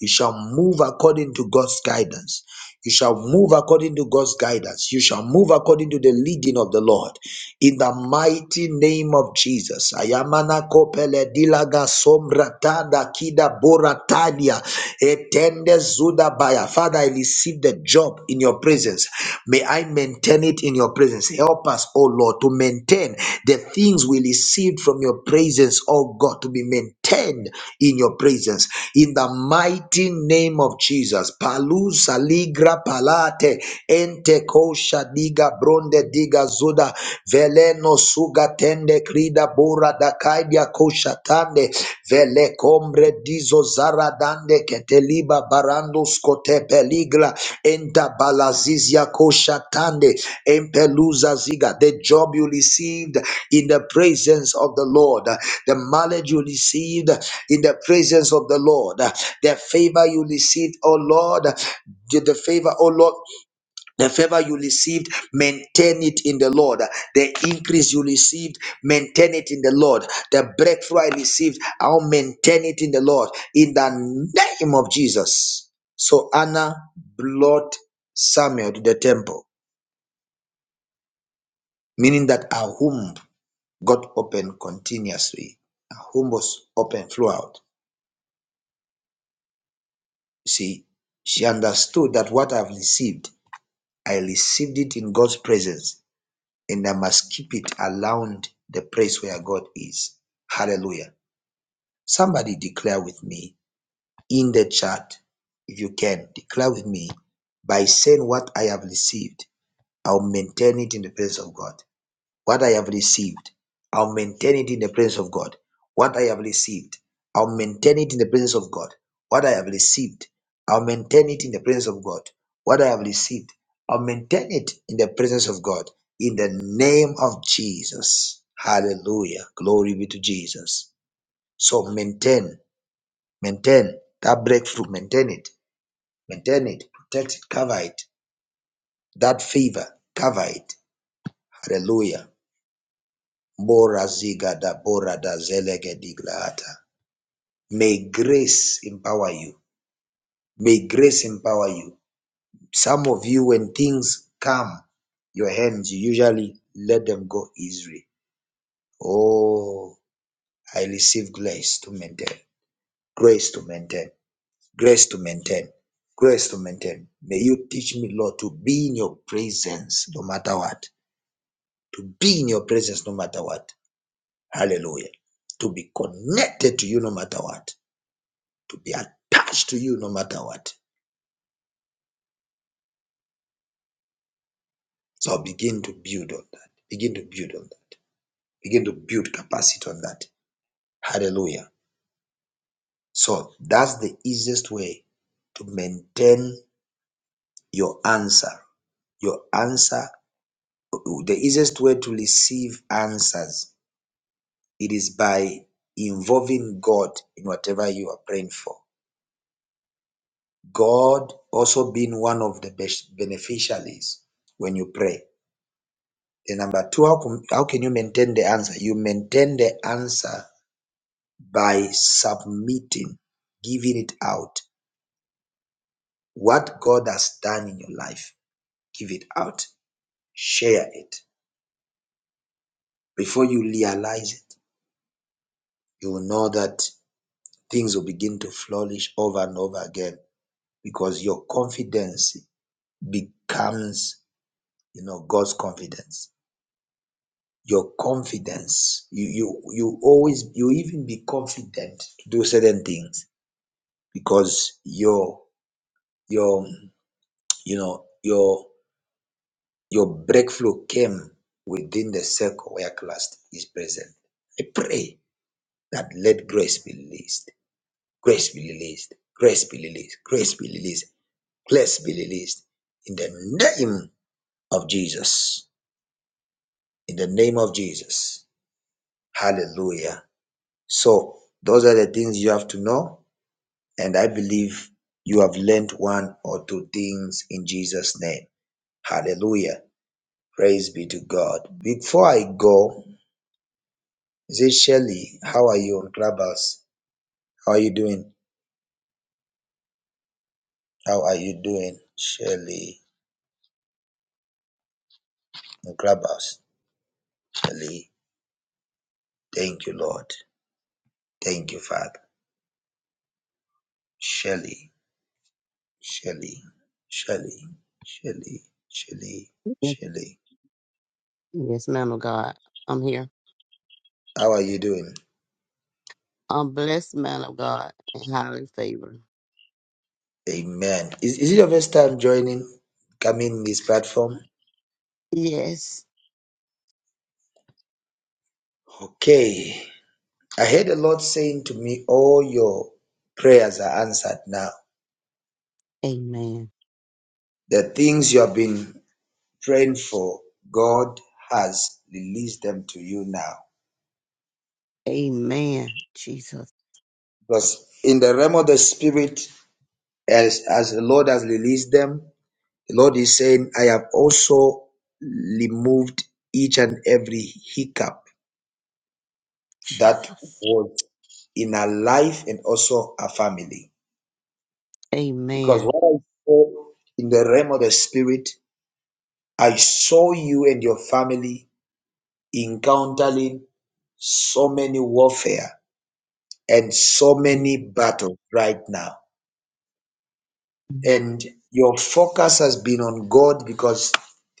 Speaker 5: You shall move according to God's guidance. You shall move according to God's guidance. You shall move according to the leading of the Lord. In the mighty name of Jesus. Ayamana kopele dilaga sombra tada kida boratalia etende zuda baya. Father, I receive the job in your presence. May I maintain it in your presence. Help us, O Lord, to maintain the things we received from your presence, O God, to be maintained in your presence in the mighty name of Jesus. Palu saligra palate ente kosha diga bronde diga zuda veleno suga tende krida bora da kaidia kosha tande vele kombre dizo zara dande keteliba barando skote peligra enta balazizia kosha tande Empeluza Ziga, the job you received in the presence of the Lord, the knowledge you received in the presence of the Lord, the favor you received, oh Lord, the the favor, oh Lord, the favor you received, maintain it in the Lord. The increase you received, maintain it in the Lord. The breakthrough I received, I'll maintain it in the Lord. In the name of Jesus. So Anna brought Samuel to the temple meaning that her womb got open continuously. Her womb was open throughout. See, she understood that what I've received, I received it in God's presence, and I must keep it around the place where God is. Hallelujah. Somebody declare with me in the chat, if you can, declare with me by saying what I have received, I'll maintain it in the presence of God. What I have received, I'll maintain it in the presence of God. What I have received, I'll maintain it in the presence of God. What I have received, I'll maintain it in the presence of God. What I have received, I'll maintain it in the presence of God. In the name of Jesus. Hallelujah. Glory be to Jesus. So maintain, maintain that breakthrough, maintain it, maintain it, protect it, cover it. That favor, cover it. Hallelujah. Bora zigada bora da zelege diglata. May grace empower you. May grace empower you. Some of you, when things come, your hands, you usually let them go easily. Oh, I receive grace to maintain, grace to maintain, grace to maintain, grace to maintain. May you teach me, Lord, to be in your presence no matter what, to be in your presence no matter what. Hallelujah. To be connected to you no matter what to be attached to you no matter what. So begin to build on that. Begin to build on that. Begin to build capacity on that. Hallelujah. So that's the easiest way to maintain your answer. Your answer, the easiest way to receive answers, it is by involving God in whatever you are praying for. God also being one of the best beneficiaries when you pray. The number two, how, com- how can you maintain the answer? You maintain the answer by submitting, giving it out. What God has done in your life, give it out, share it. Before you realize it, you will know that things will begin to flourish over and over again because your confidence becomes, you know, God's confidence your confidence. You you you always you even be confident to do certain things because your your you know your your breakthrough came within the circle where Christ is present. I pray that let grace be released, grace be released, grace be released, grace be released, grace be released in the name of Jesus. In the name of Jesus. Hallelujah. So those are the things you have to know, and I believe you have learned one or two things in Jesus' name. Hallelujah. Praise be to God. Before I go, is it Shelley? How are you on Clubhouse? How are you doing? How are you doing, Shelley? On Clubhouse, Shelley. Thank you, Lord. Thank you, Father. Shelley, Shelley, Shelley, Shelley, Shelley.
Speaker 4: Yes,
Speaker 5: Shelly.
Speaker 4: yes, man of God. I'm here.
Speaker 5: How are you doing?
Speaker 4: A blessed man of God and highly favored.
Speaker 5: Amen. Is, is it your first time joining, coming this platform?
Speaker 4: Yes.
Speaker 5: Okay. I heard the Lord saying to me, All your prayers are answered now.
Speaker 4: Amen.
Speaker 5: The things you have been praying for, God has released them to you now.
Speaker 4: Amen. Jesus.
Speaker 5: Because in the realm of the spirit, as, as the Lord has released them, the Lord is saying, I have also removed each and every hiccup that
Speaker 4: Jesus.
Speaker 5: was in our life and also our family. Because
Speaker 4: Amen.
Speaker 5: what I saw in the realm of the spirit, I saw you and your family encountering so many warfare and so
Speaker 4: Amen.
Speaker 5: many battles right now. And your focus has been on God because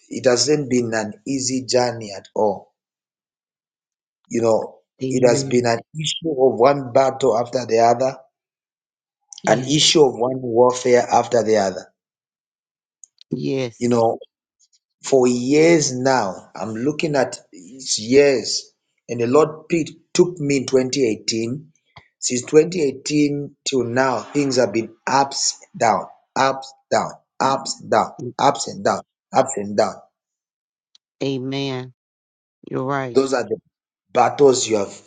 Speaker 5: it hasn't been an easy journey at all. You know, it has been
Speaker 4: Amen.
Speaker 5: an issue of one battle after the other, an issue
Speaker 4: Yes.
Speaker 5: of one warfare after the other. You
Speaker 4: Yes.
Speaker 5: know, for years now. I'm looking at it's years, and the Lord picked, took me in 2018. Since 2018 till now, things have been ups, down, ups, down, ups, down, ups and down, ups and down.
Speaker 4: Amen. You're right.
Speaker 5: Those are the battles you have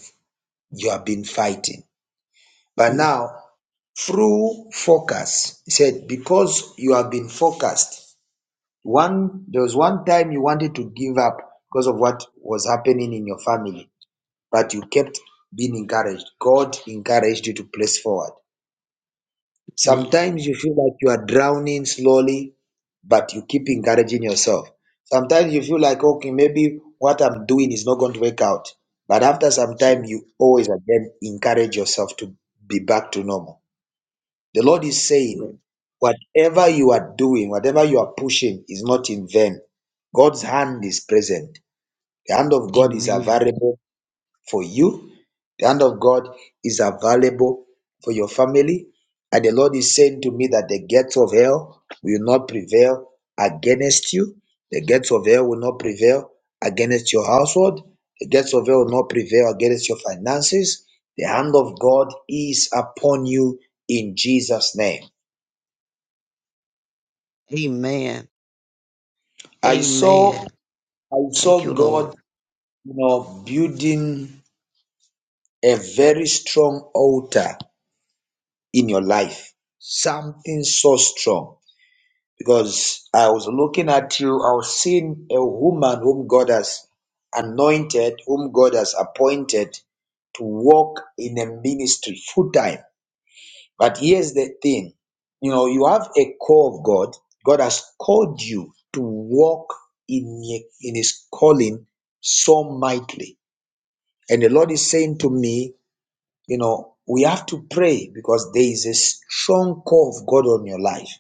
Speaker 5: you have been fighting. But now, through focus, he said, because you have been focused. One there was one time you wanted to give up because of what was happening in your family but you kept being encouraged. God encouraged you to press forward.
Speaker 4: Amen.
Speaker 5: Sometimes you feel like you are drowning slowly, but you keep encouraging yourself. Sometimes you feel like, okay, maybe what I'm doing is not going to work out. But after some time,
Speaker 4: Jesus.
Speaker 5: you always again encourage yourself to be back to normal. The Lord is saying, whatever you are doing, whatever you are pushing is not in vain. God's hand is present. The hand of God is
Speaker 4: Amen.
Speaker 5: available for you. The hand of God is available for your family. And the Lord is saying to me that the gates of hell will not prevail against you. The gates of hell will not prevail against your household. The gates of hell will not prevail against your finances. The hand of God is upon you in Jesus' name.
Speaker 4: Amen.
Speaker 5: I saw
Speaker 4: Amen.
Speaker 5: I
Speaker 4: Thank
Speaker 5: saw
Speaker 4: you, Lord.
Speaker 5: God, you know, building a very strong altar in your life. Something so strong. Because I was looking at you, I was seeing a woman whom God has anointed, whom God has appointed to work in a ministry full time. But here's the thing you know, you have a call of God, God has called you to walk in, in His calling so mightily. And the Lord is saying to me, you know, we have to pray because there is a strong call of God on your life.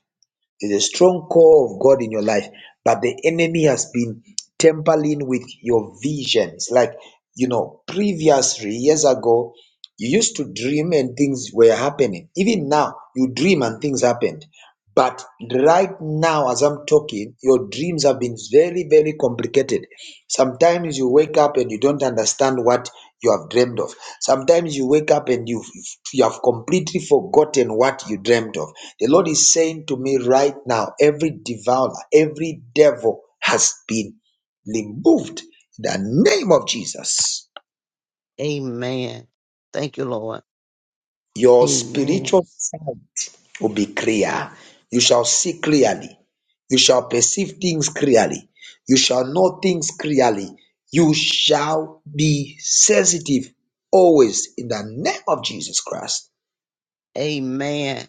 Speaker 5: There's a strong call of God in your life, but the enemy has been tampering with your vision. It's like, you know, previously, years ago, you used to dream and things were happening. Even now, you dream and things happened. But right now, as I'm talking, your dreams have been very, very complicated. Sometimes you wake up and you don't understand what you have dreamed of. Sometimes you wake up and you you have completely forgotten what you dreamed of. The Lord is saying to me right now every devourer, every devil has been removed in the name of Jesus.
Speaker 4: Amen. Thank you, Lord.
Speaker 5: Your
Speaker 4: Amen.
Speaker 5: spiritual will be clear. You shall see clearly. You shall perceive things clearly. You shall know things clearly. You shall be sensitive always in the name of Jesus Christ.
Speaker 4: Amen.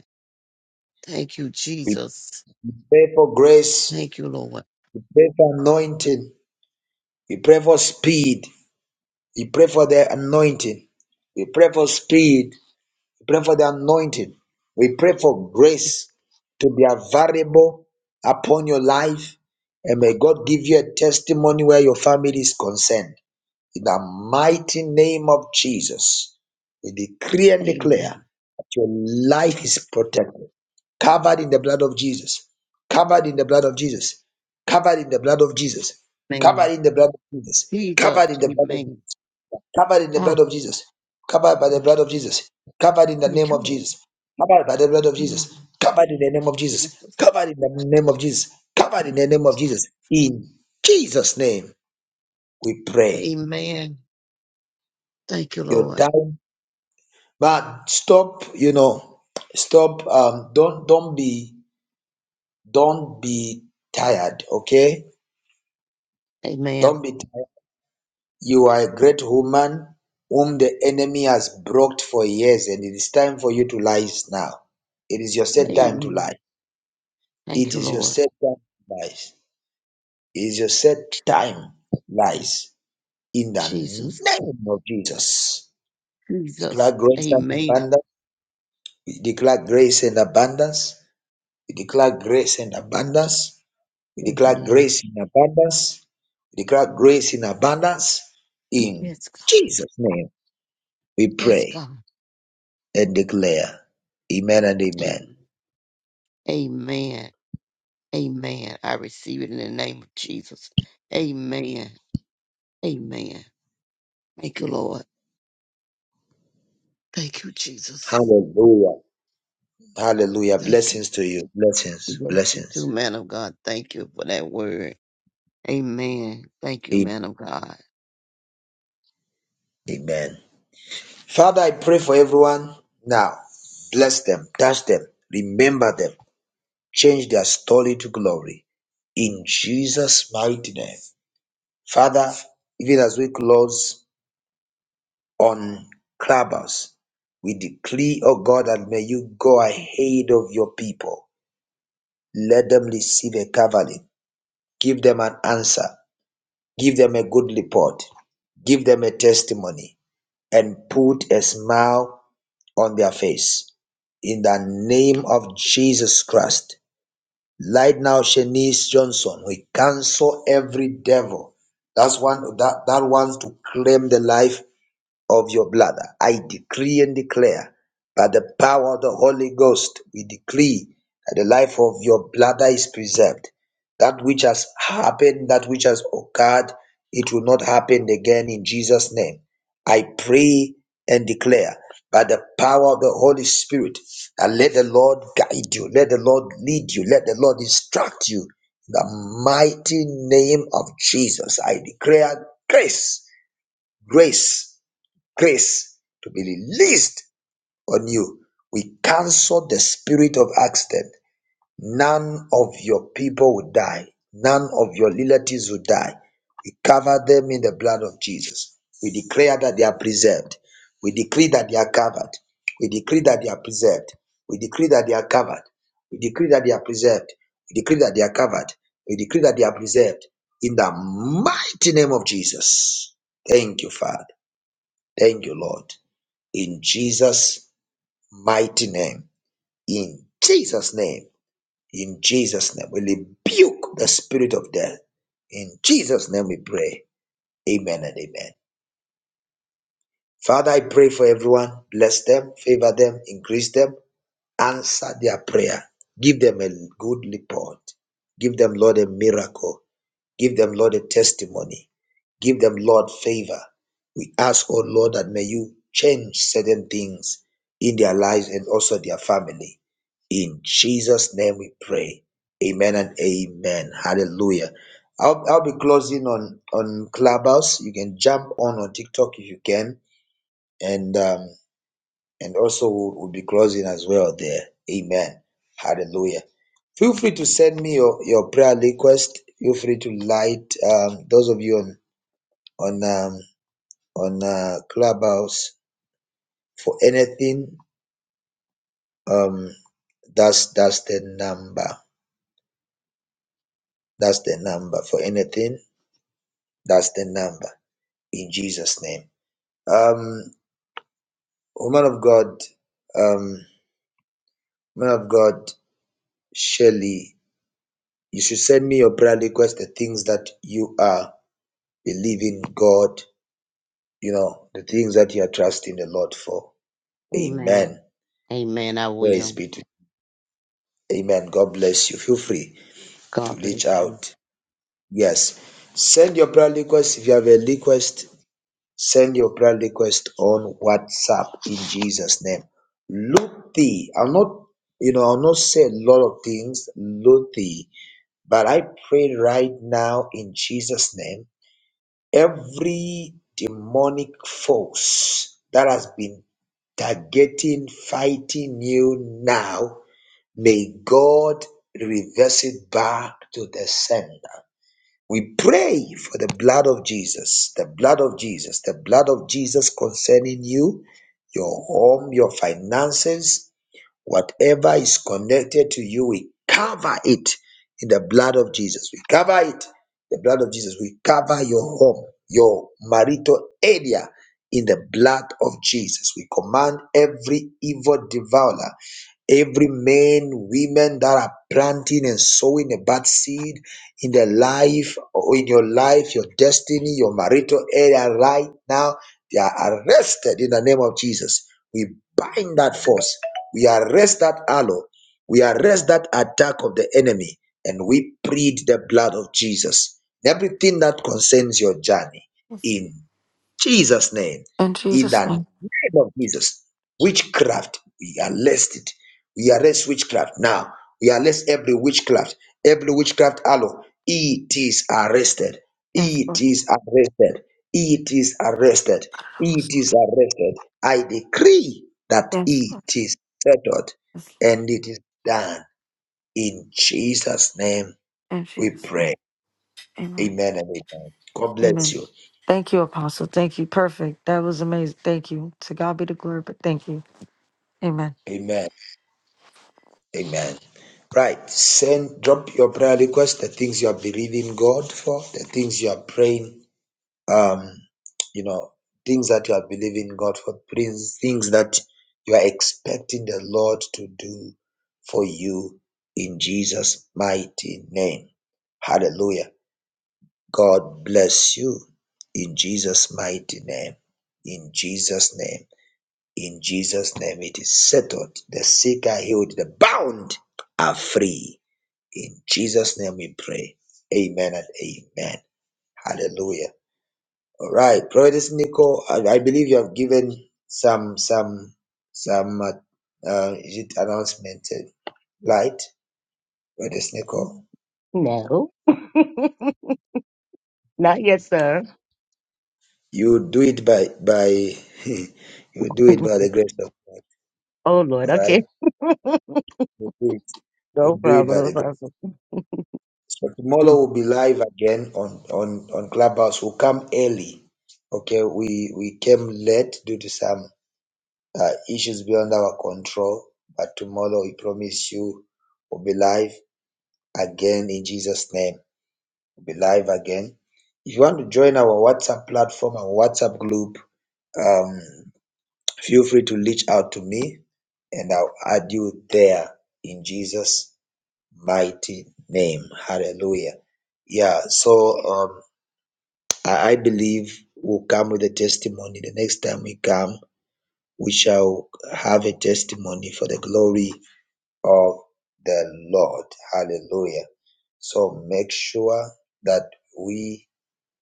Speaker 4: Thank you,
Speaker 5: We
Speaker 4: Jesus.
Speaker 5: pray for grace.
Speaker 4: Thank you, Lord.
Speaker 5: We pray for anointing. We pray for speed. We pray for the anointing. We pray for speed. We pray for the anointing. We pray for grace to be available upon your life. And may God give you a testimony where your family is concerned. In the mighty name of Jesus, we decree and declare
Speaker 4: Amen.
Speaker 5: that your life
Speaker 4: Jesus.
Speaker 5: is protected, covered in the blood of Jesus, covered in the blood of Jesus, covered in the blood of Jesus, covered
Speaker 4: Man.
Speaker 5: in the blood of Jesus, covered
Speaker 4: Jesus.
Speaker 5: in the blood of
Speaker 4: Amen.
Speaker 5: covered in the
Speaker 4: Ah,
Speaker 5: blood of Jesus, covered by the
Speaker 4: thank you.
Speaker 5: blood of Jesus, covered in the
Speaker 4: Thank
Speaker 5: name
Speaker 4: you,
Speaker 5: of
Speaker 4: Lord.
Speaker 5: Jesus, covered by the blood of
Speaker 4: Mm.
Speaker 5: Jesus, covered in the name of Jesus,
Speaker 4: Jesus.
Speaker 5: covered in the name of Jesus, covered in the name of Jesus. In Jesus' name, we pray.
Speaker 4: Amen. Thank you,
Speaker 5: Your
Speaker 4: Lord.
Speaker 5: time, but stop. You know, stop. Um, don't don't be don't be tired. Okay,
Speaker 4: Amen.
Speaker 5: don't be tired. You are a great woman whom the enemy has blocked for years, and it is time for you to rise now. It is your set time to rise.
Speaker 4: Amen. Thank
Speaker 5: It
Speaker 4: you,
Speaker 5: is your
Speaker 4: Lord.
Speaker 5: set time to rise. It is your set time to rise in the
Speaker 4: Jesus.
Speaker 5: name of Jesus.
Speaker 4: Jesus.
Speaker 5: Declare grace and
Speaker 4: Amen.
Speaker 5: abundance. We declare grace and abundance. We declare grace and abundance. We declare
Speaker 4: Amen.
Speaker 5: grace in abundance. We declare grace in abundance. In
Speaker 4: Yes, God.
Speaker 5: Jesus' name we
Speaker 4: Yes,
Speaker 5: pray.
Speaker 4: God.
Speaker 5: and declare, Amen and Amen.
Speaker 4: Amen. Amen. Amen. I receive it in the name of Jesus. Amen. Amen. Thank you, Lord. Thank you, Jesus.
Speaker 5: Hallelujah. Hallelujah.
Speaker 4: Thank you.
Speaker 5: Blessings to you. Blessings.
Speaker 4: Bless you too,
Speaker 5: Blessings.
Speaker 4: man of God. Thank you for that word. Amen. Thank you,
Speaker 5: Amen.
Speaker 4: man of God.
Speaker 5: Amen. Father, I pray for everyone now. Bless them, touch them, remember them, change their story to glory. In Jesus' mighty name. Father, even as we close on Clubhouse, we decree, O God, that may you go ahead of your people. Let them receive a covering Give them an answer. Give them a good report. Give them a testimony and put a smile on their face. In the name of Jesus Christ. Right now, Shanice Johnson, we cancel every devil. That's one that, that wants to claim the life of your bladder. I decree and declare by the power of the Holy Ghost, we decree that the life of your bladder is preserved. That which has happened, that which has occurred, it will not happen again in Jesus' name. I pray and declare by the power of the Holy Spirit that let the Lord guide you, let the Lord lead you, let the Lord instruct you. In the mighty name of Jesus, I declare grace, grace grace to be released on you. We cancel the spirit of accident. None of your people will die. None of your relatives will die. We cover them in the blood of Jesus. We declare that they are preserved. We decree that they are covered. We decree that they are preserved. We decree that they are covered. We decree that they are preserved. We decree that they are covered. We decree that they are preserved. In the mighty name of Jesus. Thank you, Father. Thank you, Lord in Jesus' mighty name. In Jesus' name. In Jesus' name. We rebuke the spirit of death. In Jesus' name we pray. Amen and amen. Father, I pray for everyone. Bless them, favor them, increase them, answer their prayer. Give them a good report. Give them, Lord, a miracle. Give them, Lord, a testimony. Give them, Lord, favor. We ask, oh Lord, that may you change certain things in their lives and also their family. In Jesus' name we pray. Amen and amen. Hallelujah. I'll, I'll be closing on, on Clubhouse. You can jump on on TikTok if you can. And um, and also we'll, we'll be closing as well there. Amen. Hallelujah. Feel free to send me your, your prayer request. Feel free to light um, those of you on on um, on uh, Clubhouse for anything. Um, that's that's the number. That's the number for anything. That's the number in Jesus' name. Um, woman of God, um, woman of God, Shelley, you should send me your prayer request. The things that you are believing God, you know, the things that you are trusting the Lord for.
Speaker 4: Amen.
Speaker 5: Amen.
Speaker 4: Amen. I
Speaker 5: Praise
Speaker 4: will.
Speaker 5: be to. Amen. God bless you. Feel free to
Speaker 4: God
Speaker 5: reach
Speaker 4: bless you.
Speaker 5: out Yes. Send your prayer request. If you have a request, send your prayer request on WhatsApp in Jesus' name. Luthi, I'm not, you know, I'll not say a lot of things, Luthi, but I pray right now in Jesus' name, every demonic force that has been targeting, fighting you now, may God reverse it back to the sender. We pray for the blood of Jesus, the blood of Jesus, the blood of Jesus concerning you, your home, your finances, whatever is connected to you, we cover it in the blood of Jesus. We cover it, the blood of Jesus. We cover your home, your marital area in the blood of Jesus. We command every evil devourer Every man, women that are planting and sowing a bad seed in their life or in your life, your destiny, your marital area right now, they are arrested in the name of Jesus. We bind that force. We arrest that aloe. We arrest that attack of the enemy and we plead the blood of Jesus. Everything that concerns your journey.
Speaker 6: Yes.
Speaker 5: In Jesus' name.
Speaker 6: In
Speaker 5: In
Speaker 6: Jesus'
Speaker 5: the
Speaker 6: name.
Speaker 5: name of Jesus, witchcraft, we arrest it. We arrest witchcraft now. We arrest every witchcraft, every witchcraft allo. It is arrested.
Speaker 6: Yes,
Speaker 5: It
Speaker 6: Lord.
Speaker 5: is arrested. It is arrested. It is arrested. I decree that
Speaker 6: Yes, Lord.
Speaker 5: it is settled
Speaker 6: Yes.
Speaker 5: and it is done. In Jesus' name
Speaker 6: In
Speaker 5: we
Speaker 6: Jesus' name.
Speaker 5: pray.
Speaker 6: Amen.
Speaker 5: Amen and amen. God bless
Speaker 6: Amen.
Speaker 5: you.
Speaker 6: Thank you, Apostle. Thank you. Perfect. That was amazing. Thank you. To God be the glory, but thank you. Amen.
Speaker 5: Amen. Amen. Right. Send drop your prayer request, the things you are believing God for, the things you are praying, um, you know, things that you are believing God for, things things that you are expecting the Lord to do for you in Jesus' mighty name. Hallelujah. God bless you in Jesus' mighty name. In Jesus' name. In Jesus' name. It is settled. The sick are healed. The bound are free in Jesus' name we pray. Amen and amen. Hallelujah. All right, Prophetess Nicole, I, I believe you have given some some some uh, uh, is it announcement uh, light, Prophetess Nicole.
Speaker 1: No, not yet, sir.
Speaker 5: You do it by by you do it
Speaker 1: oh,
Speaker 5: by the grace of God.
Speaker 1: Lord.
Speaker 5: All right,
Speaker 1: Okay.
Speaker 5: we do it, we
Speaker 1: No
Speaker 5: do it
Speaker 1: problem.
Speaker 5: by
Speaker 1: No
Speaker 5: the grace.
Speaker 1: problem.
Speaker 5: So tomorrow
Speaker 1: Mm.
Speaker 5: we'll be live again on on on Clubhouse. We'll come early. Okay, we we came late due to some There issues beyond our control, but tomorrow we promise you we'll be live again in Jesus' name. We'll be live again. If you want to join our WhatsApp platform our WhatsApp group, um, feel free to reach out to me and I'll add you there in Jesus' mighty name. Hallelujah. Yeah, so um, I, I believe we'll come with a testimony. The next time we come, we shall have a testimony for the glory of the Lord. Hallelujah. So make sure that we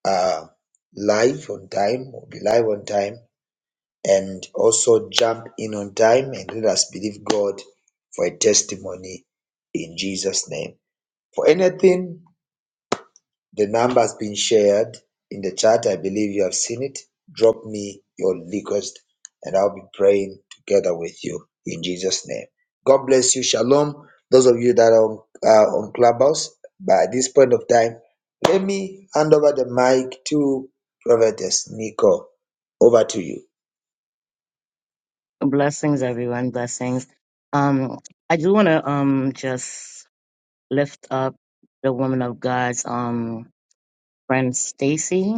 Speaker 5: are live on time, we'll be live on time, and also jump in on time and let us believe God for a testimony in Jesus' name. For anything the number's been shared in the chat. I believe you have seen it. Drop me your request and I'll be praying together with you in Jesus' name. God bless you. Shalom. Those of you that are on, uh, on Clubhouse, by this point of time, let me hand over the mic to Prophetess Nico. Over to you.
Speaker 1: Blessings, everyone. Blessings. Um, I do want to um just lift up the woman of God's um friend Stacy.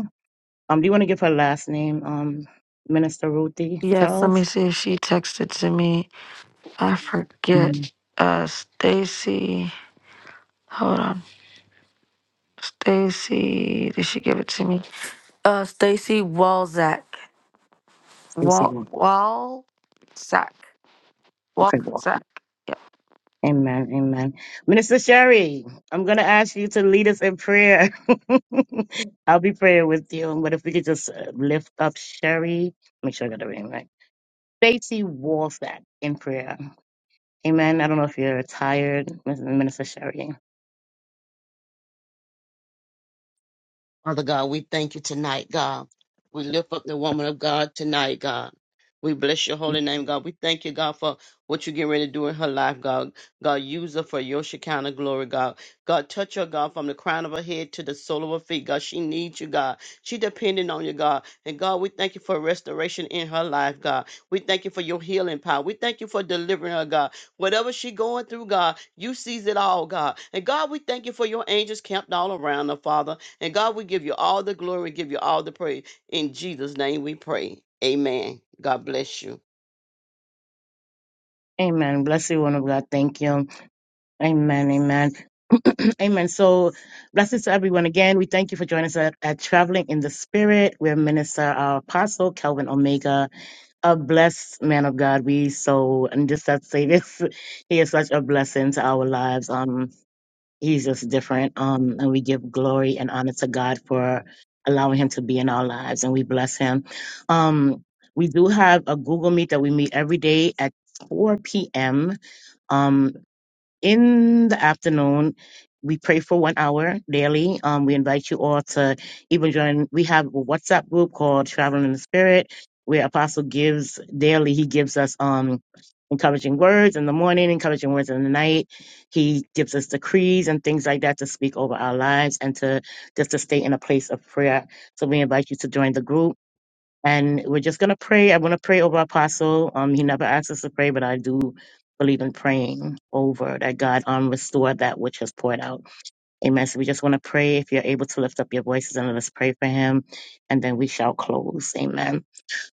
Speaker 1: Um, do you want to give her last name, um, Minister Ruthie
Speaker 6: Yes, let me
Speaker 1: Charles?
Speaker 6: see if she texted to me. I
Speaker 1: Mm,
Speaker 6: forget. Uh Stacy. Hold on. Stacy. Did she give it to me? Uh Stacy Walzak.
Speaker 1: Stacy
Speaker 6: Wal
Speaker 1: Walker.
Speaker 6: Walzak.
Speaker 1: Okay, well.
Speaker 6: Walzak.
Speaker 1: Amen, amen. Minister Sherry, I'm gonna ask you to lead us in prayer. I'll be praying with you. But if we could just uh, lift up Sherry, make sure I got the name right. Stacy Wolfat in prayer. Amen. I don't know if you're tired, Minister Sherry.
Speaker 4: Father God, we thank you tonight, God. We lift up the woman of God tonight, God. We bless your holy name, God. We thank you, God, for what you're getting ready to do in her life, God. God, use her for your Shekinah glory, God. God, touch her, God, from the crown of her head to the sole of her feet, God. She needs you, God. She depending on you, God. And God, we thank you for restoration in her life, God. We thank you for your healing power. We thank you for delivering her, God. Whatever she going through, God, you sees it all, God. And God, we thank you for your angels camped all around her, Father. And God, we give you all the glory, give you all the praise. In Jesus' name we pray. Amen. God bless you.
Speaker 1: Amen. Bless you, one of God. Thank you. Amen. Amen. Amen. So, blessings to everyone again. We thank you for joining us at, at Traveling in the Spirit. We're Minister our Apostle Kelvin Omega, a blessed man of God. We so, and just have to say this, he is such a blessing to our lives. Um, He's just different. Um, and we give glory and honor to God for allowing him to be in our lives, and we bless him. Um, we do have a Google Meet that we meet every day at 4 p.m. Um, in the afternoon. We pray for one hour daily. Um, we invite you all to even join. We have a WhatsApp group called Traveling in the Spirit, where Apostle gives daily. He gives us um encouraging words in the morning, encouraging words in the night. He gives us decrees and things like that to speak over our lives and to just to stay in a place of prayer. So we invite you to join the group. And we're just going to pray. I want to pray over Apostle. Um, he never asked us to pray, but I do believe in praying over that God um restore that which has poured out. Amen. So we just want to pray. If you're able to lift up your voices and let us pray for him, and then we shall close. Amen.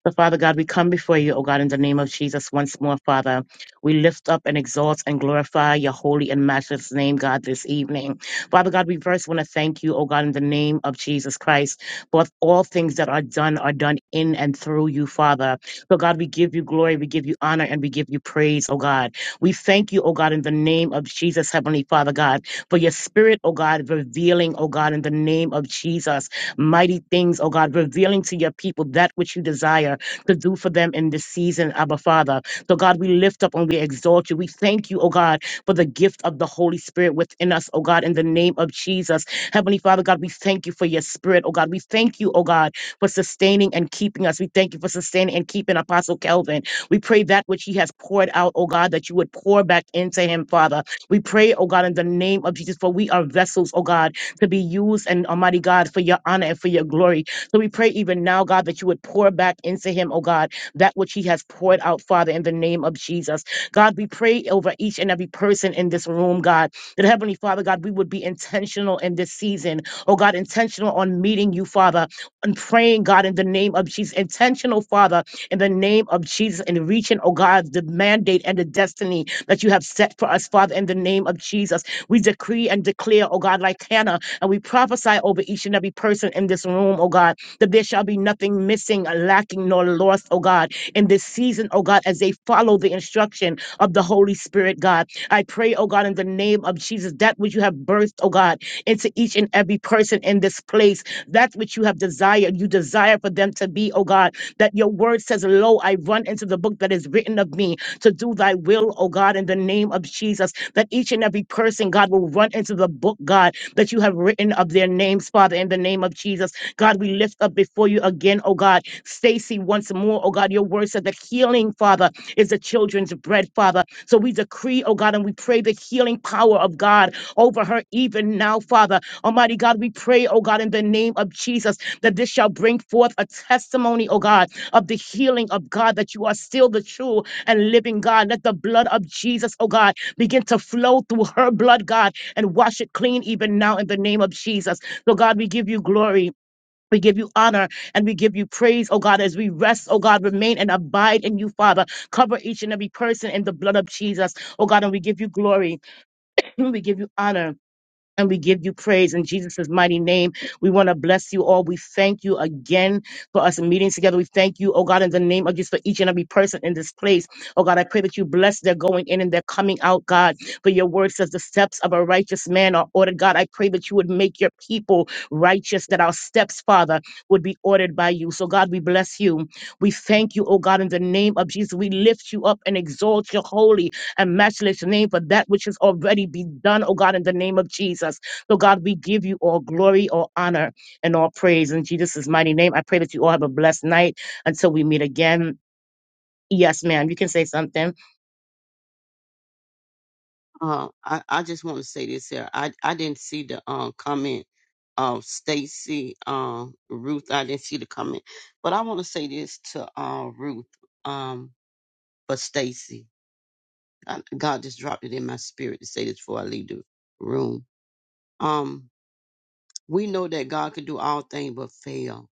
Speaker 1: So, Father God, we come before you, O God, in the name of Jesus once more, Father. We lift up and exalt and glorify your holy and matchless name, God, this evening. Father God, we first want to thank you, O God, in the name of Jesus Christ, for all things that are done are done in and through you, Father. So, God, we give you glory, we give you honor, and we give you praise, O God. We thank you, O God, in the name of Jesus, Heavenly Father God, for your spirit, O God, revealing, O God, in the name of Jesus mighty things, oh God, revealing to your people that which you desire to do for them in this season, Abba Father. So, God, we lift up and we exalt you. We thank you, oh God, for the gift of the Holy Spirit within us, oh God, in the name of Jesus. Heavenly Father, God, we thank you for your spirit, oh God. We thank you, oh God, for sustaining and keeping us. We thank you for sustaining and keeping Apostle Kelvin. We pray that which he has poured out, oh God, that you would pour back into him, Father. We pray, oh God, in the name of Jesus, for we are vessels, oh God, to be used and Almighty God for your honor and for your glory. So we pray even now, God, that you would pour back into him, oh God, that which he has poured out, Father, in the name of Jesus. God, we pray over each and every person in this room, God, that Heavenly Father, God, we would be intentional in this season, oh God, intentional on meeting you, Father, and praying, God, in the name of Jesus, intentional, Father, in the name of Jesus, and reaching, oh God, the mandate and the destiny that you have set for us, Father, in the name of Jesus. We decree and declare, oh God, like Hannah, and we prophesy over each and every person in this room, oh God, that there shall be nothing missing, lacking, nor lost, oh God, in this season, oh God, as they follow the instruction of the Holy Spirit, God. I pray, oh God, in the name of Jesus, that which you have birthed, oh God, into each and every person in this place, that which you have desired, you desire for them to be, oh God, that your word says, Lo, I run into the book that is written of me to do thy will, oh God, in the name of Jesus, that each and every person, God, will run into the book, God, that you have written of their names, Father, in the name of Jesus. God, we lift up before you again, oh God, Stacy once more, oh God, your word said that healing, Father, is the children's bread, Father. So we decree, oh God, and we pray the healing power of God over her even now, Father. Almighty God, we pray, oh God, in the name of Jesus, that this shall bring forth a testimony, oh God, of the healing of God, that you are still the true and living God. Let the blood of Jesus, oh God, begin to flow through her blood, God, and wash it clean even now in the name of Jesus. So, God, we give you glory. We give you honor and we give you praise, oh God, as we rest, oh God, remain and abide in you, Father. Cover each and every person in the blood of Jesus, oh God, and we give you glory. We give you honor. And we give you praise in Jesus' mighty name. We want to bless you all. We thank you again for us meeting together. We thank you, oh God, in the name of Jesus for each and every person in this place. Oh God, I pray that you bless their going in and their coming out, God. For your word says the steps of a righteous man are ordered. God, I pray that you would make your people righteous, that our steps, Father, would be ordered by you. So God, we bless you. We thank you, oh God, in the name of Jesus. We lift you up and exalt your holy and matchless name for that which has already been done, oh God, in the name of Jesus. So, God, we give you all glory, all honor, and all praise in Jesus' mighty name. I pray that you all have a blessed night until we meet again. Yes, ma'am. You can say something.
Speaker 4: Uh, I, I just want to say this here. I, I didn't see the um, comment of Stacy, um, Ruth. I didn't see the comment. But I want to say this to uh, Ruth, um, but Stacy. I- God just dropped it in my spirit to say this before I leave the room. Um, we know that God can do all things but fail.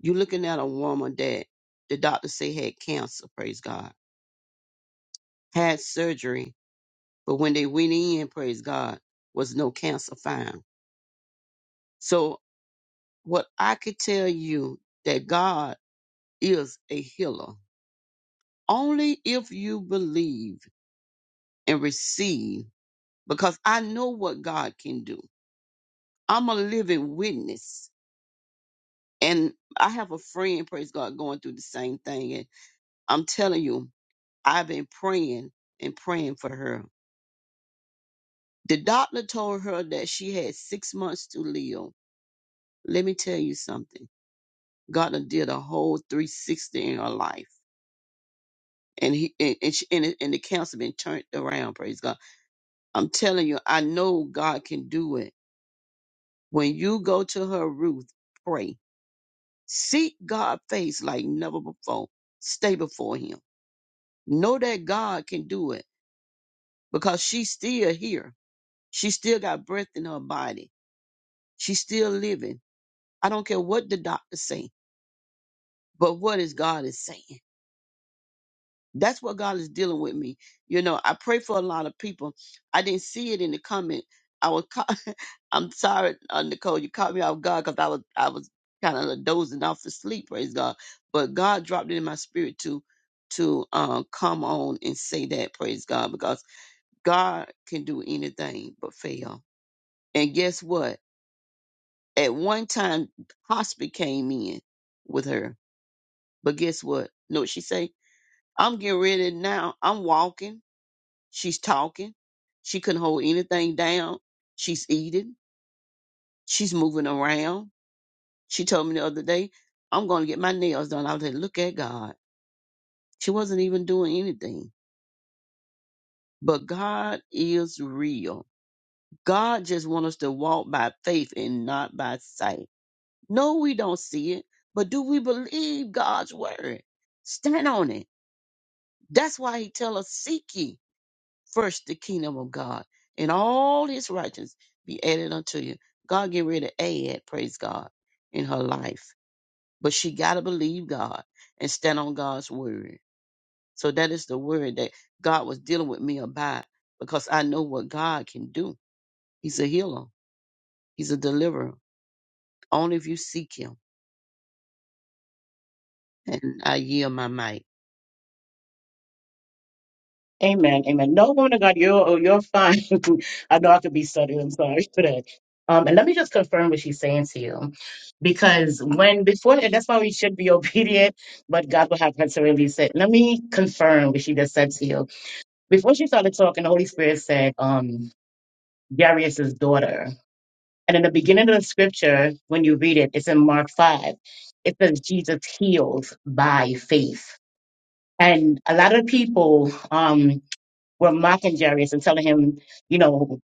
Speaker 4: You're looking at a woman that the doctor say had cancer, praise God had surgery, but when they went in, praise God, was no cancer found. So what I could tell you that God is a healer only if you believe and receive, because I know what God can do. I'm a living witness. And I have a friend, praise God, going through the same thing. And I'm telling you, I've been praying and praying for her. The doctor told her that she had six months to live. Let me tell you something God done did a whole 360 in her life. And he and and, she, and, it, and the cancer been turned around. Praise God! I'm telling you, I know God can do it. When you go to her Ruth, pray, seek God's face like never before. Stay before Him. Know that God can do it because she's still here. She still got breath in her body. She's still living. I don't care what the doctor say, but what is God is saying? That's what God is dealing with me. You know, I pray for a lot of people. I didn't see it in the comment. I was, caught, I'm sorry, uh, Nicole, you caught me off guard because I was, I was kind of dozing off to sleep. Praise God. But God dropped it in my spirit to, to uh, come on and say that. Praise God, because God can do anything but fail. And guess what? At one time, hospice came in with her, but guess what? Know what she say? I'm getting ready now. I'm walking. She's talking. She couldn't hold anything down. She's eating. She's moving around. She told me the other day, I'm going to get my nails done. I was like, look at God. She wasn't even doing anything. But God is real. God just wants us to walk by faith and not by sight. No, we don't see it, but do we believe God's word? Stand on it. That's why he tell us, seek ye. first the kingdom of God and all his righteousness be added unto you. God get ready to add, praise God, in her life. But she got to believe God and stand on God's word. So that is the word that God was dealing with me about because I know what God can do. He's a healer, He's a deliverer. Only if you seek Him. And I yield my mic.
Speaker 1: Amen. Amen. No woman of God, you're oh, you're fine. I know I could be stuttering, I'm sorry for that. Um, and let me just confirm what she's saying to you, because when before and that's why we should be obedient, but God will have her to release it. Let me confirm what she just said to you. Before she started talking, the Holy Spirit said, um, Jairus' daughter. And in the beginning of the scripture, when you read it, it's in Mark 5. It says Jesus healed by faith. And a lot of people um, were mocking Jairus and telling him, you know,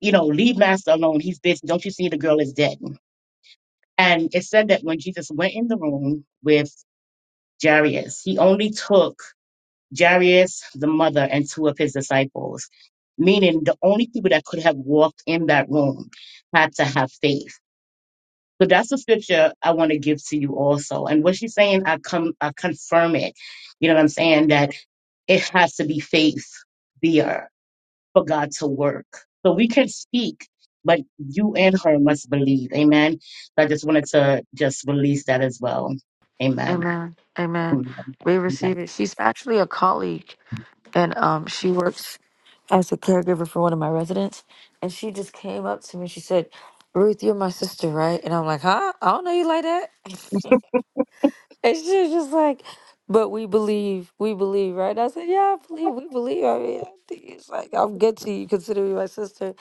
Speaker 1: you know, leave master alone. He's busy. Don't you see the girl is dead? And it said that when Jesus went in the room with Jairus, he only took Jairus, the mother, and two of his disciples, meaning the only people that could have walked in that room had to have faith. So that's the scripture I want to give to you also. And what she's saying, I come, I confirm it. You know what I'm saying? That it has to be faith there for God to work. So we can speak, but you and her must believe. Amen. So I just wanted to just release that as well. Amen.
Speaker 6: Amen. Amen.
Speaker 1: Amen.
Speaker 6: We receive it. She's actually a colleague and um she works as a caregiver for one of my residents. And she just came up to me. She said, Ruth, you're my sister, right? And I'm like, huh? I don't know you like that. And she was just like, but we believe, we believe, right? And I said, yeah, I believe, we believe. I mean, I think it's like, I'm good to you, consider me my sister.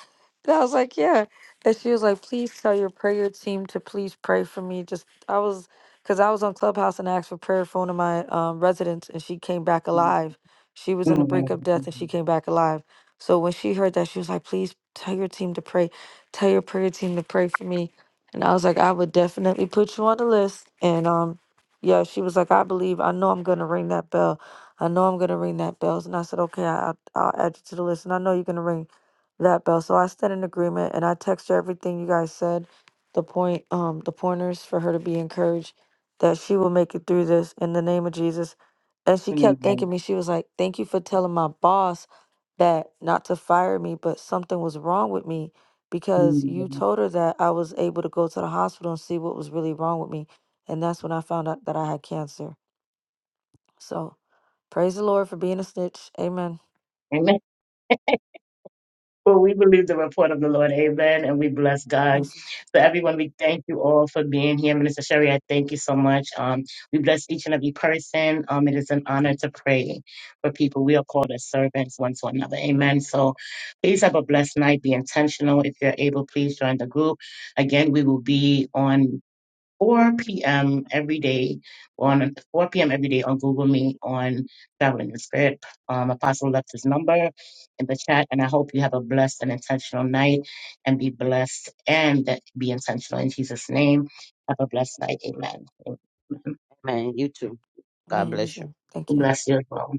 Speaker 6: And I was like, yeah. And she was like, please tell your prayer team to please pray for me. Just, I was, because I was on Clubhouse and asked for prayer for one of my um, residents, and she came back alive. She was on the brink
Speaker 1: Amen.
Speaker 6: of death, and she came back alive. So when she heard that, she was like, please tell your team to pray. Tell your prayer team to pray for me. And I was like, I would definitely put you on the list. And um, yeah, she was like, I believe, I know I'm going to ring that bell. I know I'm going to ring that bell. And I said, okay, I, I'll I'll add you to the list. And I know you're going to ring that bell. So I said in agreement and I text her everything you guys said, the point, um, the pointers for her to be encouraged that she will make it through this in the name of Jesus. And she kept
Speaker 1: Amen.
Speaker 6: thanking me. She was like, thank you for telling my boss that not to fire me, but something was wrong with me because you
Speaker 1: Amen.
Speaker 6: told her that I was able to go to the hospital and see what was really wrong with me and that's when I found out that I had cancer. So praise the Lord for being a snitch. Amen.
Speaker 1: Amen. Well, we believe the report of the Lord. Amen. And we bless God.
Speaker 6: That's-
Speaker 1: So, everyone, we thank you all for being here. Minister Sherry, I thank you so much. Um, we bless each and every person. Um, it is an honor to pray for people. We are called as servants one to another. Amen. So, please have a blessed night. Be intentional. If you're able, please join the group. Again, we will be on. 4 p.m. every day on 4 p.m. every day on Google Meet on Traveling the Spirit. Um, Apostle left his number in the chat, and I hope you have a blessed and intentional night and be blessed and be intentional in Jesus' name. Have a blessed night. Amen. Amen.
Speaker 4: Man, you too. God
Speaker 6: Amen. You
Speaker 4: bless you.
Speaker 6: too. Thank you.
Speaker 1: Bless you. as well.